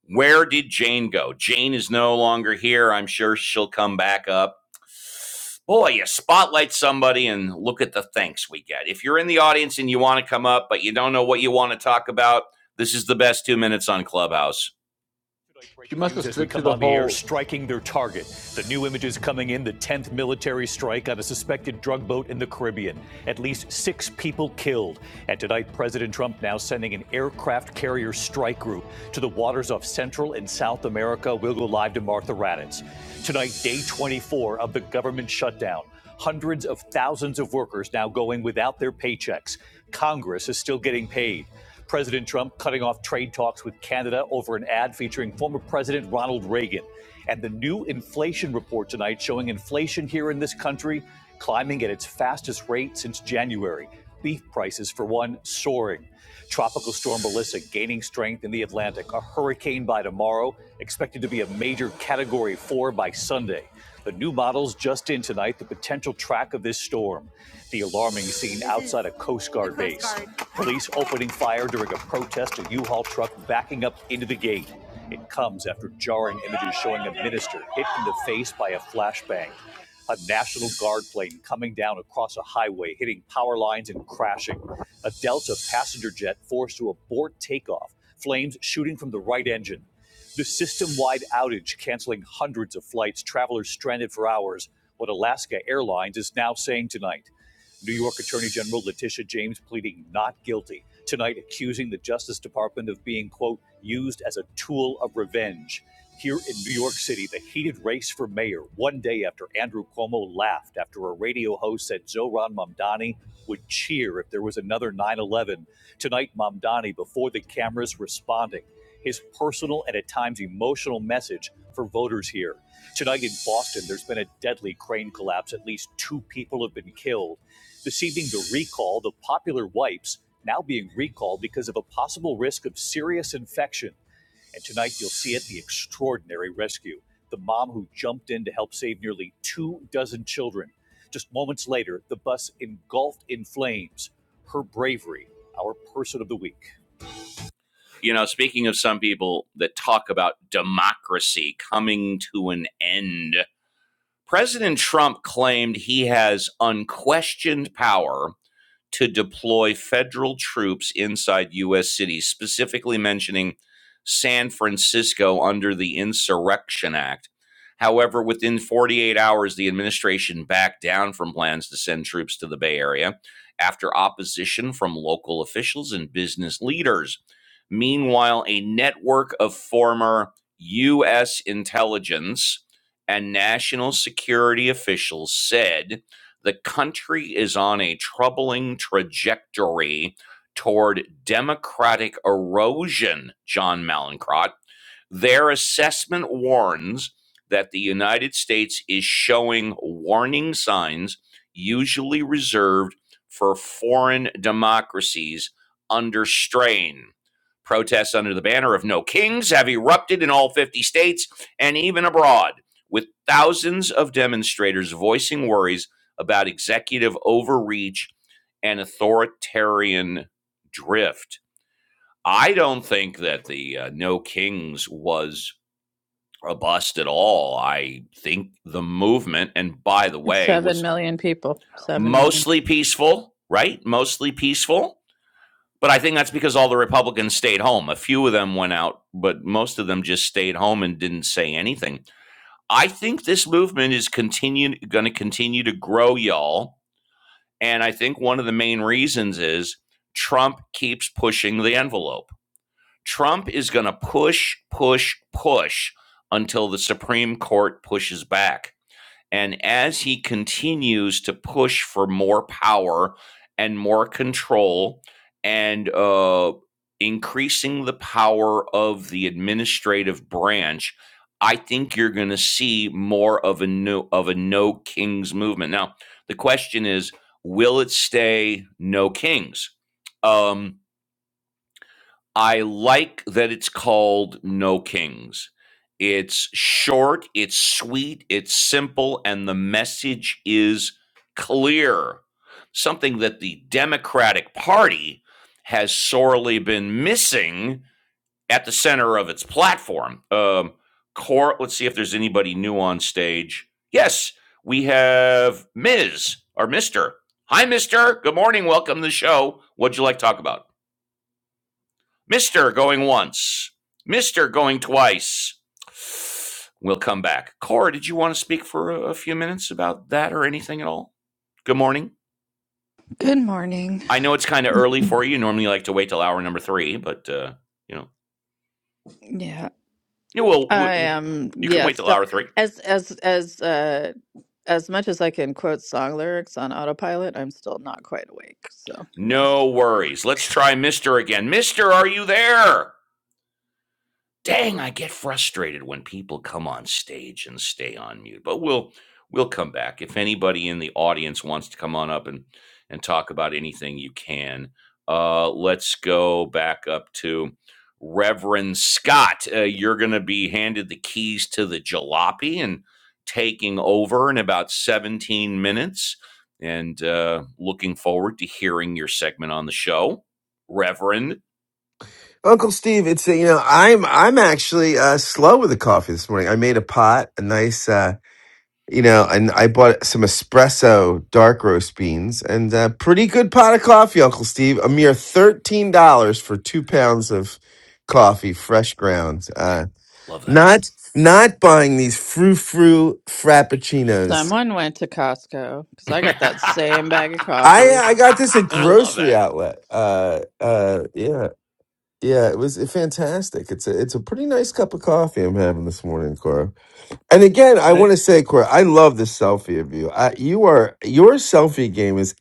Speaker 1: where did Jane go? Jane is no longer here. I'm sure she'll come back up. Boy, you spotlight somebody and look at the thanks we get. If you're in the audience and you want to come up, but you don't know what you want to talk about, this is the best two minutes on Clubhouse. Tonight,
Speaker 11: She
Speaker 1: breaking
Speaker 11: must have
Speaker 1: news as we
Speaker 11: slipped through
Speaker 1: come
Speaker 11: the
Speaker 1: on the air,
Speaker 11: hole.
Speaker 1: striking their target. The new images coming in the 10th military strike on a suspected drug boat in the Caribbean. At least six people killed. And tonight, President Trump now sending an aircraft carrier strike group to the waters off Central and South America. We'll go live to Martha Raddatz. Tonight, day 24 of the government shutdown. Hundreds of thousands of workers now going without their paychecks. Congress is still getting paid. President Trump cutting off trade talks with Canada over an ad featuring former President Ronald Reagan. And the new inflation report tonight showing inflation here in this country climbing at its fastest rate since January. Beef prices, for one, soaring. Tropical storm Melissa gaining strength in the Atlantic. A hurricane by tomorrow, expected to be a major category four by Sunday. The new models just in tonight, the potential track of this storm. The alarming scene outside a Coast Guard base. Police opening fire during a protest, a U-Haul truck backing up into the gate. It comes after jarring images showing a minister hit in the face by a flashbang. A National Guard plane coming down across a highway, hitting power lines and crashing. A Delta passenger jet forced to abort takeoff, flames shooting from the right engine. The system wide outage canceling hundreds of flights, travelers stranded for hours, what Alaska Airlines is now saying tonight. New York Attorney General Letitia James pleading not guilty, tonight accusing the Justice Department of being, quote, used as a tool of revenge. Here in New York City, the heated race for mayor, one day after Andrew Cuomo laughed after a radio host said Zohran Mamdani would cheer if there was another 9 11. Tonight, Mamdani, before the cameras, responding. His personal and at times emotional message for voters here. Tonight in Boston, there's been a deadly crane collapse. At least two people have been killed. This evening, the recall, the popular wipes now being recalled because of a possible risk of serious infection. And tonight, you'll see it the extraordinary rescue. The mom who jumped in to help save nearly two dozen children. Just moments later, the bus engulfed in flames. Her bravery, our person of the week. You know, speaking of some people that talk about democracy coming to an end, President Trump claimed he has unquestioned power to deploy federal troops inside U.S. cities, specifically mentioning San Francisco under the Insurrection Act. However, within 48 hours, the administration backed down from plans to send troops to the Bay Area after opposition from local officials and business leaders. Meanwhile, a network of former U.S. intelligence and national security officials said the country is on a troubling trajectory toward democratic erosion, John Malincrot, their assessment warns that the United States is showing warning signs usually reserved for foreign democracies under strain. Protests under the banner of No Kings have erupted in all 50 states and even abroad, with thousands of demonstrators voicing worries about executive overreach and authoritarian drift. I don't think that the uh, No Kings was a bust at all. I think the movement, and by the way,
Speaker 13: seven
Speaker 1: was
Speaker 13: million people. Seven million.
Speaker 1: mostly peaceful, right? Mostly peaceful. But I think that's because all the Republicans stayed home. A few of them went out, but most of them just stayed home and didn't say anything. I think this movement is continue going to continue to grow, y'all. And I think one of the main reasons is Trump keeps pushing the envelope. Trump is going to push, push, push until the Supreme Court pushes back And as he continues to push for more power and more control and uh, increasing the power of the administrative branch, I think you're going to see more of a no, of a no kings movement. Now, the question is, will it stay no kings? Um, I like that it's called No Kings. It's short, it's sweet, it's simple, and the message is clear. Something that the Democratic Party has sorely been missing at the center of its platform. Um, core, let's see if there's anybody new on stage. Yes, we have Ms. or Mr. Hi, Mr. Good morning. Welcome to the show. What'd you like to talk about? Mister going once. Mister going twice. We'll come back. Cora, did you want to speak for a, a few minutes about that or anything at all? Good morning.
Speaker 13: Good morning.
Speaker 1: I know it's kind of early for you. Normally, you like to wait till hour number three, but uh, you know,
Speaker 13: Yeah,
Speaker 1: you will. W-
Speaker 13: I
Speaker 1: w-
Speaker 13: am.
Speaker 1: you can
Speaker 13: Yeah,
Speaker 1: wait till
Speaker 13: still
Speaker 1: hour three.
Speaker 13: as as as uh as much as I can quote song lyrics on autopilot, I'm still not quite awake. So, yes.
Speaker 1: No worries. Let's try Mister again. Mister, are you there? dang, I get frustrated when people come on stage and stay on mute. But we'll we'll come back. If anybody in the audience wants to come on up and and talk about anything, you can. Uh, let's go back up to Reverend Scott. Uh, you're going to be handed the keys to the jalopy and taking over in about 17 minutes. And uh, looking forward to hearing your segment on the show, Reverend.
Speaker 3: Uncle Steve, it's you know I'm I'm actually uh, slow with the coffee this morning. I made a pot, a nice. Uh, you know, and I bought some espresso dark roast beans and a pretty good pot of coffee, Uncle Steve. A mere thirteen dollars for two pounds of coffee, fresh ground. Uh,
Speaker 1: Love that.
Speaker 3: not not buying these frou frou frappuccinos.
Speaker 13: Someone went to Costco because I got that same bag of
Speaker 3: I
Speaker 13: coffee.
Speaker 3: I got this at
Speaker 1: I
Speaker 11: And,
Speaker 1: love
Speaker 3: grocery
Speaker 1: that.
Speaker 3: outlet. Uh, uh, yeah, yeah, it was fantastic. It's a it's a pretty nice cup of coffee I'm having this morning, Cora. And again, I
Speaker 11: and it,
Speaker 3: want to say, Cora, I love this selfie of you. I, you are your selfie game is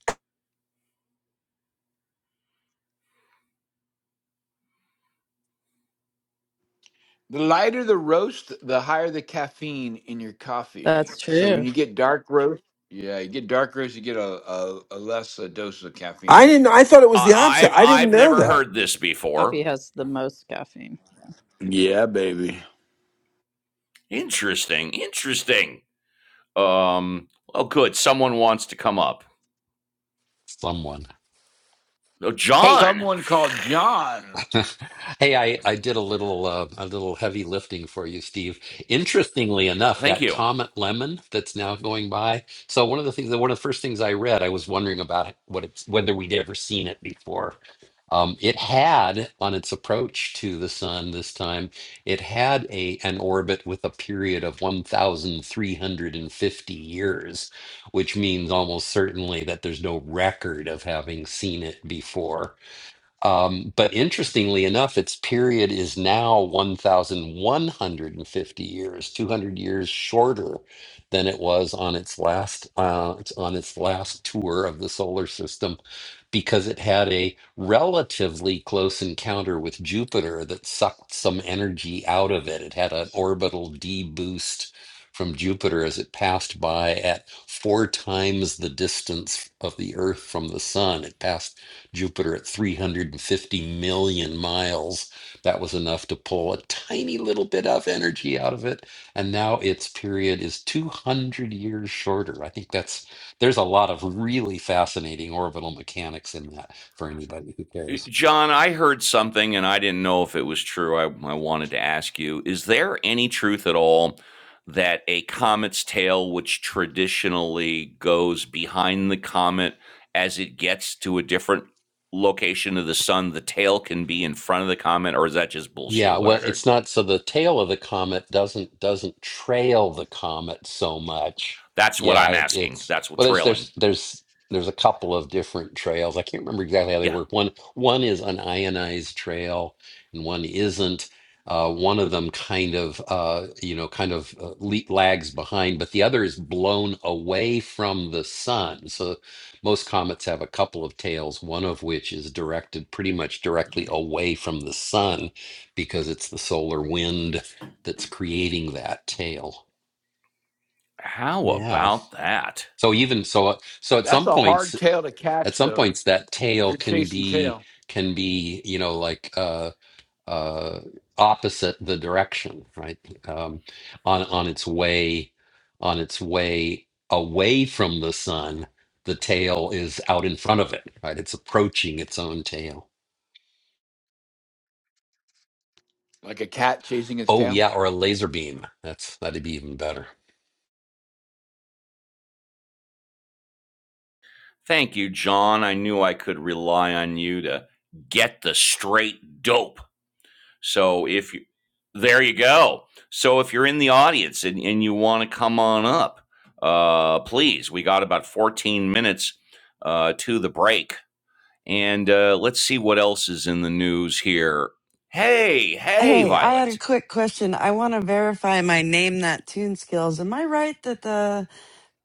Speaker 11: the lighter the roast, the higher the caffeine in your coffee.
Speaker 13: That's
Speaker 11: So when
Speaker 13: true.
Speaker 11: you get dark roast, yeah, you get dark roast, you get a a, a less a dose of
Speaker 3: I
Speaker 11: caffeine.
Speaker 3: didn't. I thought it was
Speaker 1: Uh,
Speaker 3: the opposite.
Speaker 1: I've
Speaker 3: I didn't
Speaker 1: I've
Speaker 3: know
Speaker 1: never
Speaker 3: that.
Speaker 1: heard this before.
Speaker 13: Coffee has the most caffeine.
Speaker 11: Yeah, baby.
Speaker 1: Interesting, interesting. Um, oh, good. Someone wants to come up.
Speaker 8: Someone.
Speaker 1: Oh,
Speaker 8: hey.
Speaker 1: John.
Speaker 11: Someone called John.
Speaker 8: Hey, I, I did a little uh, a little heavy lifting for you, Steve. Interestingly enough,
Speaker 1: Thank
Speaker 8: that
Speaker 1: you.
Speaker 8: Comet Lemon that's now going by. So one of the things that one of the first things I read, I was wondering about it, what it's whether we'd ever seen it before. Um, it had on its approach to the sun this time, it had a an orbit with a period of 1,350 years, which means almost certainly that there's no record of having seen it before. Um, but interestingly enough, its period is now 1,150 years, 200 years shorter than it was on its last uh, it's on its last tour of the solar system, because it had a relatively close encounter with Jupiter that sucked some energy out of it. It had an orbital deboost from Jupiter as it passed by at four times the distance of the Earth from the Sun. It passed Jupiter at 350 million miles. That was enough to pull a tiny little bit of energy out of it. And now its period is 200 years shorter. I think that's, there's a lot of really fascinating orbital mechanics in that for anybody who
Speaker 1: Uh,
Speaker 8: cares.
Speaker 1: John, I heard something and I didn't know if it was true. I, I wanted to ask you Is there any truth at all that a comet's tail, which traditionally goes behind the comet as it gets to a different location of the sun, the tail can be in front of the comet? Or is that just bullshit
Speaker 8: Yeah,
Speaker 1: what I
Speaker 8: well,
Speaker 1: heard?
Speaker 8: it's not so the tail of the comet doesn't doesn't trail the comet so much.
Speaker 1: That's what
Speaker 8: Yeah,
Speaker 1: I'm
Speaker 8: it,
Speaker 1: asking.
Speaker 8: it's
Speaker 1: That's what
Speaker 8: well, there's
Speaker 1: trailing.
Speaker 8: there's there's there's a couple of different trails. I can't remember exactly how they
Speaker 1: Yeah,
Speaker 8: work. One one is an ionized trail, and one isn't. Uh, one of them kind of uh, you know kind of uh, le lags behind, but the other is blown away from the sun. So most comets have a couple of tails, one of which is directed pretty much directly
Speaker 1: really.
Speaker 8: away from the sun because it's the solar wind that's creating that tail.
Speaker 1: How
Speaker 8: Yeah.
Speaker 1: about that?
Speaker 8: So even so so at
Speaker 11: That's
Speaker 8: some
Speaker 11: a
Speaker 8: points
Speaker 11: hard tail to
Speaker 8: at
Speaker 11: catch,
Speaker 8: some
Speaker 11: though.
Speaker 8: points that
Speaker 11: If
Speaker 8: tail
Speaker 11: you're
Speaker 8: can
Speaker 11: chasing
Speaker 8: be
Speaker 11: tail,
Speaker 8: can be, you know, like uh uh opposite the direction, right? Um on on its way on its way away from the sun, the tail is out in front of it, right? It's approaching its own tail.
Speaker 11: like a cat chasing its
Speaker 8: Oh
Speaker 11: tail.
Speaker 8: yeah, or a laser beam. That's that'd be even better.
Speaker 1: Thank you, John. I knew I could rely on you to get the straight dope. So if you, there you go. So if you're in the audience and, and you want to come on up, uh, please, we got about 14 minutes uh, to the break. And uh, let's see what else is in the news here. Hey, hey,
Speaker 2: Hey, I had a
Speaker 1: Violet.
Speaker 2: quick question. I want to verify my name that tune skills. Am I right that the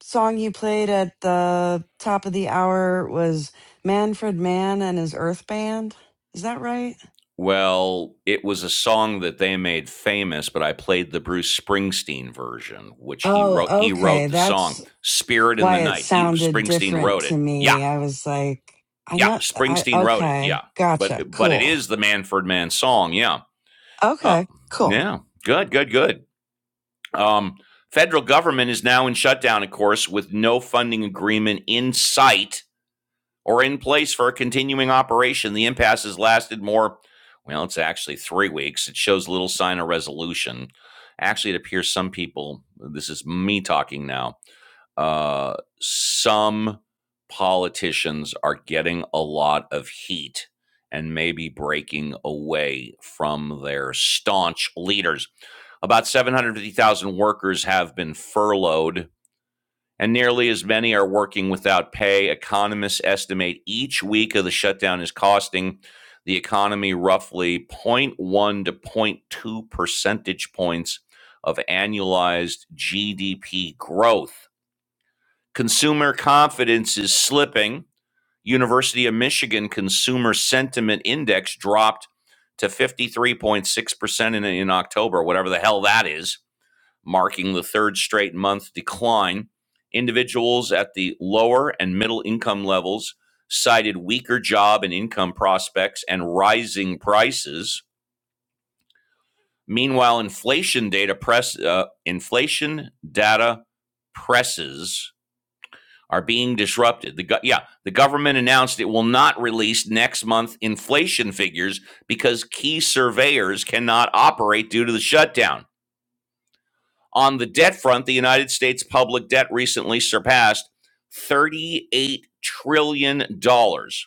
Speaker 2: song you played at the top of the hour was Manfred Mann and his Earth Band? Is that right?
Speaker 1: Well, it was a song that they made famous, but I played the Bruce Springsteen version, which he
Speaker 2: Oh,
Speaker 1: wrote. He
Speaker 2: okay.
Speaker 1: wrote the song
Speaker 2: That's
Speaker 1: "Spirit in
Speaker 2: why
Speaker 1: the
Speaker 2: it
Speaker 1: Night." He
Speaker 2: sounded
Speaker 1: Springsteen
Speaker 2: different
Speaker 1: wrote
Speaker 2: to
Speaker 1: it. Yeah,
Speaker 2: me. I was like, I
Speaker 1: yeah,
Speaker 2: know I
Speaker 1: Springsteen wrote it. Yeah,
Speaker 2: okay.
Speaker 1: but
Speaker 2: Gotcha.
Speaker 1: but it
Speaker 2: Cool.
Speaker 1: is the Manford Man song. Yeah, uh,
Speaker 2: Okay. Cool.
Speaker 1: yeah, good, good, good. Um, federal government is now in shutdown, of course, with no funding agreement in sight or in place for a continuing operation. The impasse has lasted more, well, it's actually three weeks. It shows little sign of resolution. Actually, it appears some people, this is me talking now, uh, some politicians are getting a lot of heat and maybe breaking away from their staunch leaders. About 750,000 workers have been furloughed and nearly as many are working without pay. Economists estimate each week of the shutdown is costing the economy roughly zero point 0.1 to zero point 0.2 percentage points of annualized GDP growth. Consumer confidence is slipping. University of Michigan Consumer Sentiment Index dropped to 53.6% in, in October, whatever the hell that is marking the third straight month decline. Individuals at the lower and middle income levels cited weaker job and income prospects and rising prices. Meanwhile, inflation data press uh, inflation data presses are being disrupted. The go- yeah, the government announced it will not release next month inflation figures because key surveyors cannot operate due to the shutdown. On the debt front, the United States public debt recently surpassed $38 trillion, dollars,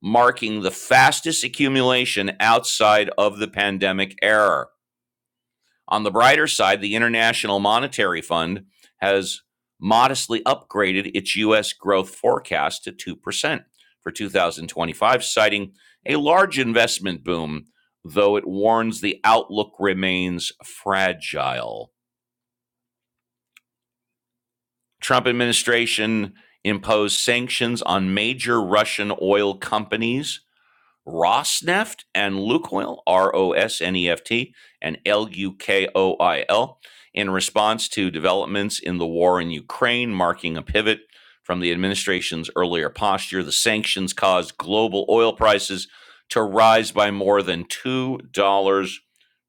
Speaker 1: marking the fastest accumulation outside of the pandemic era. On the brighter side, the International Monetary Fund has modestly upgraded its U.S. growth forecast to 2% for 2025, citing a large investment boom, though it warns the outlook remains fragile. Trump administration imposed sanctions on major Russian oil companies, Rosneft and Lukoil, R O S N E F T and L U K O I L, in response to developments in the war in Ukraine, marking a pivot from the administration's earlier posture. The sanctions caused global oil prices to rise by more than $2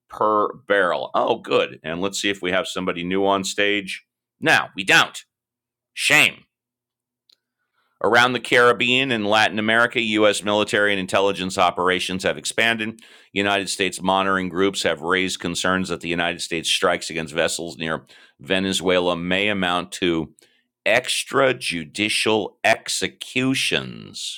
Speaker 1: per barrel. Oh, good. And let's see if we have somebody new on stage. Now, we don't. Shame. Around the Caribbean and Latin America, U.S. military and intelligence operations have expanded. United States monitoring groups have raised concerns that the United States strikes against vessels near Venezuela may amount to extrajudicial executions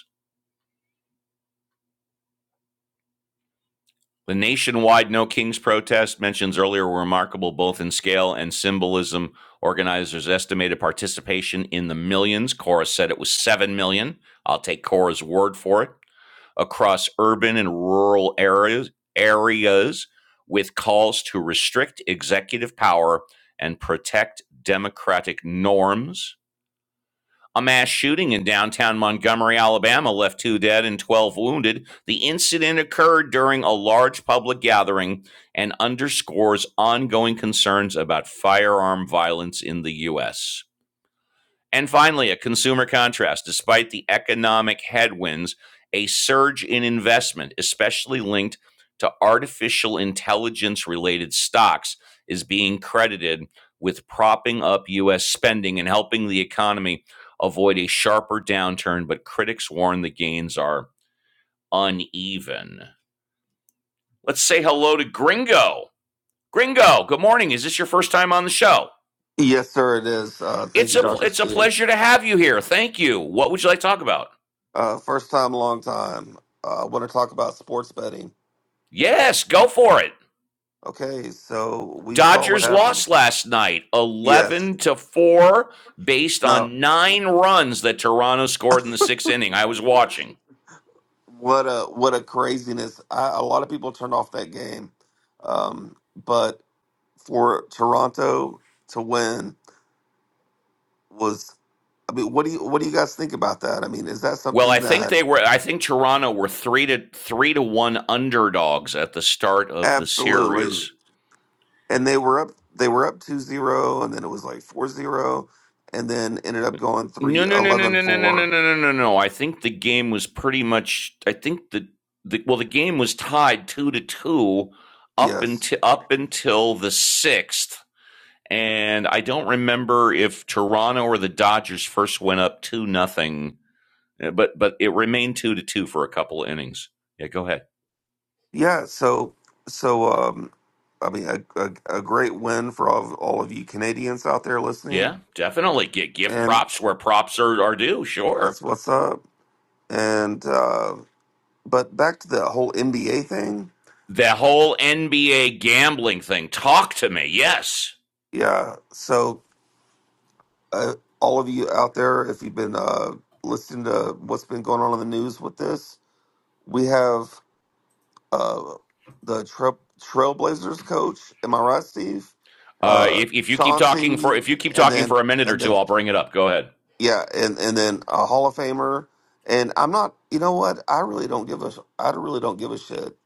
Speaker 1: The nationwide No Kings protest mentions earlier were remarkable both in scale and symbolism. Organizers estimated participation in the millions. Cora said it was 7 million. I'll take Cora's word for it. Across urban and rural areas, areas with calls to restrict executive power and protect democratic norms a mass shooting in downtown Montgomery, Alabama left two dead and 12 wounded. The incident occurred during a large public gathering and underscores ongoing concerns about firearm violence in the U.S. And finally, a consumer contrast. Despite the economic headwinds, a surge in investment, especially linked to artificial intelligence related stocks, is being credited with propping up U.S. spending and helping the economy avoid a sharper downturn. But critics warn the gains are uneven. Let's say hello to Gringo. Gringo, good morning. Is this your first time on the show?
Speaker 14: Yes, sir, it is. Uh, thank
Speaker 1: It's
Speaker 14: you,
Speaker 1: a
Speaker 14: Dr.
Speaker 1: it's a
Speaker 14: Steve.
Speaker 1: pleasure to have you here. Thank you. What would you like to talk about?
Speaker 14: Uh, first time, long time. Uh, I want to talk about sports betting.
Speaker 1: Yes, go for it.
Speaker 14: Okay, so we saw what
Speaker 1: Dodgers
Speaker 14: happened.
Speaker 1: lost last night
Speaker 14: Yes.
Speaker 1: 11 to 4 based
Speaker 14: Now,
Speaker 1: on 9 runs that Toronto scored in the 6th inning. I was watching.
Speaker 14: what a what a craziness! I, a lot of people turned off that game, um, but for Toronto to win was. I mean, what do you what do you guys think about that? I mean, is that
Speaker 1: Well,
Speaker 14: something
Speaker 1: I think
Speaker 14: that
Speaker 1: they were I think Toronto were 3 to 3 to 1 underdogs at the start of the
Speaker 14: absolutely?
Speaker 1: series.
Speaker 14: and they were up they were up two zero, and then it was like four zero, and then ended up going
Speaker 1: No,
Speaker 14: three
Speaker 1: no, no, no,
Speaker 14: eleven
Speaker 1: no, no, no,
Speaker 14: four.
Speaker 1: no, no, no, no. no. I think the game was pretty much I think the, the well the game was tied 2 to 2 up
Speaker 14: yes
Speaker 1: until up until the 6th and I don't remember if Toronto or the Dodgers first went up two nothing, but but it remained two to two for a couple of innings. Yeah, go ahead.
Speaker 14: yeah so so um i mean a, a, a great win for all of, all of you canadians out there listening
Speaker 1: Yeah, definitely. Give, give
Speaker 14: and
Speaker 1: props where props are, are due. Sure.
Speaker 14: that's what's up and uh but back to the whole nba thing
Speaker 1: The whole NBA gambling thing. Talk to me. Yes.
Speaker 14: yeah so uh, all of you out there if you've been uh listening to what's been going on in the news with this we have uh, the trail, Trailblazers coach. Am I right, Steve?
Speaker 1: Uh,
Speaker 14: Uh,
Speaker 1: if if you keep talking for
Speaker 14: Chauncey,
Speaker 1: if you keep
Speaker 14: and
Speaker 1: talking
Speaker 14: then
Speaker 1: for a minute or
Speaker 14: and
Speaker 1: two,
Speaker 14: then
Speaker 1: I'll bring it up. Go ahead.
Speaker 14: yeah, and and then a Hall of Famer. And I'm not. You know what? I really don't give a. sh- I really don't give a shit,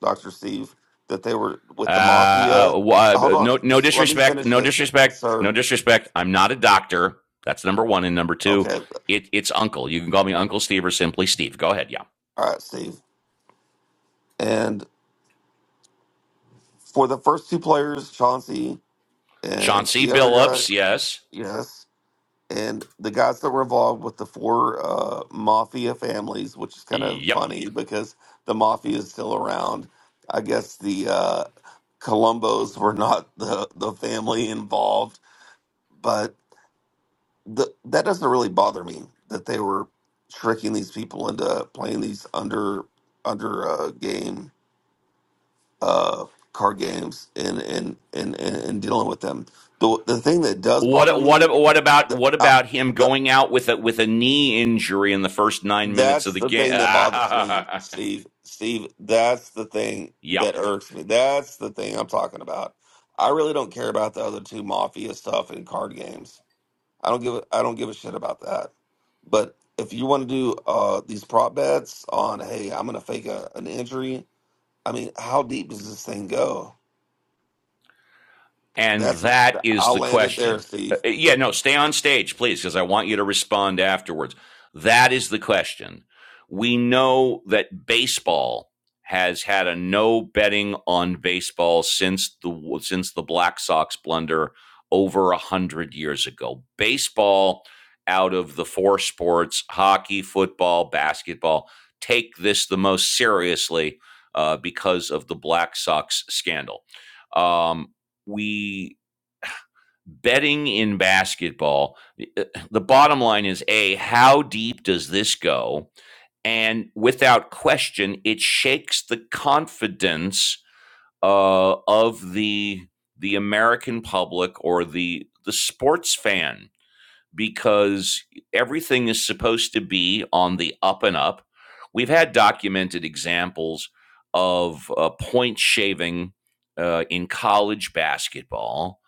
Speaker 14: Doctor Steve, that they were
Speaker 1: Uh,
Speaker 14: with the
Speaker 1: uh,
Speaker 14: mafia. Hold on,
Speaker 1: no, no
Speaker 14: just let me
Speaker 1: disrespect,
Speaker 14: finish
Speaker 1: no
Speaker 14: this,
Speaker 1: disrespect, no
Speaker 14: sir.
Speaker 1: disrespect. I'm not a doctor. That's number one. And number two,
Speaker 14: Okay,
Speaker 1: it, it's Uncle. You can call me Uncle Steve or simply Steve. Go ahead. Yeah.
Speaker 14: all right, Steve. And for the first two players, Chauncey and
Speaker 1: Chauncey
Speaker 14: the other guy,
Speaker 1: Billups. Yes.
Speaker 14: yes. and the guys that were involved with the four uh, mafia families, which is kind of
Speaker 1: Yep.
Speaker 14: funny because the mafia is still around. I guess the uh, Colombos were not the, the family involved, but the, that doesn't really bother me that they were tricking these people into playing these under under uh, game uh, card games and and, and and and dealing with them. The the thing that does bother
Speaker 1: What
Speaker 14: me,
Speaker 1: what what about
Speaker 14: the,
Speaker 1: what
Speaker 14: uh,
Speaker 1: about him
Speaker 14: the
Speaker 1: going out with a with a knee injury in the first nine minutes of
Speaker 14: That's
Speaker 1: the
Speaker 14: the
Speaker 1: game?
Speaker 14: thing that bothers me, Steve. Steve, that's the thing
Speaker 1: yeah.
Speaker 14: that irks me. That's the thing I'm talking about. I really don't care about the other two mafia stuff and card games. I don't give a, I don't give a shit about that. But if you want to do uh, these prop bets on, hey, I'm going to fake a, an injury. I mean, how deep does this thing go?
Speaker 1: And
Speaker 14: That's
Speaker 1: that is
Speaker 14: I'll
Speaker 1: the
Speaker 14: land it there,
Speaker 1: question. Uh,
Speaker 14: Steve.
Speaker 1: uh, yeah, no, stay on stage, please, because I want you to respond afterwards. That is the question. We know that baseball has had a no betting on baseball since the since the Black Sox blunder over a hundred years ago. Baseball out of the four sports hockey, football, basketball take this the most seriously uh, because of the Black Sox scandal. Um, we betting in basketball eh, the bottom line is a how deep does this go and without question it shakes the confidence uh, of the the american public or the the sports fan because everything is supposed to be on the up and up. We've had documented examples of uh, point shaving uh, in college basketball,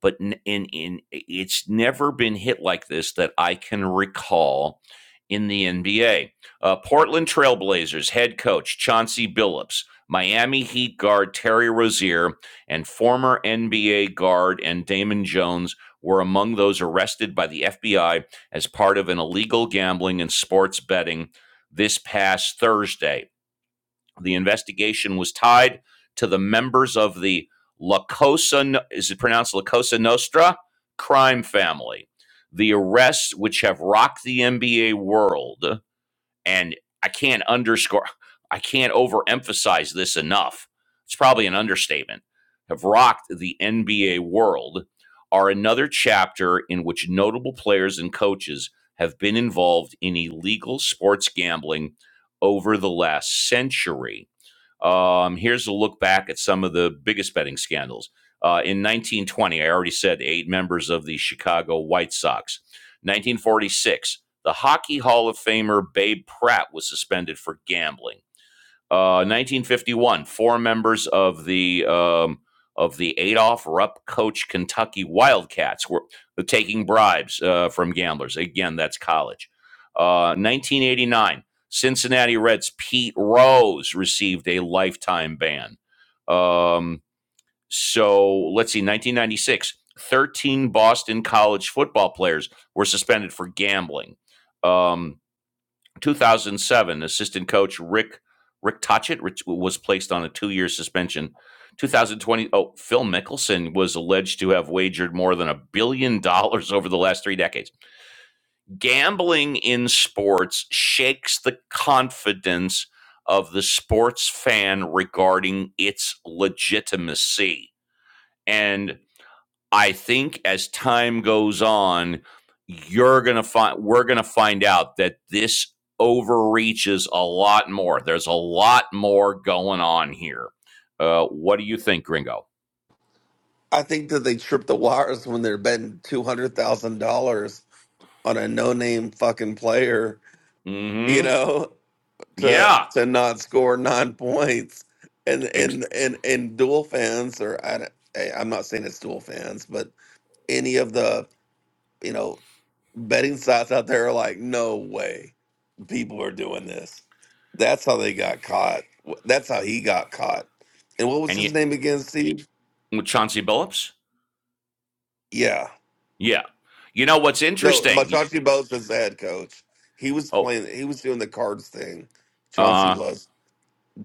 Speaker 1: but n- in in it's never been hit like this that I can recall in the NBA. Uh, Portland Trailblazers head coach Chauncey Billups, Miami Heat guard Terry Rozier, and former NBA guard and Damon Jones were among those arrested by the FBI as part of an illegal gambling and sports betting this past Thursday. The investigation was tied to the members of the La Cosa, No- is it pronounced La Cosa Nostra? Crime family. The arrests, which have rocked the NBA world, and I can't underscore, I can't overemphasize this enough. It's probably an understatement. Have rocked the NBA world are another chapter in which notable players and coaches have been involved in illegal sports gambling over the last century. Um, here's a look back at some of the biggest betting scandals. Uh, in 1920, I already said eight members of the Chicago White Sox. 1946, the Hockey Hall of Famer Babe Pratt was suspended for gambling. Uh, 1951, four members of the um, of the Adolph Rupp coach Kentucky Wildcats were taking bribes uh, from gamblers. Again, that's college. Uh, 1989, Cincinnati Reds Pete Rose received a lifetime ban. Um, so let's see, 1996, 13 Boston college football players were suspended for gambling. Um, 2007, assistant coach Rick Rick Tocchet was placed on a two-year suspension. 2020, oh, Phil Mickelson was alleged to have wagered more than a billion dollars over the last three decades. Gambling in sports shakes the confidence of the sports fan regarding its legitimacy. And I think as time goes on, you're gonna find we're gonna find out that this overreaches a lot more. There's a lot more going on here. Uh, what do you think, Gringo?
Speaker 14: I think that they trip the wires when they're betting two hundred thousand dollars on a no-name fucking player you
Speaker 1: Mm-hmm.
Speaker 14: know, to
Speaker 1: Yeah.
Speaker 14: to not score nine points. And
Speaker 1: Ex-
Speaker 14: and and and dual fans, or I, don't- hey, I'm not saying it's dual fans, but any of the you know betting sites out there are like, no way, people are doing this. That's how they got caught. That's how he got caught. And what was
Speaker 1: and you,
Speaker 14: his name again, Steve?
Speaker 1: with Chauncey Billups?
Speaker 14: Yeah,
Speaker 1: Yeah. You know what's
Speaker 14: no,
Speaker 1: interesting?
Speaker 14: Machachi Bo's his head coach. He was
Speaker 1: Oh,
Speaker 14: playing. He was doing the cards thing. Chauncey
Speaker 1: uh,
Speaker 14: was.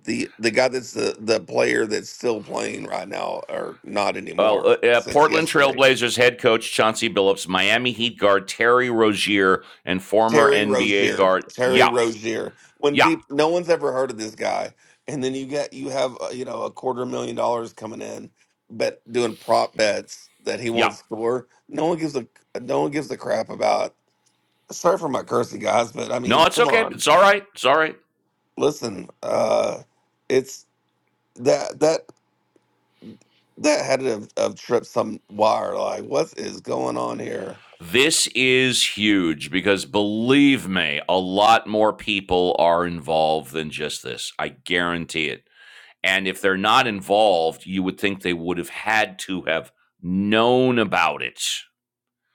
Speaker 14: the the guy that's the the player that's still playing right now or not
Speaker 1: well,
Speaker 14: anymore
Speaker 1: uh, uh,
Speaker 14: since
Speaker 1: Portland
Speaker 14: yesterday.
Speaker 1: Trailblazers head coach Chauncey Billups, Miami Heat guard Terry Rozier, and former
Speaker 14: Terry
Speaker 1: NBA
Speaker 14: Rozier.
Speaker 1: guard.
Speaker 14: Terry
Speaker 1: Yeah,
Speaker 14: Rozier. When
Speaker 1: yeah,
Speaker 14: people no one's ever heard of this guy and then you get you have uh, you know a quarter million dollars coming in bet doing prop bets that he
Speaker 1: yeah.
Speaker 14: won't score. No one gives a no one gives a crap about. Sorry for my cursing guys, but I
Speaker 1: No,
Speaker 14: mean,
Speaker 1: it's
Speaker 14: come
Speaker 1: okay.
Speaker 14: on.
Speaker 1: It's all right. It's all right.
Speaker 14: Listen, uh it's that that that had to have, have tripped some wire. Like, what is going on here?
Speaker 1: This is huge because believe me, a lot more people are involved than just this. I guarantee it. And if they're not involved, you would think they would have had to have known about it.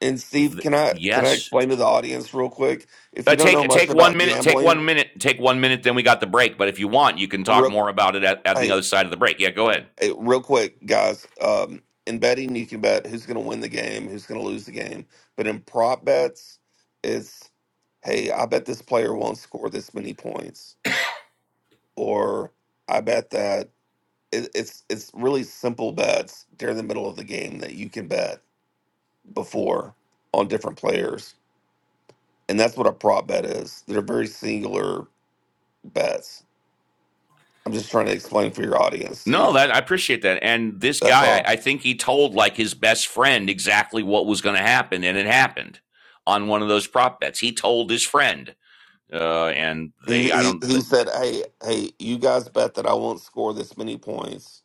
Speaker 14: And Steve,
Speaker 1: Th-
Speaker 14: can I can I
Speaker 1: yes.
Speaker 14: explain to the audience real quick? If
Speaker 1: Uh,
Speaker 14: you don't know
Speaker 1: take
Speaker 14: much
Speaker 1: take one
Speaker 14: about
Speaker 1: minute. Take
Speaker 14: gambling,
Speaker 1: one minute. Take one minute. Then we got the break. But if you want, you can talk
Speaker 14: real,
Speaker 1: more about it at, at the
Speaker 14: hey,
Speaker 1: other side of the break. Yeah, go ahead.
Speaker 14: hey, real quick, guys. Um, in betting, you can bet who's going to win the game, who's going to lose the game. But in prop bets, it's hey, I bet this player won't score this many points, or I bet that it, it's it's really simple bets during the middle of the game that you can bet before on different players, and that's what a prop bet is. They're very singular bets. I'm just trying to explain for your audience,
Speaker 1: No,
Speaker 14: Steve.
Speaker 1: that I appreciate that. And this
Speaker 14: That's
Speaker 1: guy,
Speaker 14: all.
Speaker 1: I, I think he told like his best friend exactly what was going to happen, and it happened on one of those prop bets. He told his friend, uh, and
Speaker 14: He
Speaker 1: they, I
Speaker 14: he,
Speaker 1: don't,
Speaker 14: he
Speaker 1: th-
Speaker 14: said, "Hey, hey, you guys bet that I won't score this many points,"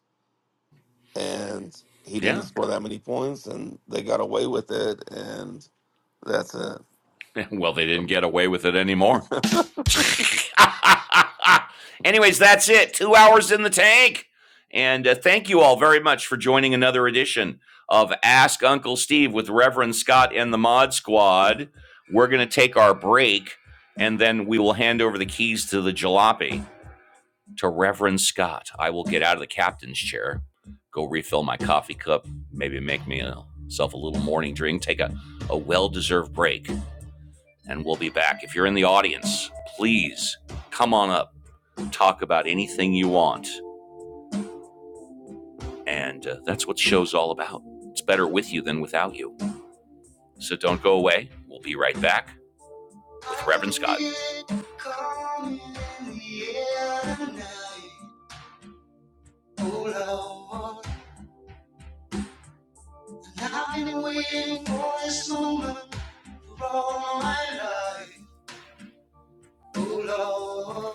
Speaker 14: and he didn't
Speaker 1: yeah.
Speaker 14: score that many points, and they got away with it, and that's it.
Speaker 1: Well, they didn't get away with it anymore. Anyways, that's it. Two hours in the tank. And uh, thank you all very much for joining another edition of Ask Uncle Steve with Reverend Scott and the Mod Squad. We're going to take our break and then we will hand over the keys to the jalopy to Reverend Scott. I will get out of the captain's chair, go refill my coffee cup, maybe make me a- myself a little morning drink, take a, a well deserved break and we'll be back. If you're in the audience, please come on up, talk about anything you want. And uh, that's what the show's all about. It's better with you than without you. So don't go away. We'll be right back with Reverend Scott. Oh, Lord.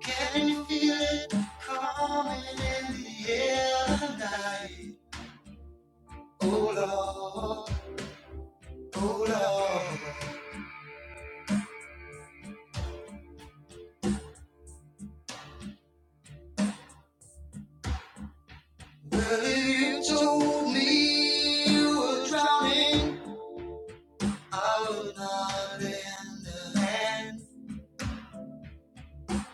Speaker 1: Can you feel it coming in the air tonight? Oh Lord, oh Lord. Well, if you told me you were drowning, I would not understand.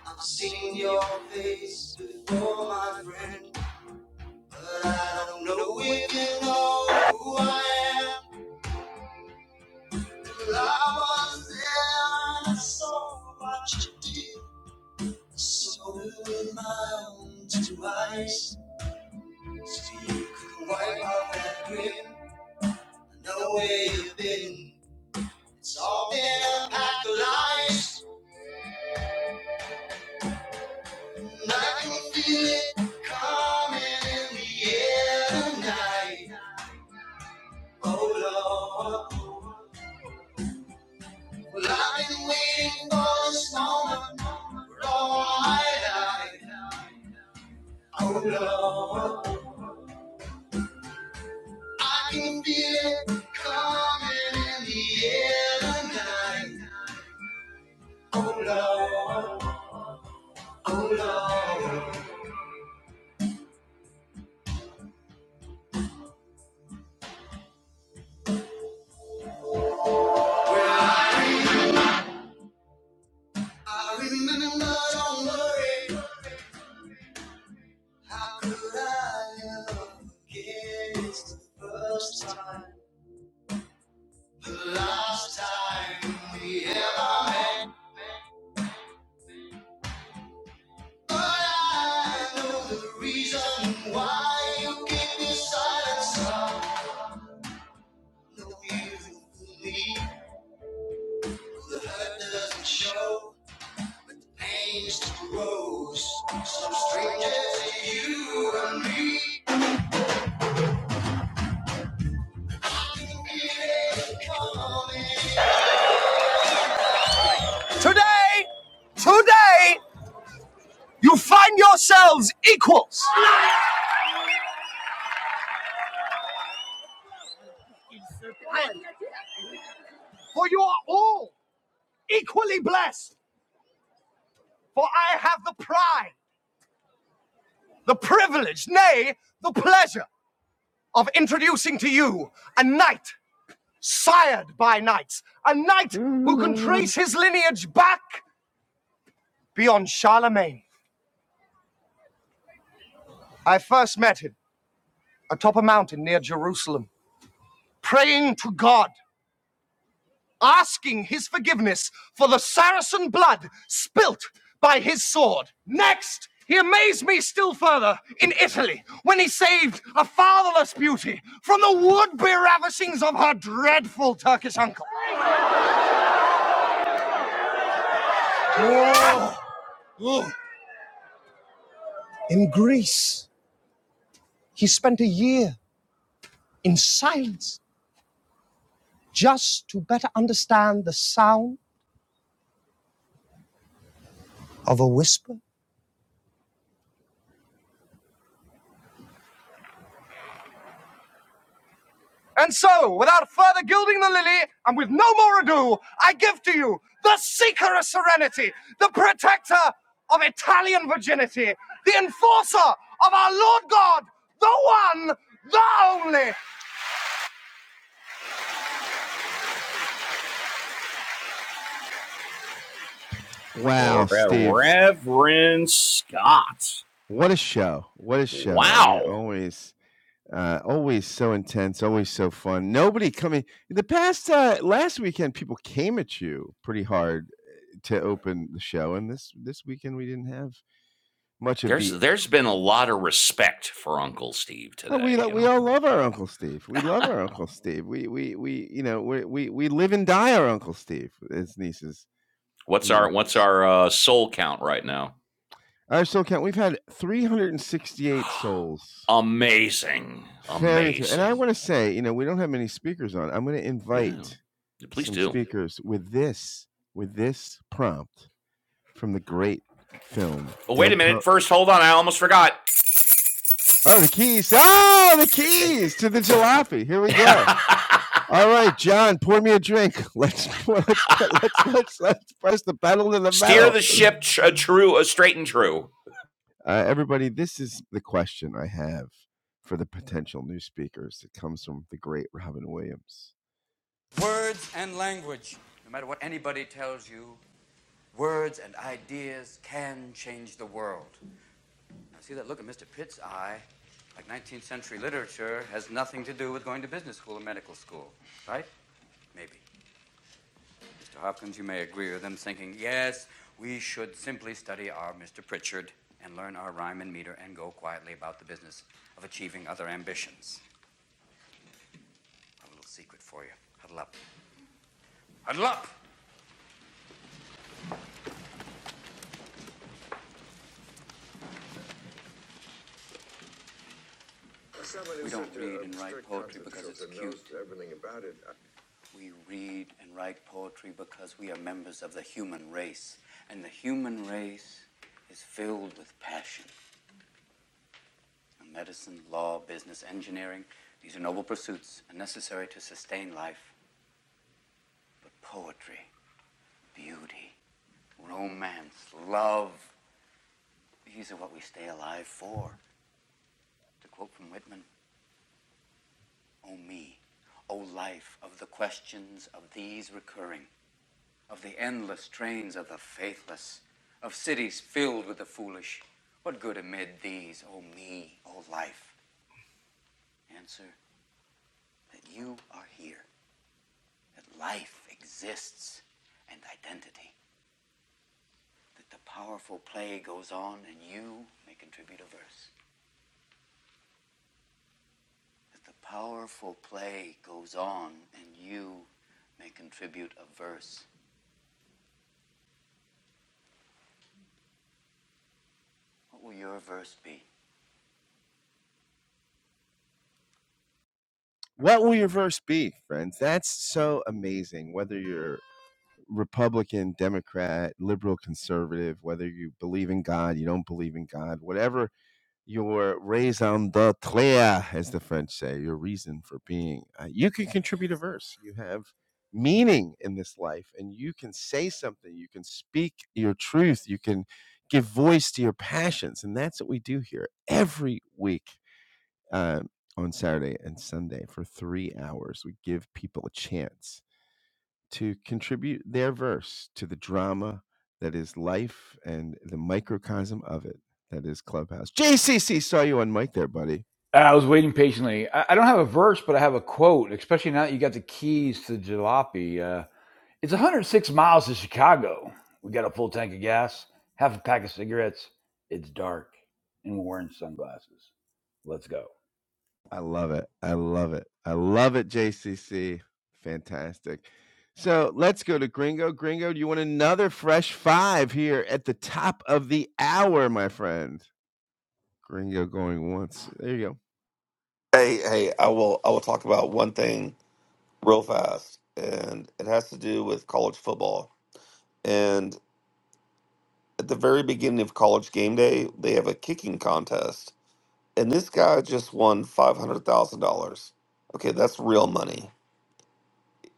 Speaker 1: I've seen your face before, my friend, but I don't know if you know who I am. Well, I was there and I saw what you did. So in my own two eyes, so you can wipe out that grin. I Know where you've been. It's all been a pack of lies, and I can feel it coming in the air tonight. Oh Lord, well, I've been waiting for this moment all my life. Oh Lord, I can feel it coming in the air tonight. Oh Lord. today, you find yourselves equals, for you are all equally blessed. For I have the pride, the privilege, nay, the pleasure of introducing to you a knight sired by knights, a knight who can trace his lineage back beyond Charlemagne. I first met him atop a mountain near Jerusalem. praying to God, asking his forgiveness for the Saracen blood spilt by his sword. Next, he amazed me still further in Italy when he saved a fatherless beauty from the would be ravishings of her dreadful Turkish uncle. Oh. In Greece, he spent a year in silence just to better understand the sound of a whisper. And so, without further gilding the lily, and with no more ado, I give to you the seeker of serenity, the protector of Italian virginity, the enforcer of our Lord God, the one, the only.
Speaker 3: Wow, Steve.
Speaker 1: Reverend Scott.
Speaker 3: What a show. What a show. I mean,
Speaker 1: Wow.
Speaker 3: always uh always so intense, always so fun. Nobody coming the past uh last weekend people came at you pretty hard eh, to open the show and this this weekend we didn't have much of
Speaker 1: There's
Speaker 3: the
Speaker 1: there's been a lot of respect for Uncle Steve
Speaker 3: Oh, we
Speaker 1: today,
Speaker 3: lo-
Speaker 1: you
Speaker 3: we
Speaker 1: know.
Speaker 3: all love our Uncle Steve. We love our Uncle Steve. We we we you know we we we live and die our Uncle Steve. His nieces
Speaker 1: What's
Speaker 3: and
Speaker 1: our what's
Speaker 3: nephews.
Speaker 1: our uh, soul count right now?
Speaker 3: Our soul count, we've had 368 souls.
Speaker 1: Amazing.
Speaker 3: Very true. And I
Speaker 1: Amazing.
Speaker 3: want to say, you know, we don't have many speakers on. I'm going to
Speaker 1: Yeah.
Speaker 3: invite
Speaker 1: Please
Speaker 3: some
Speaker 1: do.
Speaker 3: speakers with this, with this prompt from the great film
Speaker 1: Oh, wait a
Speaker 3: Dead
Speaker 1: minute.
Speaker 3: Poet.
Speaker 1: First, hold on. I almost forgot.
Speaker 3: Oh, the keys. Oh, the keys to the jalopy. Here we go. All right, John, pour me a drink. Let's let's let's let's let's press the pedal to the
Speaker 1: Steer
Speaker 3: metal.
Speaker 1: the ship tr- a true, a straight and true.
Speaker 3: Uh, everybody, this is the question I have for the potential new speakers. It comes from the great Robin Williams. Everything about it. What will your verse be, friends? That's so amazing. Whether you're Republican, Democrat, liberal, conservative, whether you believe in God, you don't believe in God, whatever your raison d'etre, as the French say, your reason for being. Uh, you can contribute a verse. You have meaning in this life, and you can say something. You can speak your truth. You can give voice to your passions, and that's what we do here every week uh, on Saturday and Sunday for three hours. We give people a chance to contribute their verse to the drama that is life and the microcosm of it that is Clubhouse. JCC, saw you on mic there, buddy.
Speaker 11: I was waiting patiently. I, I don't have a verse, but I have a quote, especially now that you got the keys to jalopy. Uh, it's 106 miles to Chicago. We got a full tank of gas, half a pack of cigarettes. It's dark, and we're wearing sunglasses. Let's go.
Speaker 3: I love it. I love it. I love it, JCC. Fantastic. So let's go to Gringo. Gringo, do you want another fresh five here at the top of the hour, my friend? Gringo going once. There you go.
Speaker 14: hey, hey, I will I will talk about one thing real fast, and it has to do with college football. and. at the very beginning of college game day, they have a kicking contest. And this guy just won $500,000. Okay, that's real money.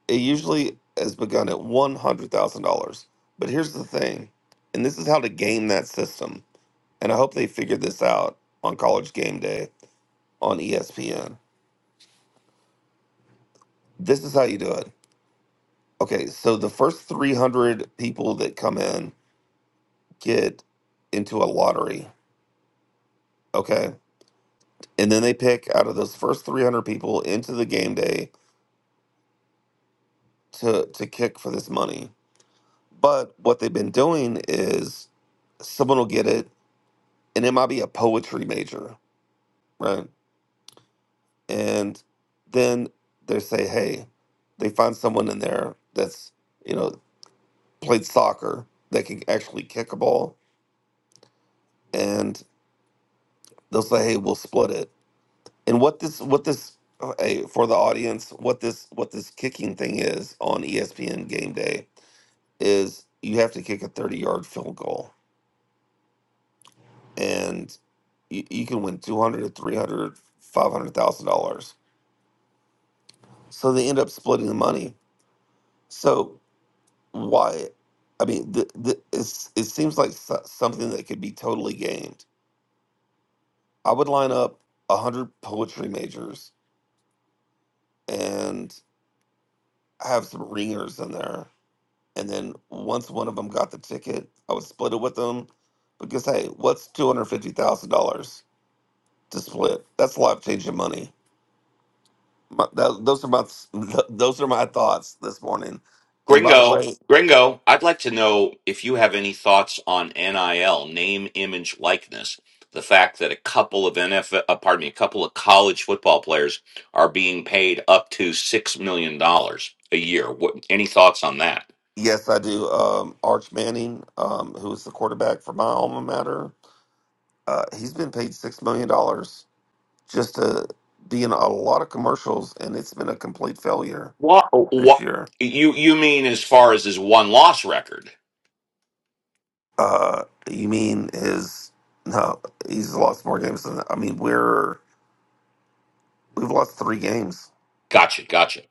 Speaker 14: It usually has begun at $100,000. But here's the thing, and this is how to game that system. And I hope they figured this out on college game day on ESPN. This is how you do it. Okay, so the first 300 people that come in get into a lottery. Okay and then they pick out of those first 300 people into the game day to to kick for this money but what they've been doing is someone will get it and it might be a poetry major right and then they say hey they find someone in there that's you know played soccer that can actually kick a ball and they'll say hey we'll split it and what this what this uh, hey, for the audience what this what this kicking thing is on espn game day is you have to kick a 30 yard field goal and you, you can win 200 or 300 dollars so they end up splitting the money so why i mean the, the, it's, it seems like so- something that could be totally gamed i would line up 100 poetry majors and have some ringers in there and then once one of them got the ticket i would split it with them because hey what's $250000 to split that's life changing money My, tho- those are my th- those are my thoughts this morning. And by the
Speaker 1: Gringo,
Speaker 14: way,
Speaker 1: Gringo, I'd like to know if you have any thoughts on NIL, name, image, likeness. The fact that a couple of NFL, uh, pardon me, a couple of college football players are being paid up to six million dollars a year. What, any thoughts on that?
Speaker 14: yes, I do. Um, Arch Manning, um, who is the quarterback for my alma mater, uh, he's been paid six million dollars just to be in a lot of commercials, and it's been a complete failure
Speaker 1: What,
Speaker 14: this
Speaker 1: what
Speaker 14: year.
Speaker 1: you you mean as far as his one loss record?
Speaker 14: Uh, you mean his? No, he's lost more games than I mean. We're we've lost three games.
Speaker 1: Gotcha, gotcha.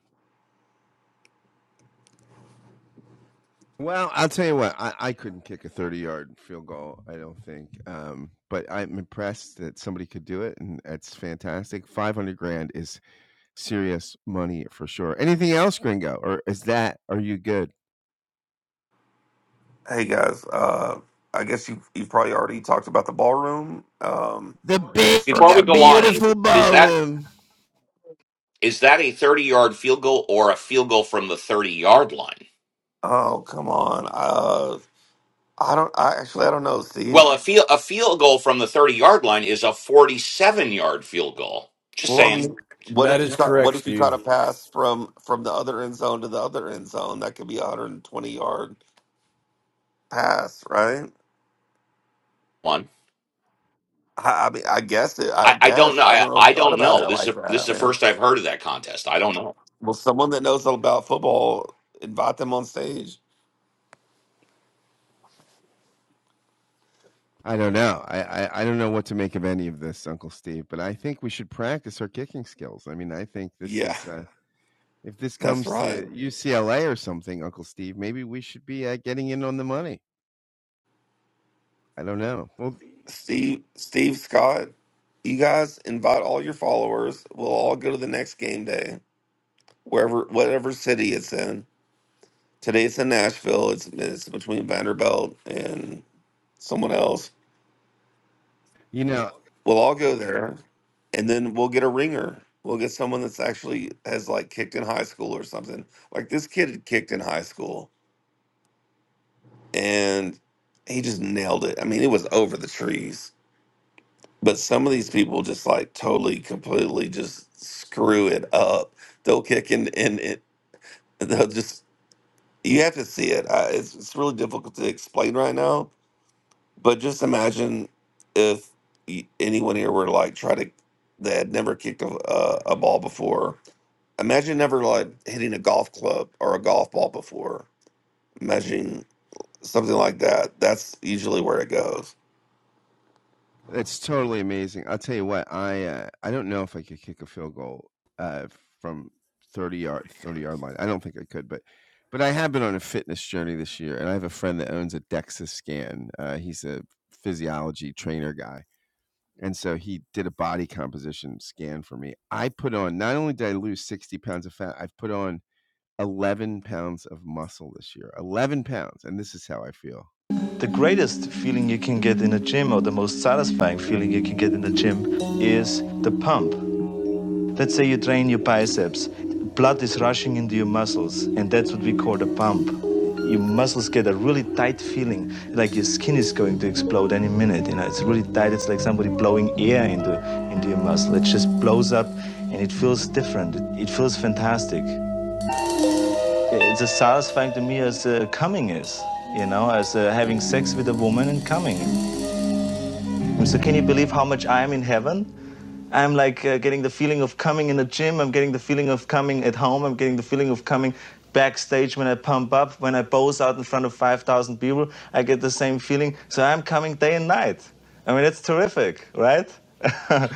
Speaker 3: Well, I'll tell you what, I, I couldn't kick a 30 yard field goal, I don't think. Um, but I'm impressed that somebody could do it, and that's fantastic. 500 grand is serious money for sure. Anything else, Gringo? Or is that, are you good?
Speaker 14: Hey guys, uh, I guess you you've probably already talked about the ballroom, um,
Speaker 3: The
Speaker 14: the
Speaker 3: big,
Speaker 1: Before we
Speaker 3: uh,
Speaker 1: go
Speaker 14: destruction
Speaker 1: on,
Speaker 14: of.
Speaker 3: beautiful
Speaker 1: is that
Speaker 3: ballroom.
Speaker 1: Is that a 30 yard field goal or a field goal from the 30 yard line?
Speaker 14: Oh come on, uh, I don't. I actually I don't know,
Speaker 1: Well,
Speaker 14: Steve.
Speaker 1: a field, a field goal from the 30 yard line is a 47 yard field goal. Just
Speaker 14: Well, I
Speaker 1: saying.
Speaker 14: mean, what
Speaker 11: That
Speaker 14: if you
Speaker 11: is
Speaker 14: caught what
Speaker 11: correct,
Speaker 14: if you caught
Speaker 11: Steve.
Speaker 14: a pass from from the other end zone to the other end zone? That could be a hundred and twenty yard pass, right?
Speaker 1: One.
Speaker 14: I, I mean, I guess it. I
Speaker 1: I, I don't
Speaker 14: guess
Speaker 1: know.
Speaker 14: I haven't
Speaker 1: I,
Speaker 14: really
Speaker 1: I
Speaker 14: thought
Speaker 1: don't
Speaker 14: about it
Speaker 1: know. This is,
Speaker 14: like
Speaker 1: a, this is
Speaker 14: that,
Speaker 1: the
Speaker 14: man.
Speaker 1: first I've heard of that contest. I don't know.
Speaker 14: Well, someone that knows about football, invite them on stage.
Speaker 3: I don't know. I, I, I don't know what to make of any of this, Uncle Steve, but I think we should practice our kicking skills. I mean, I think this
Speaker 14: Yeah,
Speaker 3: is. Uh, if this
Speaker 14: that's
Speaker 3: comes
Speaker 14: right.
Speaker 3: to UCLA or something, Uncle Steve, maybe we should be uh, getting in on the money. I don't know. Well,
Speaker 14: Steve, Steve Scott, you guys invite all your followers. We'll all go to the next game day, wherever, whatever city it's in. Today it's in Nashville. It's, it's between Vanderbilt and someone else.
Speaker 3: you know,
Speaker 14: We'll all go there, and then we'll get a ringer. We'll get someone that's actually has like kicked in high school or something. Like this kid had kicked in high school, and he just nailed it. I mean, it was over the trees. But some of these people just like totally, completely just screw it up. They'll kick and and it, they'll just, you have to see it. I, it's, it's really difficult to explain right now, but just imagine if y- anyone here were to like try to, that had never kicked a, a, a ball before. Imagine never like hitting a golf club or a golf ball before. Imagine something like that. That's usually where it goes.
Speaker 3: it's totally amazing. I'll tell you what. I uh, I don't know if I could kick a field goal uh, from thirty yard thirty yard line. I don't think I could, but but I have been on a fitness journey this year, and I have a friend that owns a DEXA scan. Uh, he's a physiology trainer guy, And so he did a body composition scan for me. I put on, not only did I lose 60 pounds of fat, I've put on 11 pounds of muscle this year. 11 pounds. And this is how I feel. The greatest feeling you can get in a gym, or the most satisfying feeling you can get in the gym, is the pump. Let's say you train your biceps. Blood is rushing into your muscles, and that's what we call the pump. Your muscles get a really tight feeling, like your skin is going to explode any minute. You know, it's really tight. It's like somebody blowing air into into your muscle. It just blows up, and it feels different. It feels fantastic. It's as satisfying to me as uh, coming is. You know, as uh, having sex with a woman and coming. So can you believe how much I am in heaven? I'm like uh, getting the feeling of coming in the gym. I'm getting the feeling of coming at home. I'm getting the feeling of coming backstage when I pump up, when I pose out in front of 5,000 people. I get the same feeling. So I'm coming day and night. I mean, it's terrific, right?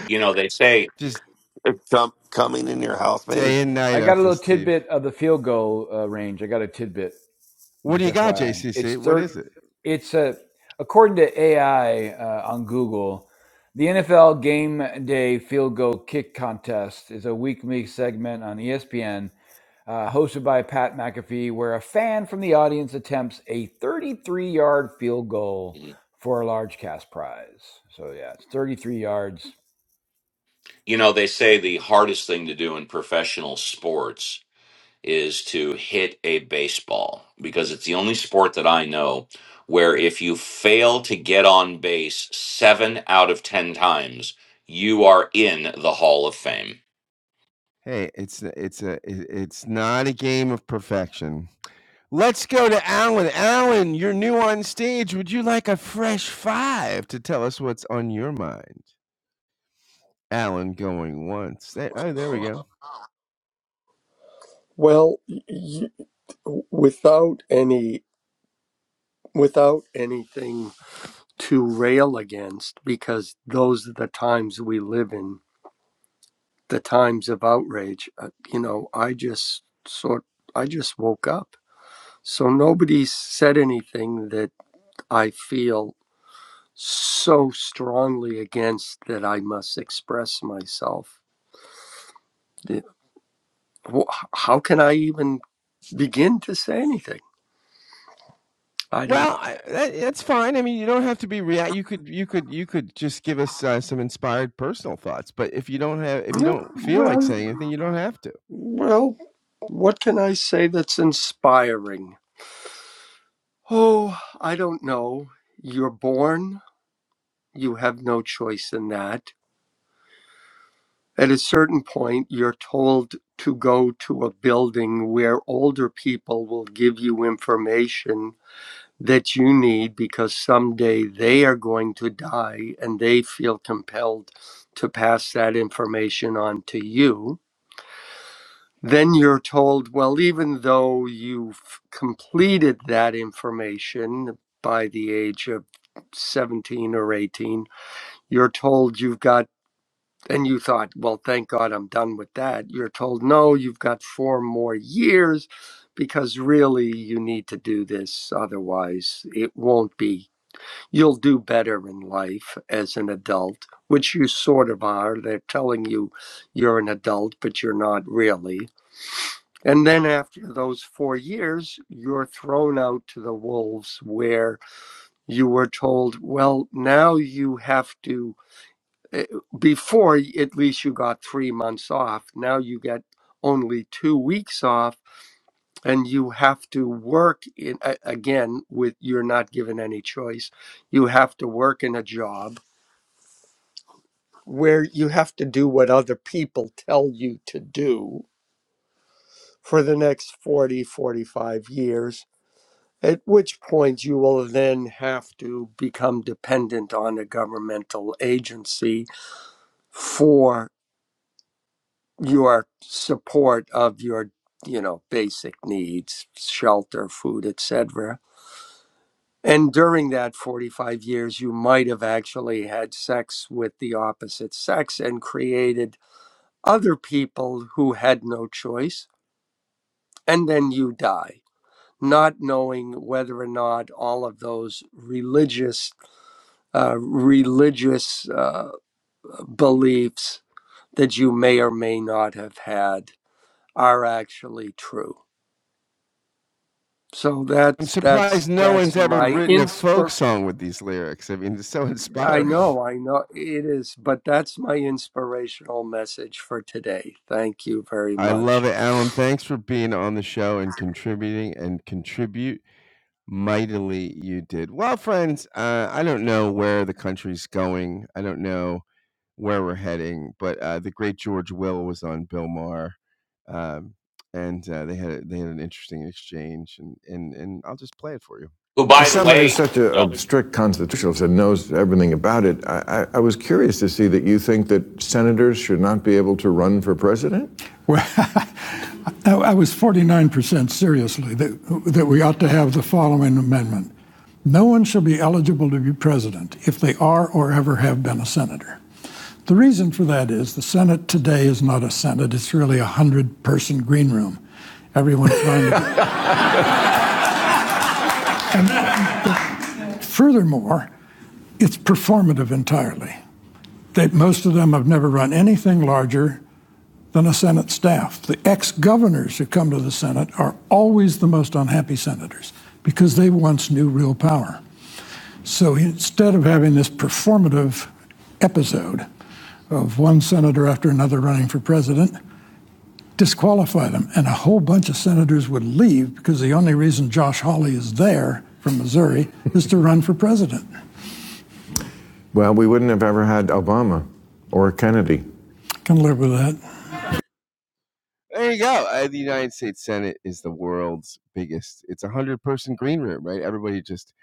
Speaker 1: You know, they say,
Speaker 3: Just
Speaker 14: If com- coming in your house,
Speaker 3: day and
Speaker 11: I
Speaker 3: night,
Speaker 11: got a
Speaker 3: Uncle
Speaker 11: little
Speaker 3: Steve.
Speaker 11: tidbit of the field goal uh, range. I got a tidbit.
Speaker 3: What do
Speaker 11: Just
Speaker 3: you got,
Speaker 11: FYI, it's
Speaker 3: JCC? What
Speaker 11: third.
Speaker 3: is it?
Speaker 11: It's a according to AI uh, on Google, the NFL Game Day Field Goal Kick Contest is a weekly segment on ESPN uh, hosted by Pat McAfee, where a fan from the audience attempts a 33-yard field goal
Speaker 1: you
Speaker 11: for a large cash prize. So yeah, it's 33 yards.
Speaker 1: know, they say the hardest thing to do in professional sports is to hit a baseball because it's the only sport that I know where if you fail to get on base seven out of 10 times, you are in the Hall of Fame.
Speaker 3: Hey, it's it's a it's not a game of perfection. Let's go to Alan. Alan, you're new on stage. Would you like a fresh five to tell us what's on your mind? Alan going once. There, oh, there we go.
Speaker 15: Well, y- y- without any without anything to rail against, because those are the times we live in, the times of outrage. Uh, you know, I just sort I just woke up, so nobody said anything that I feel so strongly against that I must express myself. Yeah, wh- How can I even begin to say anything? I don't.
Speaker 3: Well, I, that, that's fine. I mean, you don't have to be react. You could, you could, you could just give us uh, some inspired personal thoughts. But if you don't have, if you don't feel like
Speaker 15: Well,
Speaker 3: saying anything, you don't have to.
Speaker 15: Well, what can I say that's inspiring? Oh, I don't know. You're born, you have no choice in that. At a certain point, you're told to go to a building where older people will give you information that you need because someday they are going to die and they feel compelled to pass that information on to you then you're told, well, even though you've completed that information by the age of 17 or 18, you're told you've got, and you thought, well, thank God I'm done with that. You're told, no, you've got four more years because really you need to do this. Otherwise, it won't be, you'll do better in life as an adult, which you sort of are. They're telling you you're an adult, but you're not really and then after those four years, you're thrown out to the wolves where you were told, well, now you have to, eh, before at least you got three months off, now you get only two weeks off and you have to work in, again with you're not given any choice you have to work in a job where you have to do what other people tell you to do for the next 40, 45 years At which point you will then have to become dependent on a governmental agency for your support of your, you know, basic needs, shelter, food, etc. And during that 45 years, you might have actually had sex with the opposite sex and created other people who had no choice. And then you die, not knowing whether or not all of those religious uh, religious uh, beliefs that you may or may not have had are actually true. So
Speaker 3: I'm
Speaker 15: that's
Speaker 3: surprised
Speaker 15: that's
Speaker 3: no one's
Speaker 15: that's
Speaker 3: ever
Speaker 15: my
Speaker 3: written a folk
Speaker 15: inspir.
Speaker 3: song with these lyrics. I mean, it's so
Speaker 15: I
Speaker 3: inspiring.
Speaker 15: know, I know it is, but that's my inspirational message for today. Thank you very
Speaker 3: I
Speaker 15: much.
Speaker 3: love it, Alan. Thanks for being on the show and contributing and contribute Mightily you did. Well, friends, uh, I don't know where the country's going. I don't know where we're heading, but uh, the great George Will was on Bill Maher, um, and uh, they had they had an interesting exchange, and, and and I'll just play it for you.
Speaker 1: Who, by the
Speaker 3: Someone who's
Speaker 1: way,
Speaker 3: such a,
Speaker 1: oh,
Speaker 3: a strict constitutionalist and knows everything about it, I, I, I was curious to see that you think that senators should not be able to run for president. Well, I was 49% seriously that, that we ought to have the following amendment. No one shall be eligible to be president if they are or ever have been a senator. The reason for that is the Senate today is not a Senate, it's really a 100 person green room. Everyone. trying to. do it. Furthermore, it's performative entirely. They, most of them have never run anything larger than a Senate staff. The ex governors who come to the Senate are always the most unhappy senators because they once knew real power. So instead of having this performative episode of one senator after another running for president, disqualify them. And a whole bunch of senators would leave because the only reason Josh Hawley is there from Missouri is to run for president. Well, we wouldn't have ever had Obama or Kennedy. Can live with that. There you go. Uh, the United States Senate is the world's biggest. It's a hundred person green room, right? Everybody just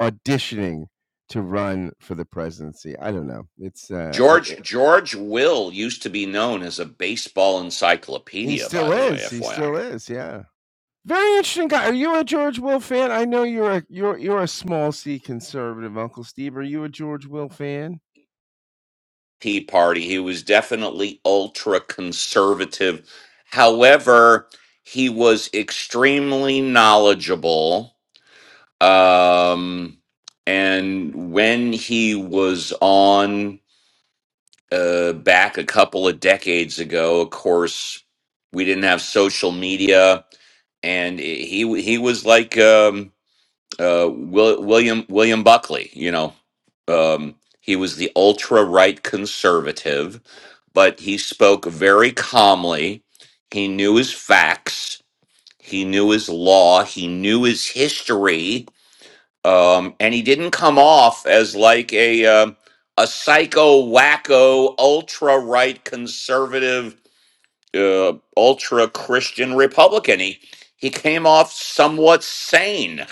Speaker 3: auditioning to run for the presidency. I don't know. It's uh, I.
Speaker 1: George
Speaker 3: it-
Speaker 1: George Will used to be known as a baseball
Speaker 3: he
Speaker 1: encyclopedia. By
Speaker 3: still
Speaker 1: the way,
Speaker 3: is. He
Speaker 1: FYI,
Speaker 3: still is. Yeah. Very interesting guy. Are you a George Will fan? I know you're a you're you're a small C conservative, Uncle Steve. Are you a George Will fan?
Speaker 1: Tea Party. He was definitely ultra conservative. However, he was extremely knowledgeable Um, and when he was on uh, back a couple of decades ago, of course, we didn't have social media, and he he was like um, uh, Will, William William Buckley, you know. Um, he was the ultra right conservative, but he spoke very calmly. He knew his facts. He knew his law. He knew his history um, and he didn't come off as like a um a psycho wacko ultra right conservative uh, ultra Christian Republican. He he came off somewhat sane.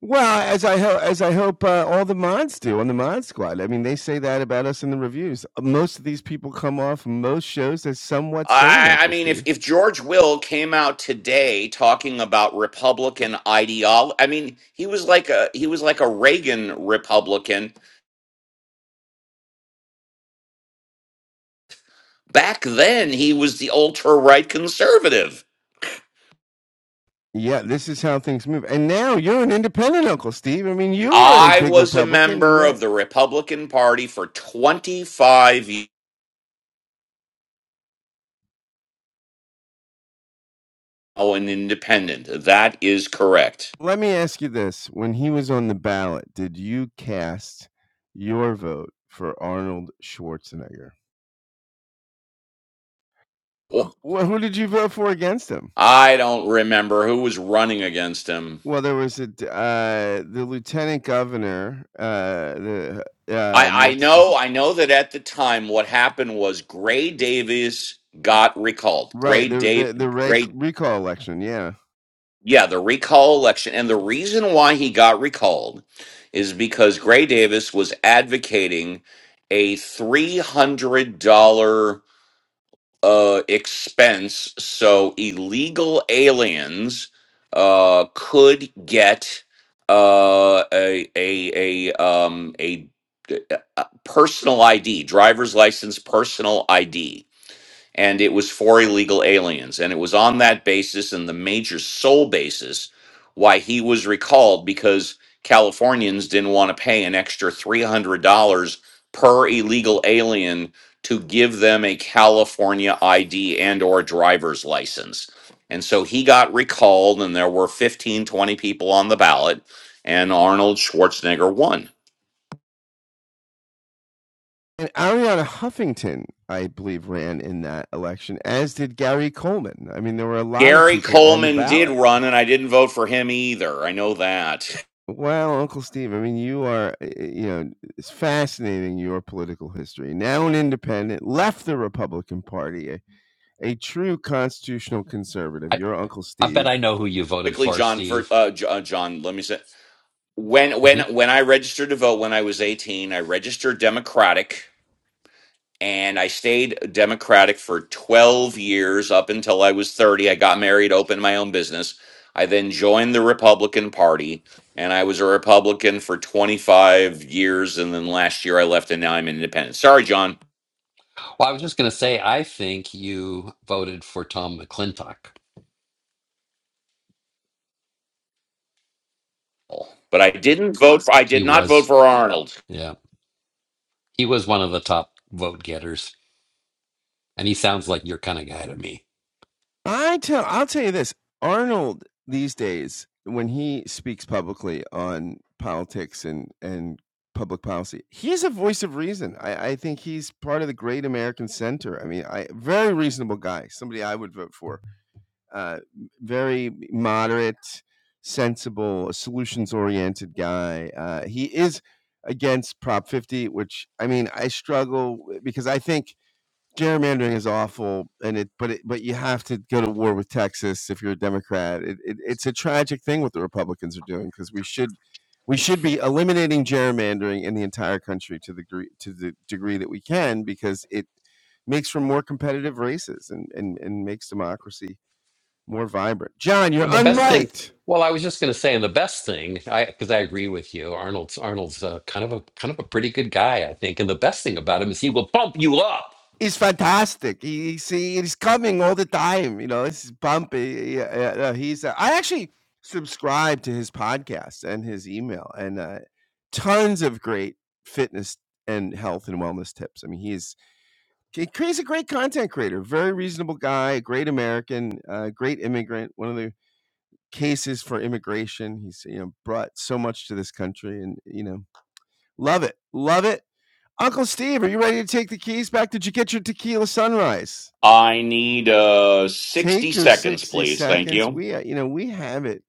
Speaker 3: Well, as I hope, as I hope uh, all the mods do on the mod squad. I mean, they say that about us in the reviews. Most of these people come off most shows as somewhat sane,
Speaker 1: I, I
Speaker 3: Uncle
Speaker 1: mean, if,
Speaker 3: Steve.
Speaker 1: if George Will came out today talking about Republican ideology, I mean, he was like a he was like a Reagan Republican back then. He was the ultra right conservative
Speaker 3: Yeah, this is how things move. And now you're an independent, Uncle Steve. I mean, you were a
Speaker 1: I
Speaker 3: big
Speaker 1: was a
Speaker 3: Republican, and
Speaker 1: member of
Speaker 3: that.
Speaker 1: the Republican Party for 25 years. Oh, an independent. That is correct.
Speaker 3: Let me ask you this: When he was on the ballot, did you cast your vote for Arnold Schwarzenegger?
Speaker 1: Oh,
Speaker 3: Well, who did you vote for against him?
Speaker 1: I don't remember who was running against him.
Speaker 3: Well, there was a d uh, the lieutenant governor, uh, the, uh,
Speaker 1: I, I
Speaker 3: Mexican
Speaker 1: know I know that at the time what happened was Gray Davis got recalled. Gray
Speaker 3: Right, the
Speaker 1: Dave
Speaker 3: the the rec
Speaker 1: Gray
Speaker 3: recall election, yeah.
Speaker 1: yeah, the recall election. And the reason why he got recalled is because Gray Davis was advocating a three hundred dollar uh, expense. So illegal aliens uh, could get uh, a a a um, a, a personal ID, driver's license, personal ID and it was for illegal aliens. And it was on that basis and the major sole basis why he was recalled because Californians didn't want to pay an extra $300 per illegal alien to give them a California ID and or driver's license. And so he got recalled and there were 15, 20 people on the ballot and Arnold Schwarzenegger won.
Speaker 3: And Ariana Huffington, I believe, ran in that election, as did Gary Coleman. I mean, there were a lot of
Speaker 1: Gary
Speaker 3: people on the
Speaker 1: Coleman did
Speaker 3: ballot.
Speaker 1: run and I didn't vote for him either. I know that.
Speaker 3: Well, Uncle Steve, I mean, you are, eh, eh, you know, it's fascinating your political history. Now an independent, left the Republican Party, a, a true constitutional conservative. Your Uncle
Speaker 8: I bet
Speaker 3: Steve
Speaker 8: I know who you voted
Speaker 1: quickly,
Speaker 8: for,
Speaker 1: John. For
Speaker 8: Steve.
Speaker 1: uh, J- uh, John, let me say when
Speaker 8: hmm
Speaker 1: when when I registered to vote when I was eighteen, I registered Democratic, and I stayed Democratic for twelve years up until I was thirty. I got married, opened my own business. I then joined the Republican Party, and I was a Republican for twenty five years, and then last year I left, and now I'm an independent. Sorry, John,
Speaker 8: Well, I was just going to say, I think you voted for Tom McClintock.
Speaker 1: but I didn't vote. For, I
Speaker 8: He
Speaker 1: did not vote
Speaker 8: was,
Speaker 1: for Arnold.
Speaker 8: yeah, he was one of the top vote getters, and he sounds like your kind of guy to me.
Speaker 3: I tell I'll tell you this. Arnold these days, when he speaks publicly on politics and, and public policy, he's a voice of reason. I, I think he's part of the great American center. I mean, I very reasonable guy, somebody I would vote for. Uh, very moderate, sensible, solutions oriented guy. Uh, he is against Prop 50, which I mean, I struggle because I think gerrymandering is awful and it but it but you have to go to war with texas if you're a democrat it, it, it's a tragic thing what the republicans are doing because we should we should be eliminating gerrymandering in the entire country to the degree to the degree that we can because it makes for more competitive races and and, and makes democracy more vibrant john you're
Speaker 8: Well, the best thing,
Speaker 3: unmiked
Speaker 8: well, I was just going to say, and the best thing, I because I agree with you, Arnold's Arnold's uh, kind of a kind of a pretty good guy, I think, and the best thing about him is he will bump you up.
Speaker 3: He's fantastic. He he's he he's coming all the time, you know, it's bumpy. Yeah, yeah, no, he's uh, I actually subscribe to his podcast and his email and, uh, tons of great fitness and health and wellness tips. I mean, he's he he's a great content creator, very reasonable guy, a great American, uh, great immigrant, one of the cases for immigration. He's, you know, brought so much to this country and, you know, love it. Love it. Uncle Steve, are you ready to take the keys back? Did you get your tequila sunrise?
Speaker 1: I need uh, sixty
Speaker 3: Take your
Speaker 1: seconds,
Speaker 3: 60
Speaker 1: please. Thank
Speaker 3: seconds.
Speaker 1: you.
Speaker 3: We, uh, you know, we have it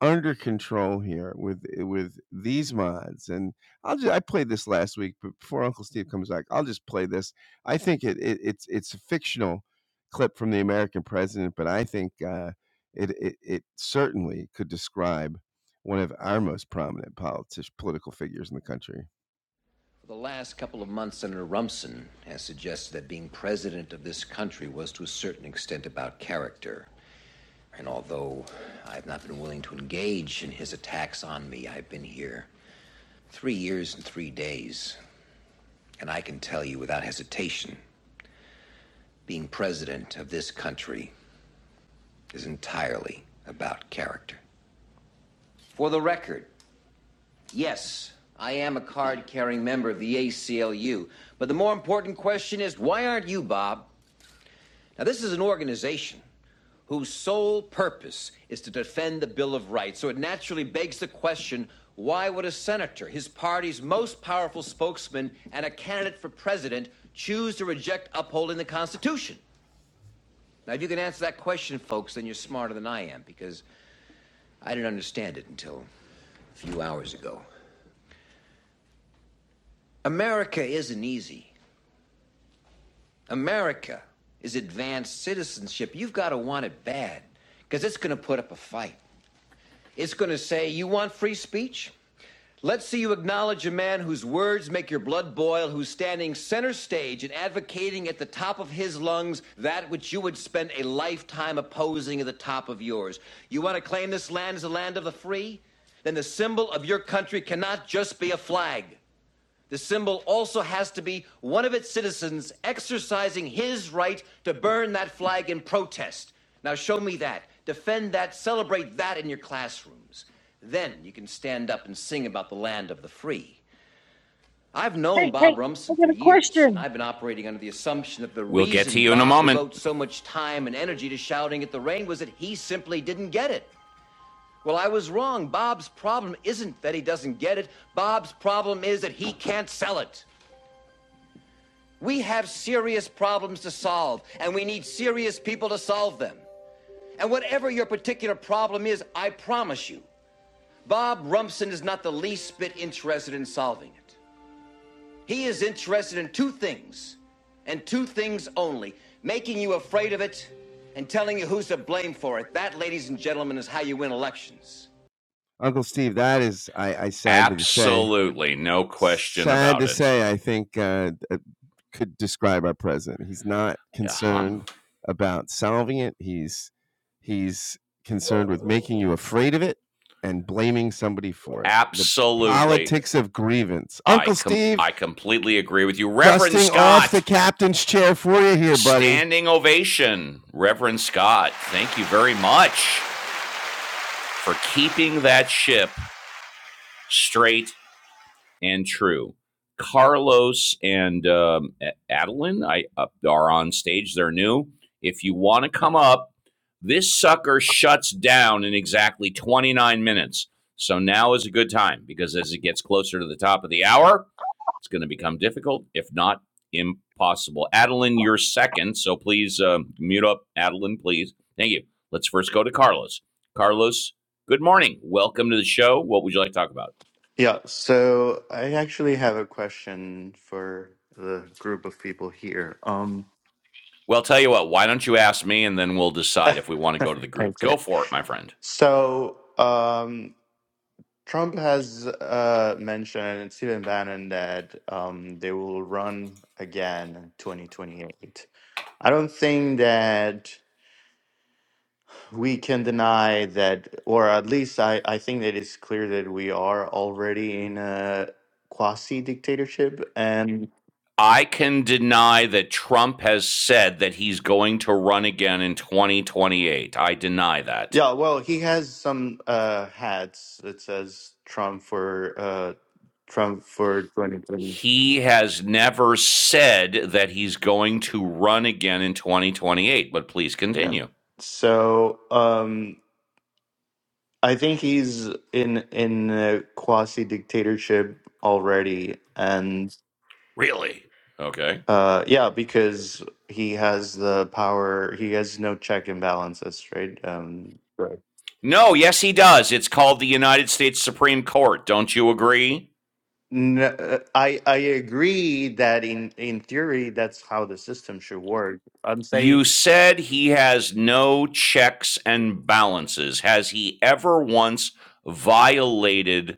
Speaker 3: under control here with eh, with these mods. And I'll just I played this last week, but before Uncle Steve comes back, I'll just play this. I think it, it it's it's a fictional clip from the American president, but I think uh, it, it it certainly could describe one of our most prominent politician political figures in the country.
Speaker 16: Hey, hey, I got a question.
Speaker 1: We'll get to you in a moment.
Speaker 3: Uncle Steve, that is, I, I sadly to say,
Speaker 1: Absolutely, no question
Speaker 3: sad to
Speaker 1: about it.
Speaker 3: say, I think uh, uh, could describe our president. He's not
Speaker 1: Uh huh.
Speaker 3: concerned about solving it. He's he's concerned with making you afraid of it and blaming somebody for it. The
Speaker 1: Absolutely,
Speaker 3: politics of grievance.
Speaker 1: I
Speaker 3: Uncle
Speaker 1: com-
Speaker 3: Steve
Speaker 1: I completely agree with you, Reverend
Speaker 3: dusting off the
Speaker 1: Scott.
Speaker 3: captain's chair for you here, buddy.
Speaker 1: Standing ovation, Reverend Scott. Thank you very much for keeping that ship straight and True. Carlos and um, Adeline I, uh, are on stage. They're new. If you want to come up, this sucker shuts down in exactly 29 minutes. So now is a good time because as it gets closer to the top of the hour, it's going to become difficult, if not impossible. Adeline, you're second. So please uh, mute up, Adeline, please. Thank you. Let's first go to Carlos. Carlos, good morning. Welcome to the show. What would you like to talk about?
Speaker 17: Yeah, so I actually have a question for the group of people here. Um,
Speaker 1: Well, tell you what, why don't you ask me and then we'll decide if we want to go to the group?
Speaker 17: okay.
Speaker 1: Go for it, my friend.
Speaker 17: So um, Trump has uh, mentioned Stephen Bannon that um, they will run again in 2028. I don't think that we can deny that, or at least I, I think that it's clear that we are already in a quasi dictatorship. And
Speaker 1: I can deny that Trump has said that he's going to run again in 2028. I deny that.
Speaker 17: Yeah, well, he has some uh hats that says Trump for uh Trump for 2020.
Speaker 1: He has never said that he's going to run again in 2028, but please
Speaker 17: Yeah.
Speaker 1: continue.
Speaker 17: So, um I think he's in in a quasi dictatorship already and
Speaker 1: Really? Okay.
Speaker 17: uh yeah, because he has the power, he has no check and balances, right? Um Right.
Speaker 1: No, yes, he does. It's called the United States Supreme Court. Don't you agree?
Speaker 17: No, I I agree that in in theory that's how the system should work. I'm saying
Speaker 1: You said he has no checks and balances. Has he ever once violated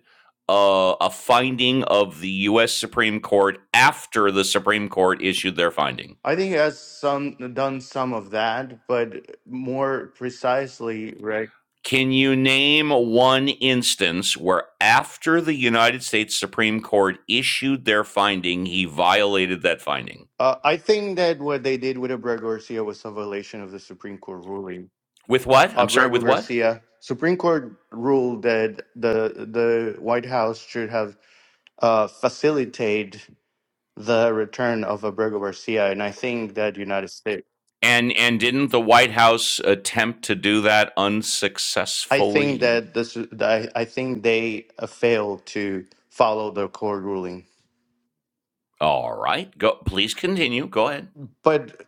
Speaker 1: uh, a finding of the U.S. Supreme Court after the Supreme Court issued their finding?
Speaker 17: I think he has some done some of that, but more precisely, right?
Speaker 1: Can you name one instance where, after the United States Supreme Court issued their finding, he violated that finding?
Speaker 17: Uh, I think that what they did with Abrego Garcia was a violation of the Supreme Court ruling.
Speaker 1: With what? I'm sorry,
Speaker 17: Abrego
Speaker 1: with what?
Speaker 17: Garcia, Supreme Court ruled that the the White House should have uh, facilitate the return of Abrego Garcia, and I think that United States,
Speaker 1: And and didn't the White House attempt to do that
Speaker 17: I think
Speaker 1: unsuccessfully?
Speaker 17: that this, I I think they uh, failed to follow the court ruling.
Speaker 1: All right. Go. Please continue. Go ahead.
Speaker 17: But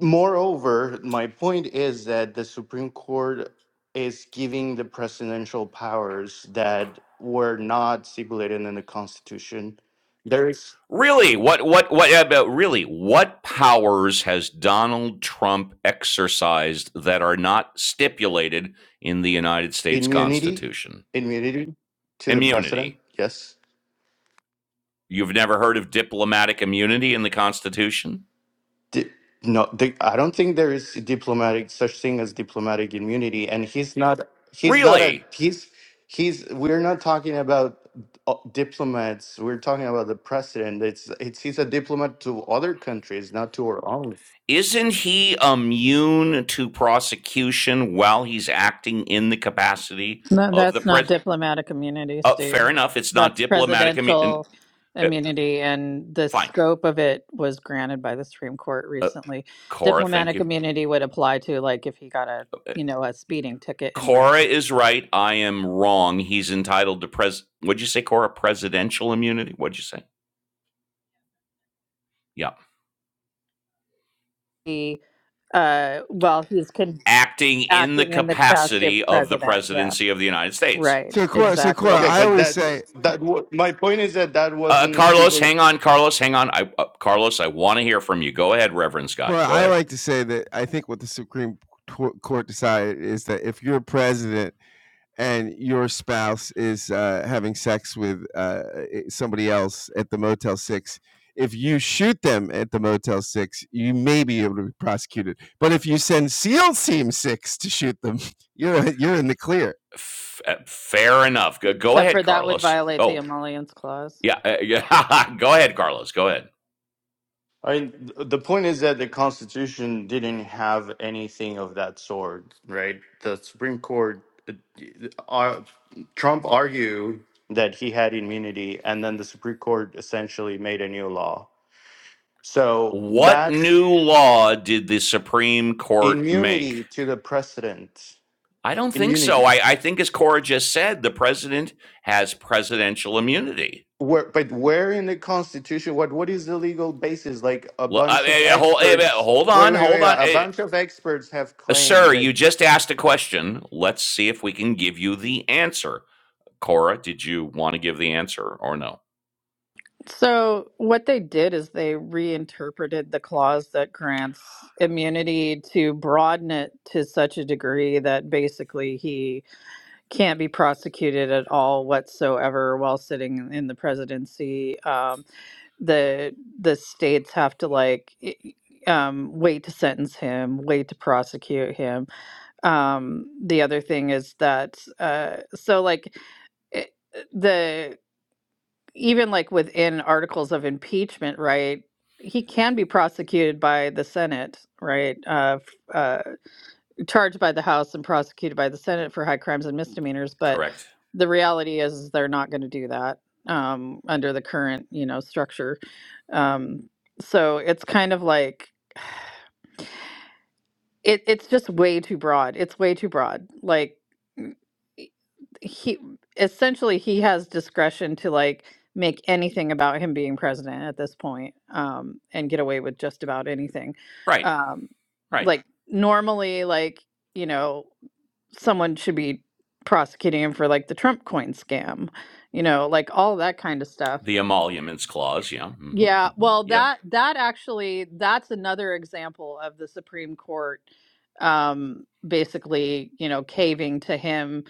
Speaker 17: moreover, my point is that the Supreme Court is giving the presidential powers that were not stipulated in the Constitution. There is
Speaker 1: Really, what, what, what about really? What powers has Donald Trump exercised that are not stipulated in the United States
Speaker 17: immunity,
Speaker 1: Constitution?
Speaker 17: immunity to the president,
Speaker 1: Immunity.
Speaker 17: yes.
Speaker 1: You've never heard of diplomatic immunity in the Constitution?
Speaker 17: Di- no, di- I don't think there is diplomatic such thing as diplomatic immunity, and he's not. He's not a.
Speaker 1: Really?
Speaker 17: He's he's. We're not talking about uh, diplomats. We're talking about the president. It's it's. He's a diplomat to other countries, not to our own.
Speaker 1: Isn't he immune to prosecution while he's acting in the capacity
Speaker 13: No,
Speaker 1: of the
Speaker 13: that's not
Speaker 1: president?
Speaker 13: diplomatic immunity,
Speaker 1: Uh,
Speaker 13: Steve.
Speaker 1: fair enough. It's not
Speaker 13: That's
Speaker 1: diplomatic immunity.
Speaker 13: presidential
Speaker 1: Uh,
Speaker 13: immunity. And the
Speaker 1: fine
Speaker 13: scope of it was granted by the Supreme Court
Speaker 1: Uh,
Speaker 13: recently.
Speaker 1: Cora, thank
Speaker 13: Diplomatic
Speaker 1: you.
Speaker 13: immunity would apply to, like, if he got a,
Speaker 1: Uh,
Speaker 13: you know, a speeding ticket in
Speaker 1: Cora
Speaker 13: Russia.
Speaker 1: is right. I am wrong. He's entitled to pres. What'd you say, Cora? Presidential immunity. What'd you say? Yeah,
Speaker 13: He uh, well, he's convicted
Speaker 1: acting in the
Speaker 13: acting in the capacity of
Speaker 1: capacity of the
Speaker 13: president. Yeah,
Speaker 1: presidency of the United States.
Speaker 13: right,
Speaker 3: So Cora, so
Speaker 13: exactly.
Speaker 3: Cora,
Speaker 17: Yeah,
Speaker 1: Okay,
Speaker 3: I
Speaker 17: but
Speaker 3: always say,
Speaker 17: that's that. wa- My point is that that
Speaker 1: uh,
Speaker 17: wasn't a
Speaker 1: Carlos,
Speaker 17: stipulation.
Speaker 1: hang on, Carlos, hang on. I, uh, Carlos, I want to hear from you. Go ahead, Reverend
Speaker 3: Cora,
Speaker 1: Scott. Go
Speaker 3: I
Speaker 1: ahead.
Speaker 3: like to say that I think what the Supreme Court decided is that if you're president and your spouse is uh, having sex with uh, somebody else at the Motel 6, if you shoot them at the Motel 6, you may be able to be prosecuted. But if you send SEAL Team 6 to shoot them, you're, you're in the clear.
Speaker 1: F- uh, fair enough. Go, go
Speaker 13: Except
Speaker 1: ahead,
Speaker 13: for that would
Speaker 1: Carlos.
Speaker 13: violate the
Speaker 1: Oh,
Speaker 13: emollients clause.
Speaker 1: yeah, uh, yeah. go ahead, Carlos. Go ahead.
Speaker 17: I mean, th- the point is that the Constitution didn't have anything of that sort, right? The Supreme Court, uh, uh, Trump argued that he had immunity, and then the Supreme Court essentially made a new law. So
Speaker 1: What
Speaker 17: that's
Speaker 1: new law did the Supreme Court make?
Speaker 17: immunity to the precedent.
Speaker 1: I don't think so.
Speaker 17: Immunity.
Speaker 1: I, I think, as Cora just said, the president has presidential immunity.
Speaker 17: Where, but where in the Constitution? What what is the legal basis? Like a
Speaker 1: L- I
Speaker 17: bunch of
Speaker 1: mean, hold, eh, eh,
Speaker 17: experts.
Speaker 1: hold
Speaker 17: Wait,
Speaker 1: on,
Speaker 17: wait,
Speaker 1: hold
Speaker 17: wait.
Speaker 1: on.
Speaker 17: A
Speaker 1: Eh,
Speaker 17: bunch of experts have
Speaker 1: eh,
Speaker 17: claimed
Speaker 1: Sir,
Speaker 17: that.
Speaker 1: you just asked a question. Let's see if we can give you the answer. Cora, did you want to give the answer or no?
Speaker 13: So what they did is they reinterpreted the clause that grants immunity to broaden it to such a degree that basically he can't be prosecuted at all whatsoever while sitting in the presidency. Um, the the states have to like i- um, wait to sentence him, wait to prosecute him um the other thing is that uh so like it, the even like within articles of impeachment right he can be prosecuted by the senate right uh, f- uh charged by the house and prosecuted by the senate for high crimes and misdemeanors but
Speaker 1: Correct.
Speaker 13: the reality is, is they're not going to do that um under the current you know structure um so it's kind of like It it's just way too broad. It's way too broad. Like he essentially he has discretion to like make anything about him being president at this point um and get away with just about anything
Speaker 1: Right,
Speaker 13: um
Speaker 1: right.
Speaker 13: like normally like you know someone should be prosecuting him for like the trump coin scam you know like all that kind of stuff
Speaker 1: The emoluments clause, yeah. hmm
Speaker 13: yeah,
Speaker 1: hmm
Speaker 13: well,
Speaker 1: yep.
Speaker 13: that that actually that's another example of the Supreme Court um basically, you know, caving to him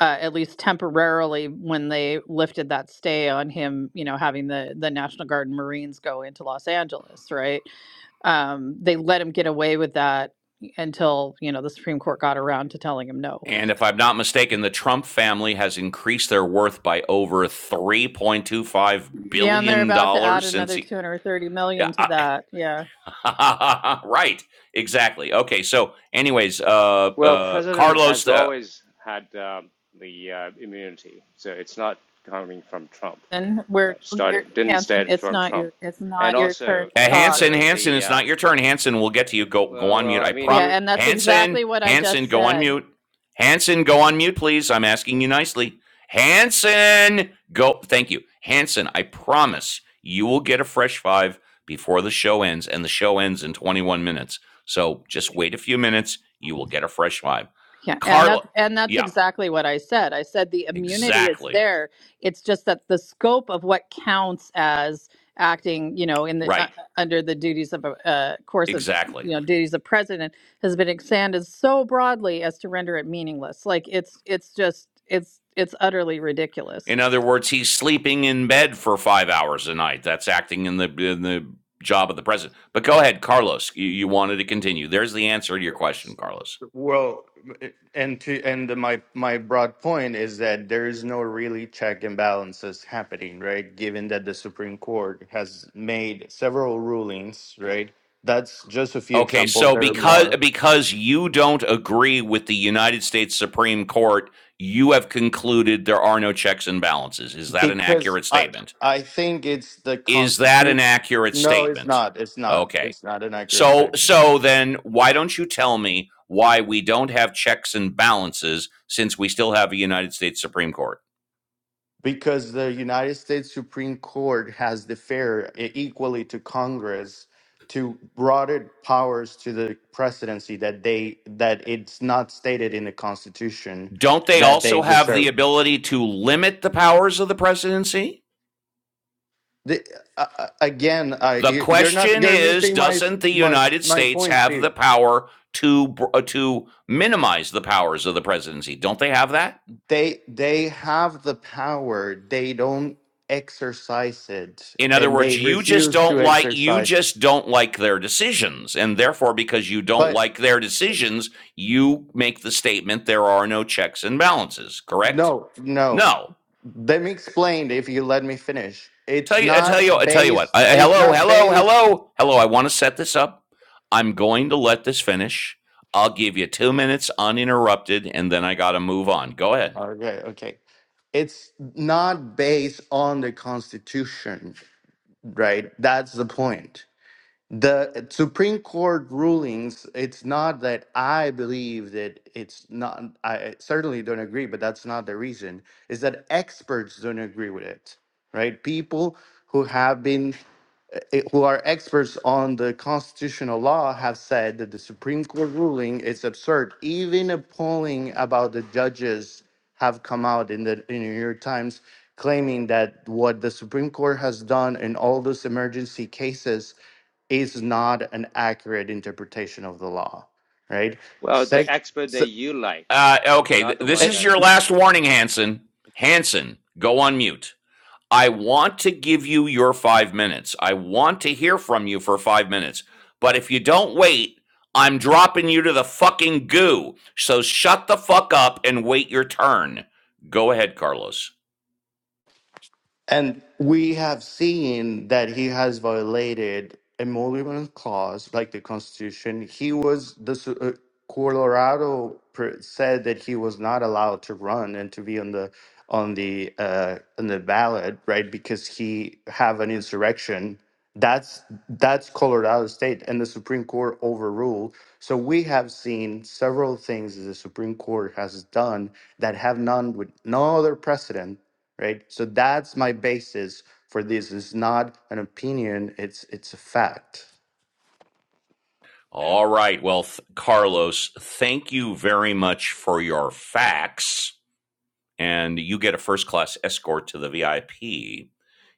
Speaker 13: uh, at least temporarily when they lifted that stay on him, you know, having the the National Guard and Marines go into Los Angeles, right? Um they let him get away with that until, you know, the Supreme Court got around to telling him no.
Speaker 1: And if I'm not mistaken, the Trump family has increased their worth by over $3.25
Speaker 13: Yeah, and they're
Speaker 1: billion
Speaker 13: about to add
Speaker 1: dollars since
Speaker 13: another
Speaker 1: he.
Speaker 13: 230
Speaker 1: Yeah,
Speaker 13: million
Speaker 1: I,
Speaker 13: to that. Yeah.
Speaker 1: right. Exactly. Okay. So, anyways, uh,
Speaker 18: Well,
Speaker 1: uh,
Speaker 18: president has
Speaker 1: Carlos uh,
Speaker 18: always had uh, the uh, immunity, so it's not coming from Trump.
Speaker 13: Hanson, we're
Speaker 18: Right?
Speaker 13: you're,
Speaker 18: Started didn't
Speaker 13: Hanson.
Speaker 18: start
Speaker 13: It's
Speaker 18: from
Speaker 13: not
Speaker 18: Trump,
Speaker 13: your it's
Speaker 18: and
Speaker 13: not your
Speaker 18: also
Speaker 13: turn to
Speaker 18: and
Speaker 13: talk.
Speaker 1: Hanson,
Speaker 18: also
Speaker 1: Hanson,
Speaker 18: the
Speaker 1: it's
Speaker 18: uh,
Speaker 1: not your turn. Hanson, we'll get to you. Go, go
Speaker 18: well,
Speaker 1: on
Speaker 18: well,
Speaker 1: mute.
Speaker 18: I
Speaker 1: I
Speaker 18: mean
Speaker 13: Yeah,
Speaker 1: prompt
Speaker 18: you
Speaker 13: and that's
Speaker 1: Hanson,
Speaker 13: exactly what I
Speaker 1: Hanson,
Speaker 13: just
Speaker 1: go on
Speaker 13: said.
Speaker 1: mute. Hanson, go on mute, please. I'm asking you nicely. Hanson, go. Thank you, Hanson. I promise you will get a fresh five before the show ends, and the show ends in 21 minutes. So just wait a few minutes. You will get a fresh five.
Speaker 13: Yeah, and
Speaker 1: Carla,
Speaker 13: that's and that's
Speaker 1: yeah,
Speaker 13: exactly what I said. I said the immunity is
Speaker 1: exactly.
Speaker 13: there. It's just that the scope of what counts as acting, you know, in the uh, uh,
Speaker 1: Right.
Speaker 13: under the duties of a uh, course of you
Speaker 1: Exactly.
Speaker 13: know duties of president has been expanded so broadly as to render it meaningless. Like it's it's just it's it's utterly ridiculous.
Speaker 1: In other words, he's sleeping in bed for five hours a night. That's acting in the in the job of the president. But go ahead, Carlos. You, you wanted to continue. There's the answer to your question, Carlos.
Speaker 17: Well, and to and my my broad point is that there is no really check and balances happening, right? Given that the Supreme Court has made several rulings, right? That's just a few
Speaker 1: Okay,
Speaker 17: examples.
Speaker 1: so
Speaker 17: There are
Speaker 1: because
Speaker 17: more
Speaker 1: because you don't agree with the United States Supreme Court, you have concluded there are no checks and balances. Is that an
Speaker 17: because
Speaker 1: accurate
Speaker 17: I
Speaker 1: statement?
Speaker 17: I think it's the
Speaker 1: Is that an
Speaker 17: constitution.
Speaker 1: accurate
Speaker 17: No, it's
Speaker 1: statement?
Speaker 17: not. It's not.
Speaker 1: Okay.
Speaker 17: It's not an accurate
Speaker 1: So
Speaker 17: statement.
Speaker 1: so then why don't you tell me why we don't have checks and balances since we still have a United States Supreme Court?
Speaker 17: because the United States Supreme Court has deferred e- equally to Congress to broader powers to the presidency that they that it's not stated in the Constitution
Speaker 1: Don't they
Speaker 17: that they
Speaker 1: also have the
Speaker 17: deserve.
Speaker 1: ability to limit the powers of the presidency?
Speaker 17: The, uh, uh, again, I
Speaker 1: The
Speaker 17: you- you're not
Speaker 1: question
Speaker 17: you're
Speaker 1: is
Speaker 17: missing my
Speaker 1: doesn't the
Speaker 17: my
Speaker 1: United
Speaker 17: my
Speaker 1: States
Speaker 17: point,
Speaker 1: have the
Speaker 17: Steve.
Speaker 1: power to uh, to minimize the powers of the presidency? Don't they have that?
Speaker 17: They they have the power. They don't exercise it,
Speaker 1: In other
Speaker 17: and they
Speaker 1: words, you just
Speaker 17: refuse
Speaker 1: don't
Speaker 17: to
Speaker 1: like you
Speaker 17: exercise.
Speaker 1: just don't like their decisions, and therefore, because you don't
Speaker 17: But.
Speaker 1: like their decisions, you make the statement there are no checks and balances. Correct?
Speaker 17: No, no.
Speaker 1: No.
Speaker 17: Let me explain if you let me finish.
Speaker 1: Tell
Speaker 17: It's
Speaker 1: you, I tell you,
Speaker 17: not
Speaker 1: I tell you what.
Speaker 17: based,
Speaker 1: I,
Speaker 17: it's
Speaker 1: hello,
Speaker 17: not
Speaker 1: hello,
Speaker 17: based.
Speaker 1: hello, hello. I want to set this up. I'm going to let this finish. I'll give you two minutes uninterrupted, and then I got to move on. Go ahead.
Speaker 17: Okay, okay. It's not based on the Constitution, right? That's the point. the Supreme Court rulings, it's not that I believe that it's not, I certainly don't agree, but that's not the reason, is that experts don't agree with it, right? People who have been, uh, uh, who are experts on the constitutional law have said that the Supreme Court ruling is absurd. Even a polling about the judges have come out in the in the New York Times claiming that what the Supreme Court has done in all those emergency cases is not an accurate interpretation of the law, right?
Speaker 18: well the
Speaker 17: Sec-
Speaker 18: expert that
Speaker 17: se-
Speaker 18: you like,
Speaker 1: Uh, okay,
Speaker 18: not
Speaker 1: th-
Speaker 18: the
Speaker 1: this
Speaker 18: one
Speaker 17: eh,
Speaker 1: is
Speaker 18: that.
Speaker 1: your last warning, Hanson. Hanson, go on mute. I want to give you your five minutes. I want to hear from you for five minutes. But if you don't wait, I'm dropping you to the fucking goo. So shut the fuck up and wait your turn. Go ahead, Carlos.
Speaker 17: And we have seen that he has violated emoluments clause, like the Constitution. He was the su- uh, Colorado pr- said that he was not allowed to run and to be on the on the uh, on the ballot, right? Because he have an insurrection. That's that's Colorado state, and the Supreme Court overruled. So we have seen several things that the Supreme Court has done that have none with no other precedent right? So that's my basis for this. It's not an opinion, it's it's a fact.
Speaker 1: All right. Well, th- Carlos, thank you very much for your facts. and you get a first class escort to the VIP.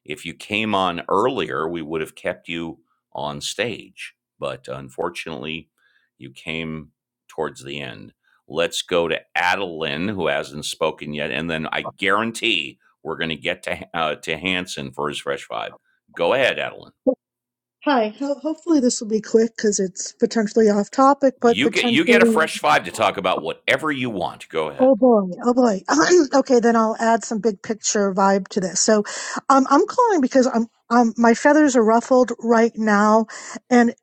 Speaker 1: If you came on earlier, we would have kept you on stage, but unfortunately, you came towards the end. Let's go to Adeline, who hasn't spoken yet, and then I guarantee we're going to get to uh, to Hanson for his fresh five. Go ahead, Adeline.
Speaker 16: Hi. Ho- hopefully this will be quick because it's potentially off topic, but
Speaker 1: You get you get a
Speaker 16: potentially,
Speaker 1: fresh five to talk about whatever you want. Go
Speaker 16: oh
Speaker 1: ahead.
Speaker 16: boy, oh boy. okay, then I'll add some big picture vibe to this. So, um, I'm calling because I'm, um, my feathers are ruffled right now. And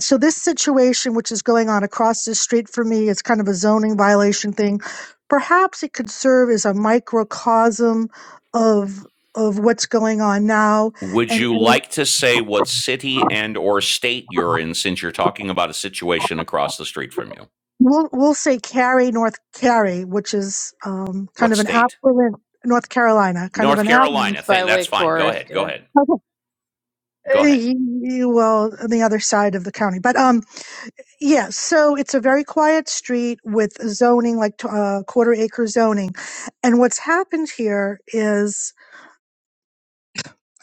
Speaker 16: so this situation, which is going on across the street for me, it's kind of a zoning violation thing. Perhaps it could serve as a microcosm of, of what's going on now
Speaker 1: Would
Speaker 16: and.
Speaker 1: you like to say what city and or state you're in since you're talking about a situation across the street from you?
Speaker 16: We'll we'll say Cary, North Cary, which is um, kind
Speaker 1: What
Speaker 16: of an
Speaker 1: state?
Speaker 16: affluent North Carolina, kind of
Speaker 1: North
Speaker 16: an app.
Speaker 1: Carolina.
Speaker 13: It's
Speaker 1: Th-
Speaker 13: by
Speaker 1: that's
Speaker 13: Wake
Speaker 1: fine. Go
Speaker 13: Forest.
Speaker 1: ahead. Go
Speaker 13: Yeah.
Speaker 1: ahead.
Speaker 16: Well,
Speaker 1: Go ahead.
Speaker 16: on the other side of the county, but um, yeah. So it's a very quiet street with zoning, like t- uh, quarter acre zoning, and what's happened here is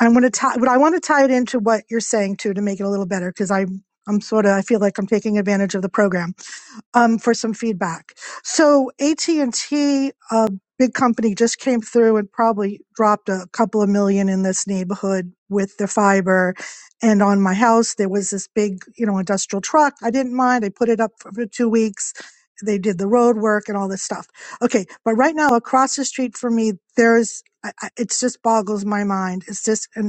Speaker 16: I'm going to tie. But I want to tie it into what you're saying too to make it a little better because I'm I'm sort of I feel like I'm taking advantage of the program um, for some feedback. So at and T, a big company, just came through and probably dropped a couple of million in this neighborhood with the fiber. And on my house, there was this big, you know, industrial truck. I didn't mind. I put it up for for two weeks. They did the road work and all this stuff. Okay, but right now across the street from me, there's I, I- it's just boggles my mind. It's just and.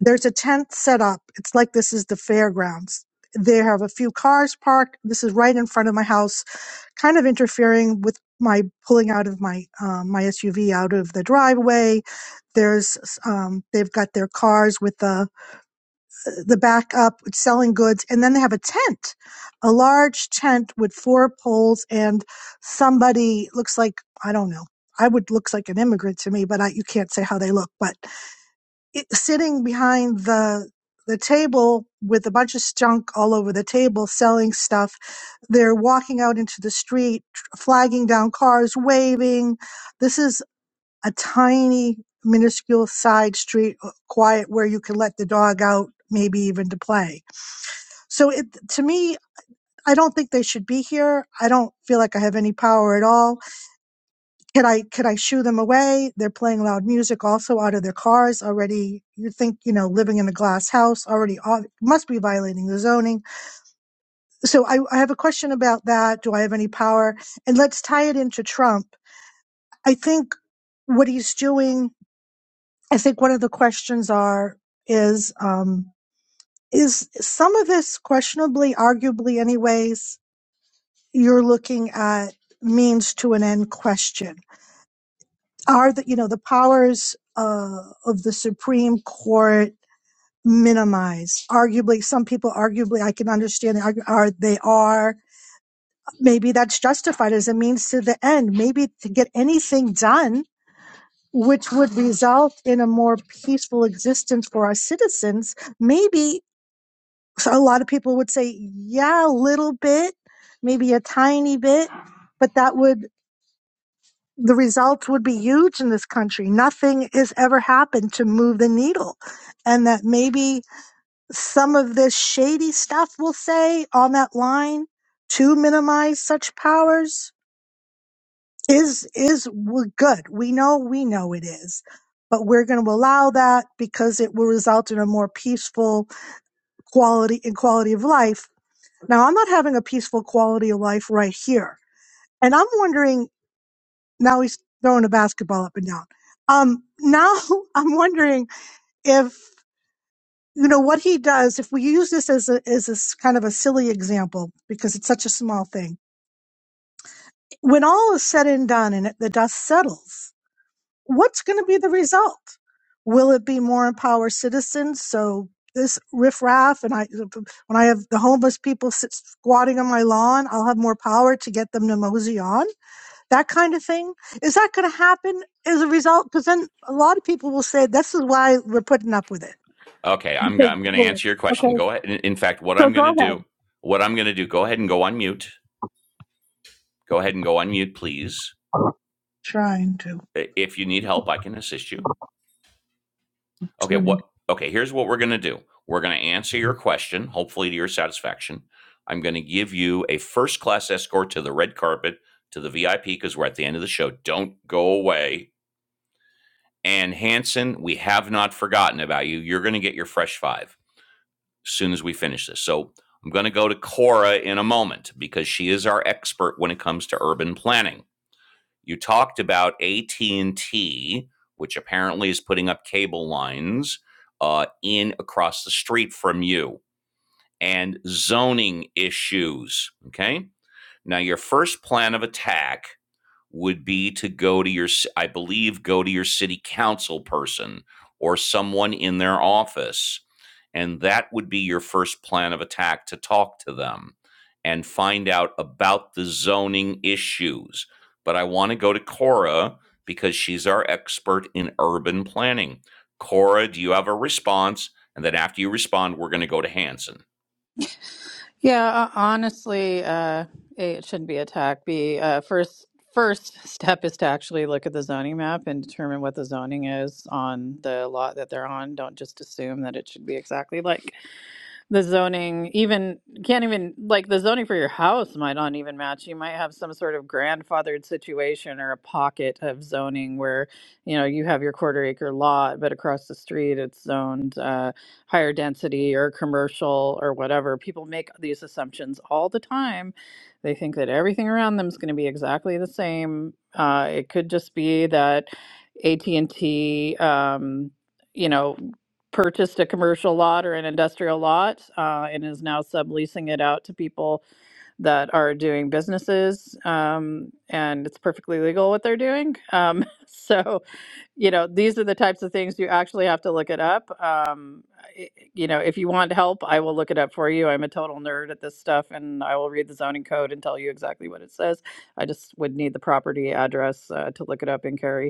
Speaker 16: There's a tent set up. It's like this is the fairgrounds. They have a few cars parked. This is right in front of my house, kind of interfering with my pulling out of my um, my SUV out of the driveway. There's um, they've got their cars with the the back up selling goods, and then they have a tent, a large tent with four poles, and somebody looks like I don't know. I would looks like an immigrant to me, but I, you can't say how they look, but it- sitting behind the the table with a bunch of junk all over the table selling stuff they're walking out into the street flagging down cars waving this is a tiny minuscule side street uh, quiet where you can let the dog out maybe even to play so it to me i don't think they should be here i don't feel like i have any power at all could I could I shoo them away? They're playing loud music also out of their cars already. You think, you know, living in a glass house already ob- must be violating the zoning. So I, I have a question about that. Do I have any power? And let's tie it into Trump. I think what he's doing, I think one of the questions are is um, is some of this questionably, arguably anyways, you're looking at means to an end question are the you know the powers uh, of the Supreme Court minimized? Arguably, some people arguably I can understand they argue- are they are maybe that's justified as a means to the end, maybe to get anything done. Which would result in a more peaceful existence for our citizens. Maybe so a lot of people would say, yeah, a little bit, maybe a tiny bit, but that would the results would be huge in this country. Nothing has ever happened to move the needle. And that maybe some of this shady stuff we'll say on that line to minimize such powers is is we're good. We know we know it is. But we're going to allow that because it will result in a more peaceful quality and quality of life. Now I'm not having a peaceful quality of life right here. And I'm wondering now he's throwing a basketball up and down. Um, now I'm wondering if you know what he does. If we use this as a as a s- kind of a silly example because it's such a small thing, when all is said and done and it, the dust settles, what's going to be the result? Will it be more empowered citizens? So this riffraff and I, when I have the homeless people sit squatting on my lawn, I'll have more power to get them to mosey on that kind of thing is that going to happen as a result because then a lot of people will say this is why we're putting up with it
Speaker 1: Okay, I'm
Speaker 16: because
Speaker 1: I'm going to
Speaker 16: well,
Speaker 1: answer your question.
Speaker 16: okay
Speaker 1: Go ahead. In, in fact, what
Speaker 16: so
Speaker 1: I'm
Speaker 16: go
Speaker 1: going to
Speaker 16: ahead
Speaker 1: do, what I'm going to do, go ahead and go on mute. Go ahead and go on mute, please.
Speaker 16: trying
Speaker 1: If you need help, I can assist you. okay
Speaker 16: to
Speaker 1: what okay here's what we're going to do we're going to answer your question hopefully to your satisfaction i'm going to give you a first class escort to the red carpet to the vip because we're at the end of the show don't go away and hanson we have not forgotten about you you're going to get your fresh five as soon as we finish this so i'm going to go to cora in a moment because she is our expert when it comes to urban planning you talked about AT&T, which apparently is putting up cable lines uh, in across the street from you and zoning issues, okay? Now your first plan of attack would be to go to your I believe go to your city council person or someone in their office and that would be your first plan of attack to talk to them and find out about the zoning issues. But I want to go to Cora because she's our expert in urban planning. Cora, do you have a response? And then after you respond, we're going to go to Hanson.
Speaker 13: Yeah, ho- honestly, uh, A, it shouldn't be attacked. tack. B, uh, first first step is to actually look at the zoning map and determine what the zoning is on the lot that they're on. Don't just assume that it should be exactly like the zoning even can't even like the zoning for your house might not even match you might have some sort of grandfathered situation or a pocket of zoning where you know you have your quarter acre lot but across the street it's zoned uh, higher density or commercial or whatever people make these assumptions all the time they think that everything around them is going to be exactly the same uh, it could just be that at&t um, you know purchased a commercial lot or an industrial lot uh, and is now subleasing it out to people that are doing businesses um, and it's perfectly legal what they're doing um, so you know these are the types of things you actually have to look it up um, i- you know if you want help i will look it up for you i'm a total nerd at this stuff and i will read the zoning code and tell you exactly what it says i just would need the property address uh, to look it up in cary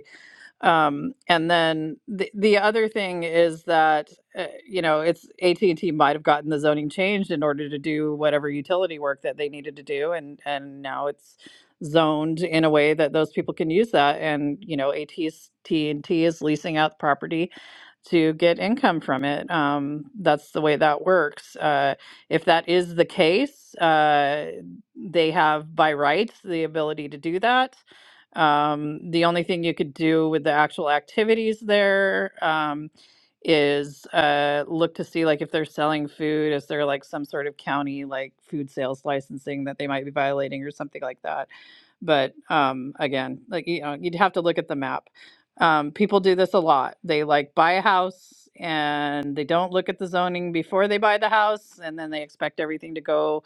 Speaker 13: um, and then the the other thing is that uh, you know it's AT and T might have gotten the zoning changed in order to do whatever utility work that they needed to do, and and now it's zoned in a way that those people can use that. And you know AT and T is leasing out the property to get income from it. Um, that's the way that works. Uh, if that is the case, uh, they have by rights the ability to do that um, the only thing you could do with the actual activities there um, is uh, look to see like if they're selling food, is there like some sort of county like food sales licensing that they might be violating or something like that. But um, again, like you know, you'd have to look at the map. Um, people do this a lot. They like buy a house and they don't look at the zoning before they buy the house, and then they expect everything to go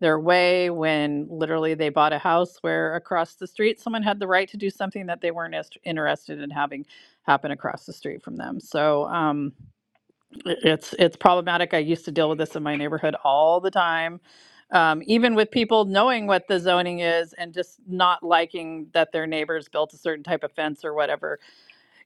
Speaker 13: their way when literally they bought a house where across the street someone had the right to do something that they weren't as interested in having happen across the street from them. So um, it's it's problematic. I used to deal with this in my neighborhood all the time. Um, even with people knowing what the zoning is and just not liking that their neighbors built a certain type of fence or whatever,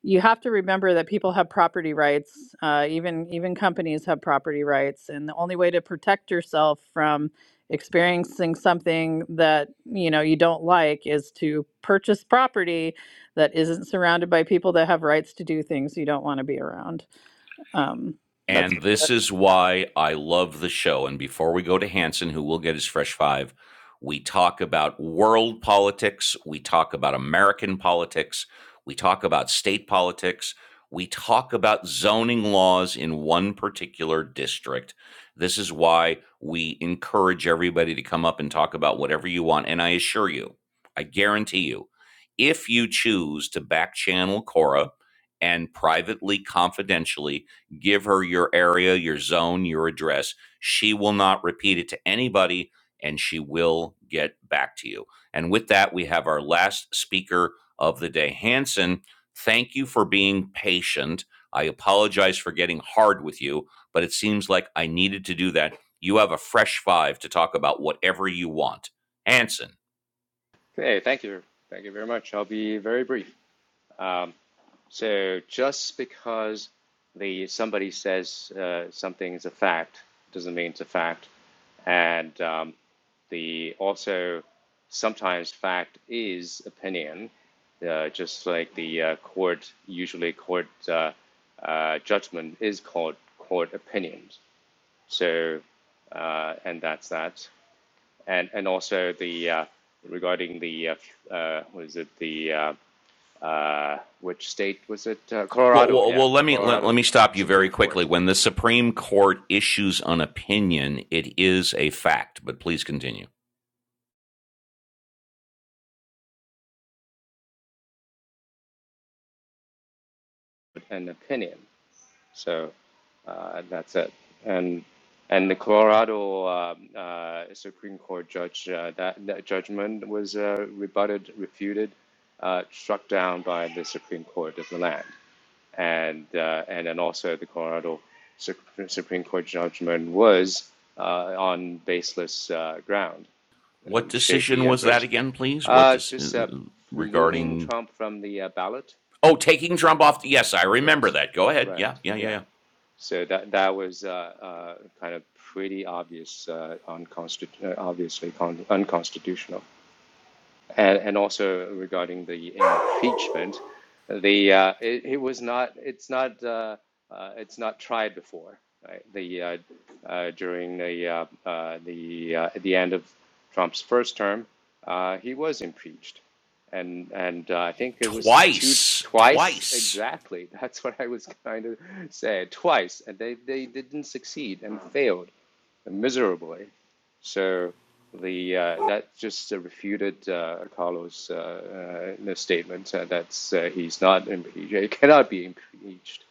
Speaker 13: you have to remember that people have property rights uh, even even companies have property rights and the only way to protect yourself from experiencing something that you know you don't like is to purchase property that isn't surrounded by people that have rights to do things you don't want to be around um, that's
Speaker 1: And
Speaker 13: really
Speaker 1: this
Speaker 13: what it
Speaker 1: is
Speaker 13: comes down to
Speaker 1: why I love the show. And before we go to Hanson, who will get his fresh five, we talk about world politics. We talk about American politics. We talk about state politics. We talk about zoning laws in one particular district. This is why we encourage everybody to come up and talk about whatever you want. And I assure you, I guarantee you, if you choose to back channel Cora and privately, confidentially, give her your area, your zone, your address. She will not repeat it to anybody and she will get back to you. And with that, we have our last speaker of the day. Hanson, thank you for being patient. I apologize for getting hard with you, but it seems like I needed to do that. You have a fresh five to talk about whatever you want. Hanson.
Speaker 18: Okay, thank you, thank you very much. I'll be very brief. Um, So just because the somebody says uh, something is a fact doesn't mean it's a fact, and um, the also sometimes fact is opinion, uh, just like the uh, court usually court uh, uh, judgment is called court opinions. So uh, and that's that, and and also the uh, regarding the uh, uh, what is it the uh, uh, which state was it? Uh,
Speaker 1: Well,
Speaker 18: Colorado,
Speaker 1: well,
Speaker 18: yeah,
Speaker 1: well let me let, let
Speaker 18: Colorado
Speaker 1: me stop you very
Speaker 18: Supreme
Speaker 1: quickly.
Speaker 18: Court,
Speaker 1: When the Supreme Court issues an opinion, it is a fact, but please continue.
Speaker 18: an opinion. So uh, that's it. And and the Colorado um, uh, Supreme Court judge uh, that, that judgment was uh, rebutted, refuted, uh, struck down by the Supreme Court of the land, and uh, and then also the Colorado Supreme Court judgment was uh, on baseless uh, ground
Speaker 1: What
Speaker 18: and shaky
Speaker 1: decision
Speaker 18: and
Speaker 1: was that
Speaker 18: braised.
Speaker 1: again, please? What
Speaker 18: Uh,
Speaker 1: dis- uh,
Speaker 18: just uh, removing
Speaker 1: regarding?
Speaker 18: Trump from the uh, ballot.
Speaker 1: Oh, taking Trump off. The- Yes, I remember
Speaker 18: Yes,
Speaker 1: that. Go ahead.
Speaker 18: right.
Speaker 1: Yeah, yeah, yeah,
Speaker 18: Yeah.
Speaker 1: yeah.
Speaker 18: So that that was uh, uh, kind of pretty obvious, uh, unconstitu- uh, obviously con- unconstitutional and, and also regarding the impeachment, the uh, it, it was not it's not uh, uh, it's not tried before. Right? The uh, uh, during the uh, uh, the uh, at the end of Trump's first term, uh, he was impeached, and and uh, I think it was two
Speaker 1: Twice,
Speaker 18: twice
Speaker 1: twice.
Speaker 18: exactly. That's what I was trying to say twice, and they they didn't succeed and failed miserably. So the uh, that just uh, refuted uh, Carlos' uh, uh, statement uh, that uh, he's not impeached, he cannot be impeached.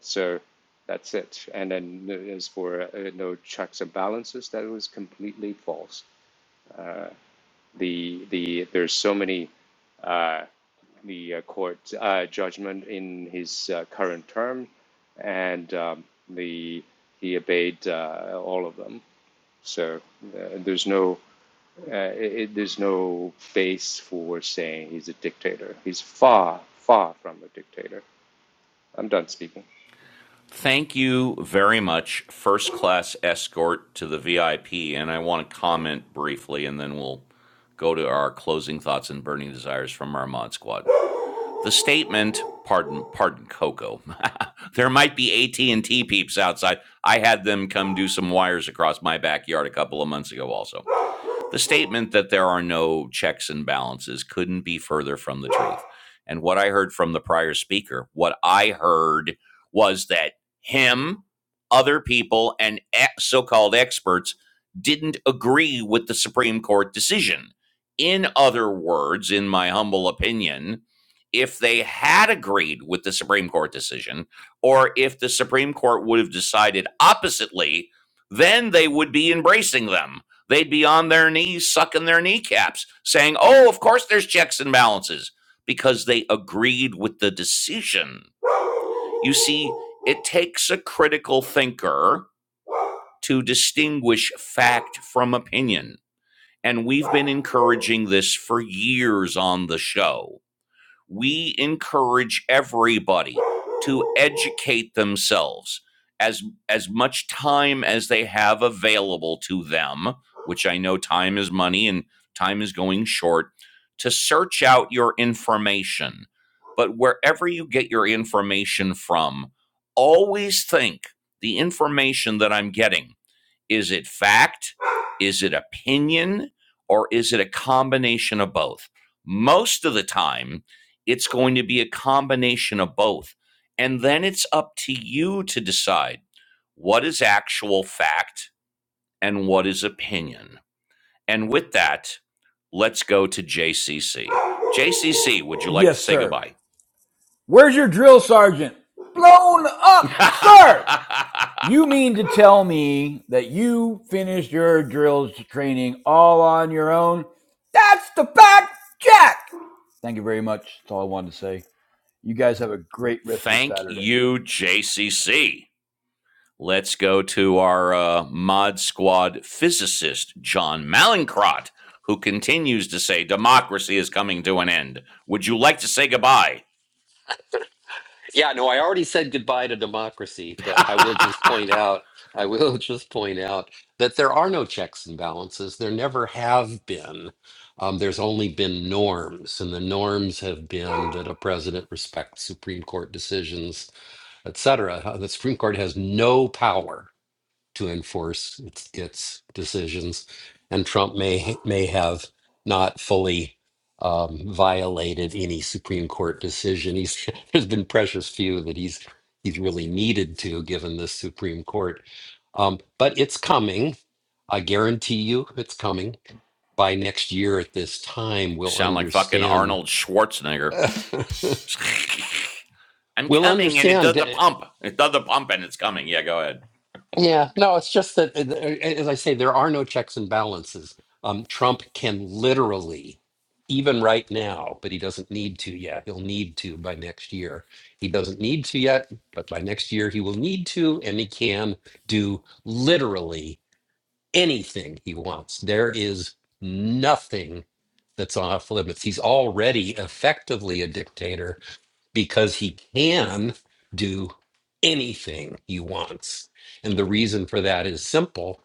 Speaker 18: So that's it. And then uh, as for uh, no checks and balances, that was completely false. The the there's so many. Uh, the uh, court uh, judgment in his uh, current term, and um, the he obeyed uh, all of them. So uh, there's no uh, it, there's no face for saying he's a dictator. He's far far from a dictator. I'm done speaking.
Speaker 1: Thank you very much, first class escort to the VIP. And I want to comment briefly, and then we'll go to our closing thoughts and burning desires from our mod squad. The statement, pardon, pardon, Coco. there might be AT and T peeps outside. I had them come do some wires across my backyard a couple of months ago, also The statement that there are no checks and balances couldn't be further from the truth. And what I heard from the prior speaker, what I heard was that him, other people, and e- so called experts didn't agree with the Supreme Court decision. In other words, in my humble opinion, if they had agreed with the Supreme Court decision, or if the Supreme Court would have decided oppositely, then they would be embracing them they'd be on their knees sucking their kneecaps, saying, Oh, of course there's checks and balances, because they agreed with the decision. You see, it takes a critical thinker to distinguish fact from opinion. And we've been encouraging this for years on the show we encourage everybody to educate themselves as as much time as they have available to them which i know time is money and time is going short to search out your information but wherever you get your information from always think the information that i'm getting is it fact? Is it opinion? Or is it a combination of both? Most of the time, it's going to be a combination of both. And then it's up to you to decide what is actual fact and what is opinion. And with that, let's go to JCC. JCC, would you like to
Speaker 11: Yes,
Speaker 1: say
Speaker 11: sir.
Speaker 1: goodbye?
Speaker 11: Where's your drill sergeant? Blown up, sir. You mean to tell me that you finished your drills training all on your own? That's the fact, Jack! Thank you very much. That's all I wanted to say. You guys have a great rest of your
Speaker 1: Thank
Speaker 11: Saturday.
Speaker 1: you, JCC. Let's go to our uh, Mod Squad physicist, John Malincrot, who continues to say democracy is coming to an end. Would you like to say goodbye?
Speaker 8: Yeah, no, I already said goodbye to democracy, but I will just point out, I will just point out that there are no checks and balances. There never have been. Um, there's only been norms, and the norms have been that a president respects Supreme Court decisions, et cetera. Uh, The Supreme Court has no power to enforce its, its decisions, and Trump may may have not fully um, violated any Supreme Court decision. He's there's been precious few that he's he's really needed to, given the Supreme Court. Um, but it's coming. I guarantee you, it's coming. By next year at this time, we'll
Speaker 1: Sound like fucking
Speaker 8: understand.
Speaker 1: Arnold Schwarzenegger. I'm
Speaker 8: we'll
Speaker 1: coming and it does
Speaker 8: understand.
Speaker 1: the
Speaker 8: eh,
Speaker 1: pump. It does the pump and it's coming. Yeah, go ahead.
Speaker 8: Yeah, no, it's just that, uh, as I say, there are no checks and balances. Um, Trump can literally, even right now, but he doesn't need to yet. He'll need to by next year. He doesn't need to yet, but by next year he will need to, and he can do literally anything he wants. There is nothing that's off limits. He's already effectively a dictator because he can do anything he wants. And the reason for that is simple.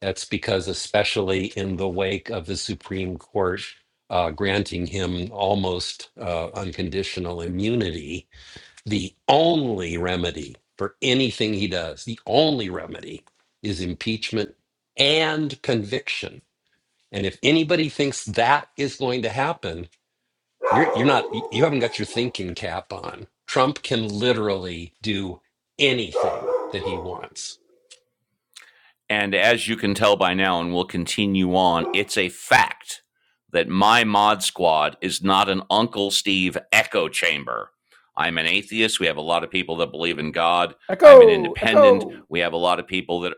Speaker 8: That's because, especially in the wake of the Supreme Court uh, granting him almost uh, unconditional immunity, the only remedy for anything he does, the only remedy is impeachment and conviction. And if anybody thinks that is going to happen, you're you're not you haven't got your thinking cap on. Trump can literally do anything that he wants.
Speaker 1: And as you can tell by now, and we'll continue on, it's a fact that my mod squad is not an Uncle Steve echo chamber. I'm an atheist. We have a lot of people that believe in God. I'm an
Speaker 11: Echo!
Speaker 1: independent.
Speaker 11: Echo!
Speaker 1: We have a lot of people that,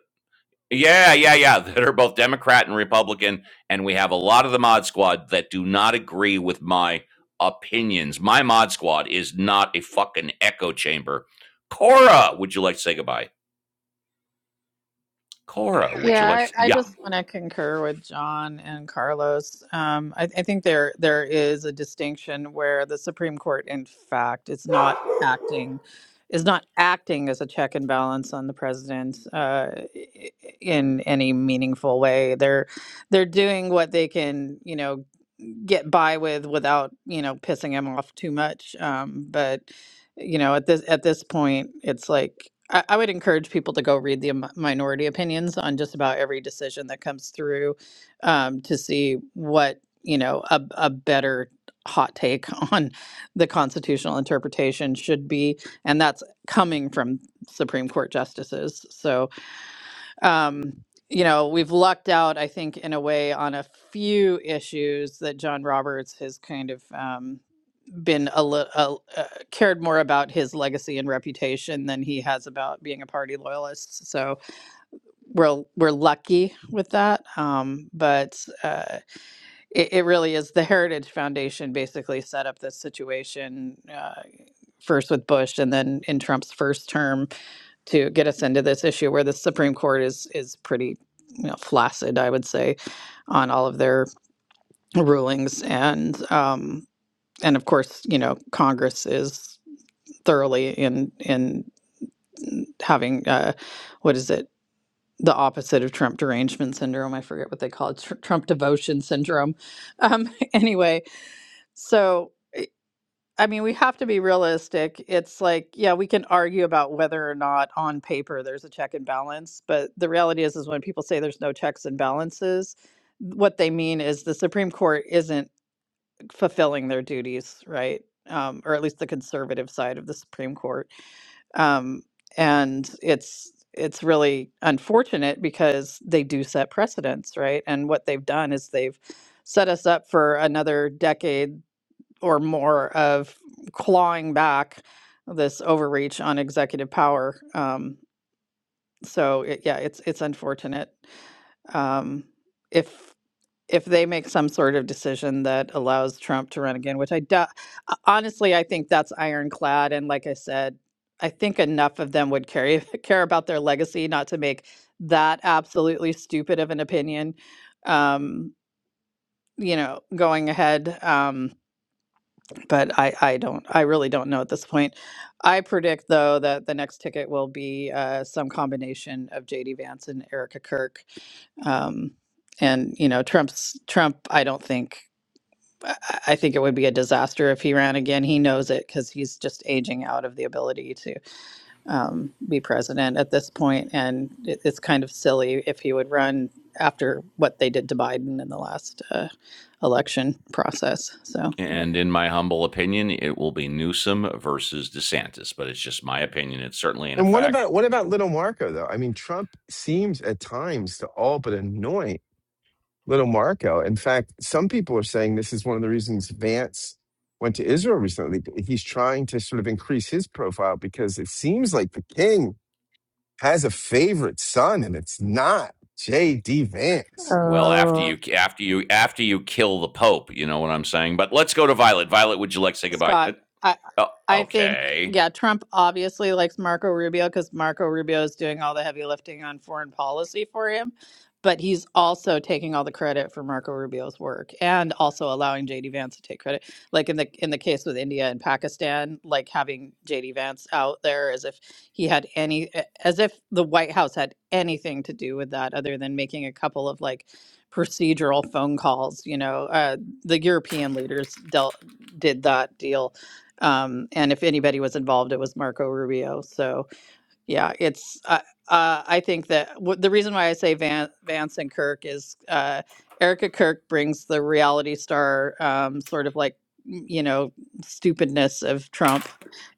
Speaker 1: yeah, yeah, yeah, that are both Democrat and Republican. And we have a lot of the mod squad that do not agree with my opinions. My mod squad is not a fucking echo chamber. Cora, would you like to say goodbye? Cora, would you like
Speaker 13: Yeah,
Speaker 1: to?
Speaker 13: I, I
Speaker 1: Yeah.
Speaker 13: just want to concur with John and Carlos. Um, I, I think there there is a distinction where the Supreme Court, in fact, is not acting is not acting as a check and balance on the president uh, i- i- in any meaningful way. They're they're doing what they can, you know, get by with without you know pissing him off too much. Um, but you know at this at this point it's like I, I would encourage people to go read the mi- minority opinions on just about every decision that comes through um, to see what you know a, a better hot take on the constitutional interpretation should be and that's coming from supreme court justices so um you know we've lucked out i think in a way on a few issues that john roberts has kind of um been a little uh, uh, cared more about his legacy and reputation than he has about being a party loyalist. So we're we're lucky with that. Um, but uh, it, it really is the Heritage Foundation basically set up this situation. Uh, First with Bush, and then in Trump's first term, to get us into this issue where the Supreme Court is is pretty you know, flaccid, I would say, on all of their rulings, and um, and of course, you know, Congress is thoroughly in in having uh, what is it the opposite of Trump derangement syndrome? I forget what they call it. Tr- Trump devotion syndrome. Um, anyway, so I I mean, we have to be realistic. It's like, yeah, we can argue about whether or not on paper there's a check and balance, but the reality is, is when people say there's no checks and balances, what they mean is the Supreme Court isn't fulfilling their duties, right? Um, or at least the conservative side of the Supreme Court um, and it's it's really unfortunate because they do set precedents right and what they've done is they've set us up for another decade or more of clawing back this overreach on executive power um, so it, yeah it's it's unfortunate um, if if they make some sort of decision that allows Trump to run again, which I doubt, honestly, I think that's ironclad. And like I said, I think enough of them would carry, care about their legacy not to make that absolutely stupid of an opinion, um, you know, going ahead. Um, but I, I don't, I really don't know at this point. I predict, though, that the next ticket will be uh, some combination of JD Vance and Erica Kirk. Um, and you know trump's trump i don't think I I think it would be a disaster if he ran again. He knows it because he's just aging out of the ability to um, be president at this point, and it, it's kind of silly if he would run after what they did to Biden in the last uh, election process. So, yeah.
Speaker 1: And in my humble opinion, it will be Newsom versus DeSantis, but it's just my opinion. It's certainly in
Speaker 3: And what
Speaker 1: effect.
Speaker 3: about what about little Marco though? I mean, Trump seems at times to all but anoint little Marco. In fact, some people are saying this is one of the reasons Vance went to Israel recently. He's trying to sort of increase his profile because it seems like the king has a favorite son, and it's not J.D. Vance.
Speaker 1: Well, after you, after you, after you kill the Pope, you know what I'm saying. But let's go to Violet. Violet, would you like to say goodbye? Uh,
Speaker 13: Scott, I
Speaker 1: oh,
Speaker 13: I think
Speaker 1: okay.
Speaker 13: yeah, Trump obviously likes Marco Rubio because Marco Rubio is doing all the heavy lifting on foreign policy for him, but he's also taking all the credit for Marco Rubio's work and also allowing JD Vance to take credit. Like in the in the case with India and Pakistan, like having JD Vance out there as if he had any as if the White House had anything to do with that other than making a couple of like procedural phone calls, you know, uh the European leaders dealt did that deal. Um, and if anybody was involved, it was Marco Rubio. So yeah, it's uh, uh, I think that w- the reason why I say Van- Vance and Kirk is uh, Erica Kirk brings the reality star um, sort of like m- you know stupidness of Trump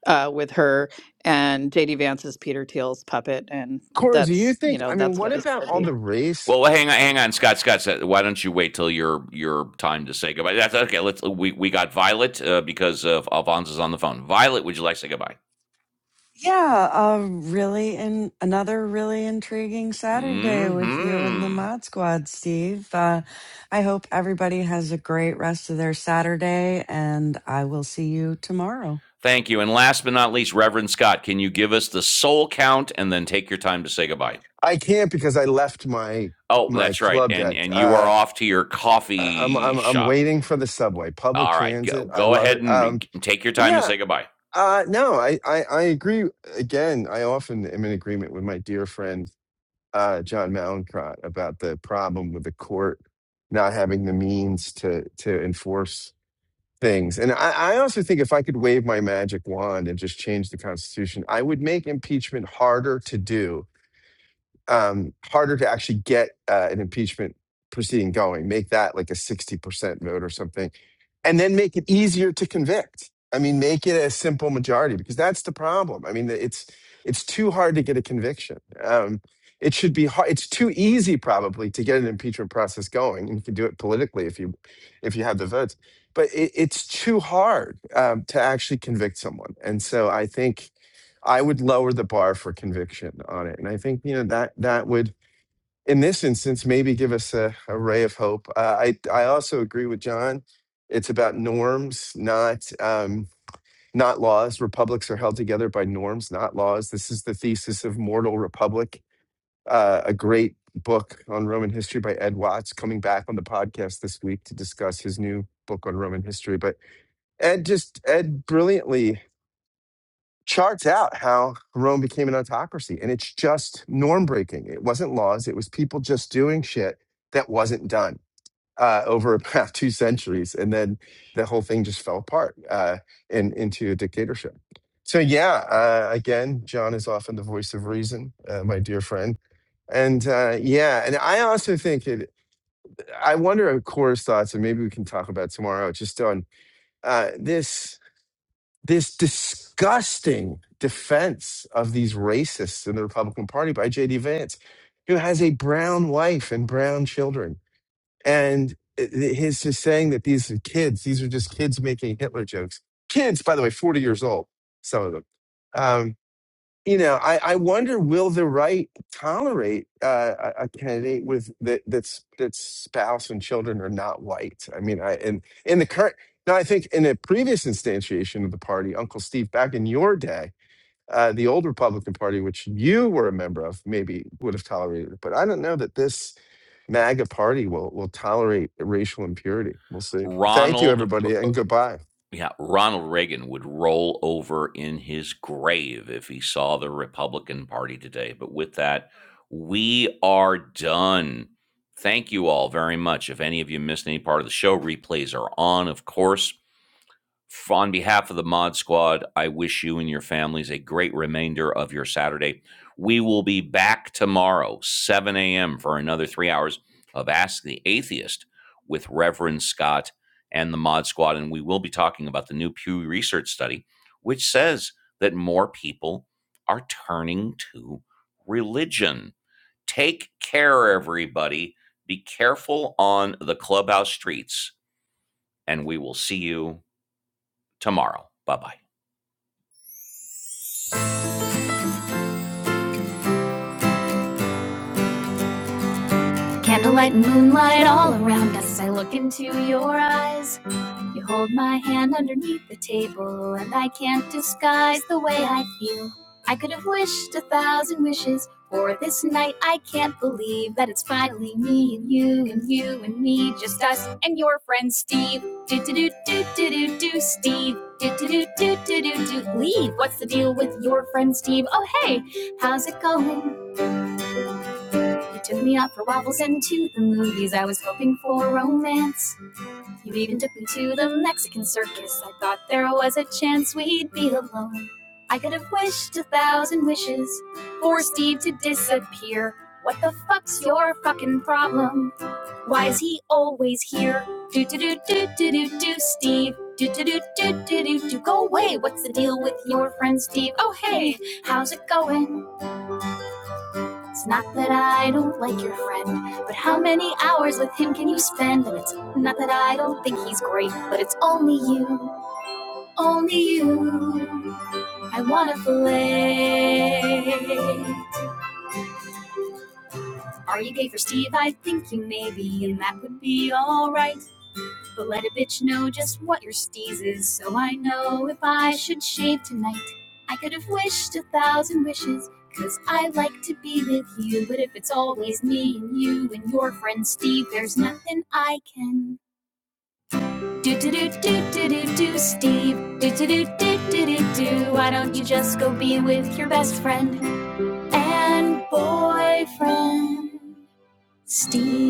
Speaker 13: uh, with her, and JD Vance is Peter Thiel's puppet, and
Speaker 3: Cora, do you
Speaker 13: that's you
Speaker 3: think?
Speaker 13: know
Speaker 3: I mean,
Speaker 13: that's
Speaker 3: what
Speaker 13: what it's
Speaker 3: about
Speaker 13: going to
Speaker 3: all
Speaker 13: be.
Speaker 3: the race?
Speaker 1: Well, well, hang on, hang on, Scott. Scott, why don't you wait till your your time to say goodbye? That's okay. Let's. We we got Violet uh, because of Alphonse is on the phone. Violet, would you like to say goodbye?
Speaker 2: Yeah, um, really, and another really intriguing Saturday with you and the
Speaker 1: Hmm.
Speaker 2: Mod Squad, Steve. Uh, I hope everybody has a great rest of their Saturday, and I will see you tomorrow.
Speaker 1: Thank you. And last but not least, Reverend Scott, can you give us the soul count and then take your time to say goodbye?
Speaker 3: I can't because I left my
Speaker 1: Oh,
Speaker 3: my
Speaker 1: that's right.
Speaker 3: club
Speaker 1: And
Speaker 3: deck.
Speaker 1: and you are
Speaker 3: Uh,
Speaker 1: off to your
Speaker 3: I- I'm
Speaker 1: coffee
Speaker 3: I'm I'm
Speaker 1: shop.
Speaker 3: waiting for the subway, public
Speaker 1: All right. Go,
Speaker 3: transit. I
Speaker 1: go
Speaker 3: love
Speaker 1: ahead
Speaker 3: it.
Speaker 1: and
Speaker 3: Um,
Speaker 1: take your time and
Speaker 3: yeah.
Speaker 1: say goodbye.
Speaker 3: Uh, no, I, I I agree. Again, I often am in agreement with my dear friend uh, John Malincrot about the problem with the court not having the means to to enforce things. And I, I also think if I could wave my magic wand and just change the Constitution, I would make impeachment harder to do um, harder to actually get uh, an impeachment proceeding going. Make that like a 60% vote or something. And then make it easier to convict. I mean, make it a simple majority because that's the problem. I mean, it's it's too hard to get a conviction. Um, it should be hard. It's too easy probably to get an impeachment process going, and you can do it politically if you if you have the votes. But it, it's too hard um, to actually convict someone. And so I think I would lower the bar for conviction on it. And I think, you know, that that would in this instance maybe give us a, a ray of hope. Uh, I I also agree with John. It's about norms, not um not laws. Republics are held together by norms, not laws. This is the thesis of Mortal Republic, uh, a great book on Roman history by Ed Watts, coming back on the podcast this week to discuss his new book on Roman history. But Ed just Ed brilliantly charts out how Rome became an autocracy. And it's just norm breaking. It wasn't laws, it was people just doing shit that wasn't done uh, over about two centuries. And then the whole thing just fell apart uh, in, into a dictatorship. So, yeah, uh, again, John is often the voice of reason, uh, my dear friend. And uh, yeah, and I also think it, I wonder, of course, thoughts, and maybe we can talk about tomorrow, just on uh, this this disgusting defense of these racists in the Republican Party by J.D. Vance, who has a brown wife and brown children. And i- i- his just saying that these are kids, these are just kids making Hitler jokes. Kids, by the way, 40 years old, some of them. Um, you know, I, I wonder will the right tolerate uh, a a candidate with that that's that's spouse and children are not white. I mean, I and in the current now, I think in the previous instantiation of the party, Uncle Steve, back in your day, uh, the old Republican Party, which you were a member of, maybe would have tolerated it, but I don't know that this MAGA party will will tolerate racial impurity. We'll see. Thank you,
Speaker 1: Ronald
Speaker 3: everybody, and goodbye.
Speaker 1: yeah, Ronald Reagan would roll over in his grave if he saw the Republican Party today. But with that, we are done. Thank you all very much. If any of you missed any part of the show, replays are on, of course. on behalf of the Mod Squad, I wish you and your families a great remainder of your Saturday. We will be back tomorrow, 7 a.m., for another three hours of Ask the Atheist with Reverend Scott and the Mod Squad. And we will be talking about the new Pew Research study, which says that more people are turning to religion. Take care, everybody. Be careful on the clubhouse streets, and we will see you tomorrow. Bye bye. Candlelight and moonlight all around us. I look into your eyes. You hold my hand underneath the table, and I can't disguise the way I feel. I could have wished a thousand wishes for this night. I can't believe that it's finally me and you and you and me, just us and your friend Steve. Do do do do do Steve. Do do. What's you took me out for waffles and the movies? I was hoping for romance. You even took me to the Mexican circus. I thought there was a chance we'd be alone. I could have wished a thousand wishes for Steve to disappear. What the fuck's your fucking problem? Why is he always here? Do do do do do do do Steve do do do do. Oh, Wait, what's the deal with friend Steve? It's not that I don't like your friend, but how many hours with him can you spend? And it's not that I don't think he's great, but it's only you, only you. I wanna fillet. Are you gay for Steve? I think you may be, and that would be alright. But let a bitch know just what your steez is, so I know if I should shave, cause I like to be with you. But if it's always me and you and your friend Steve, there's nothing I can Steve.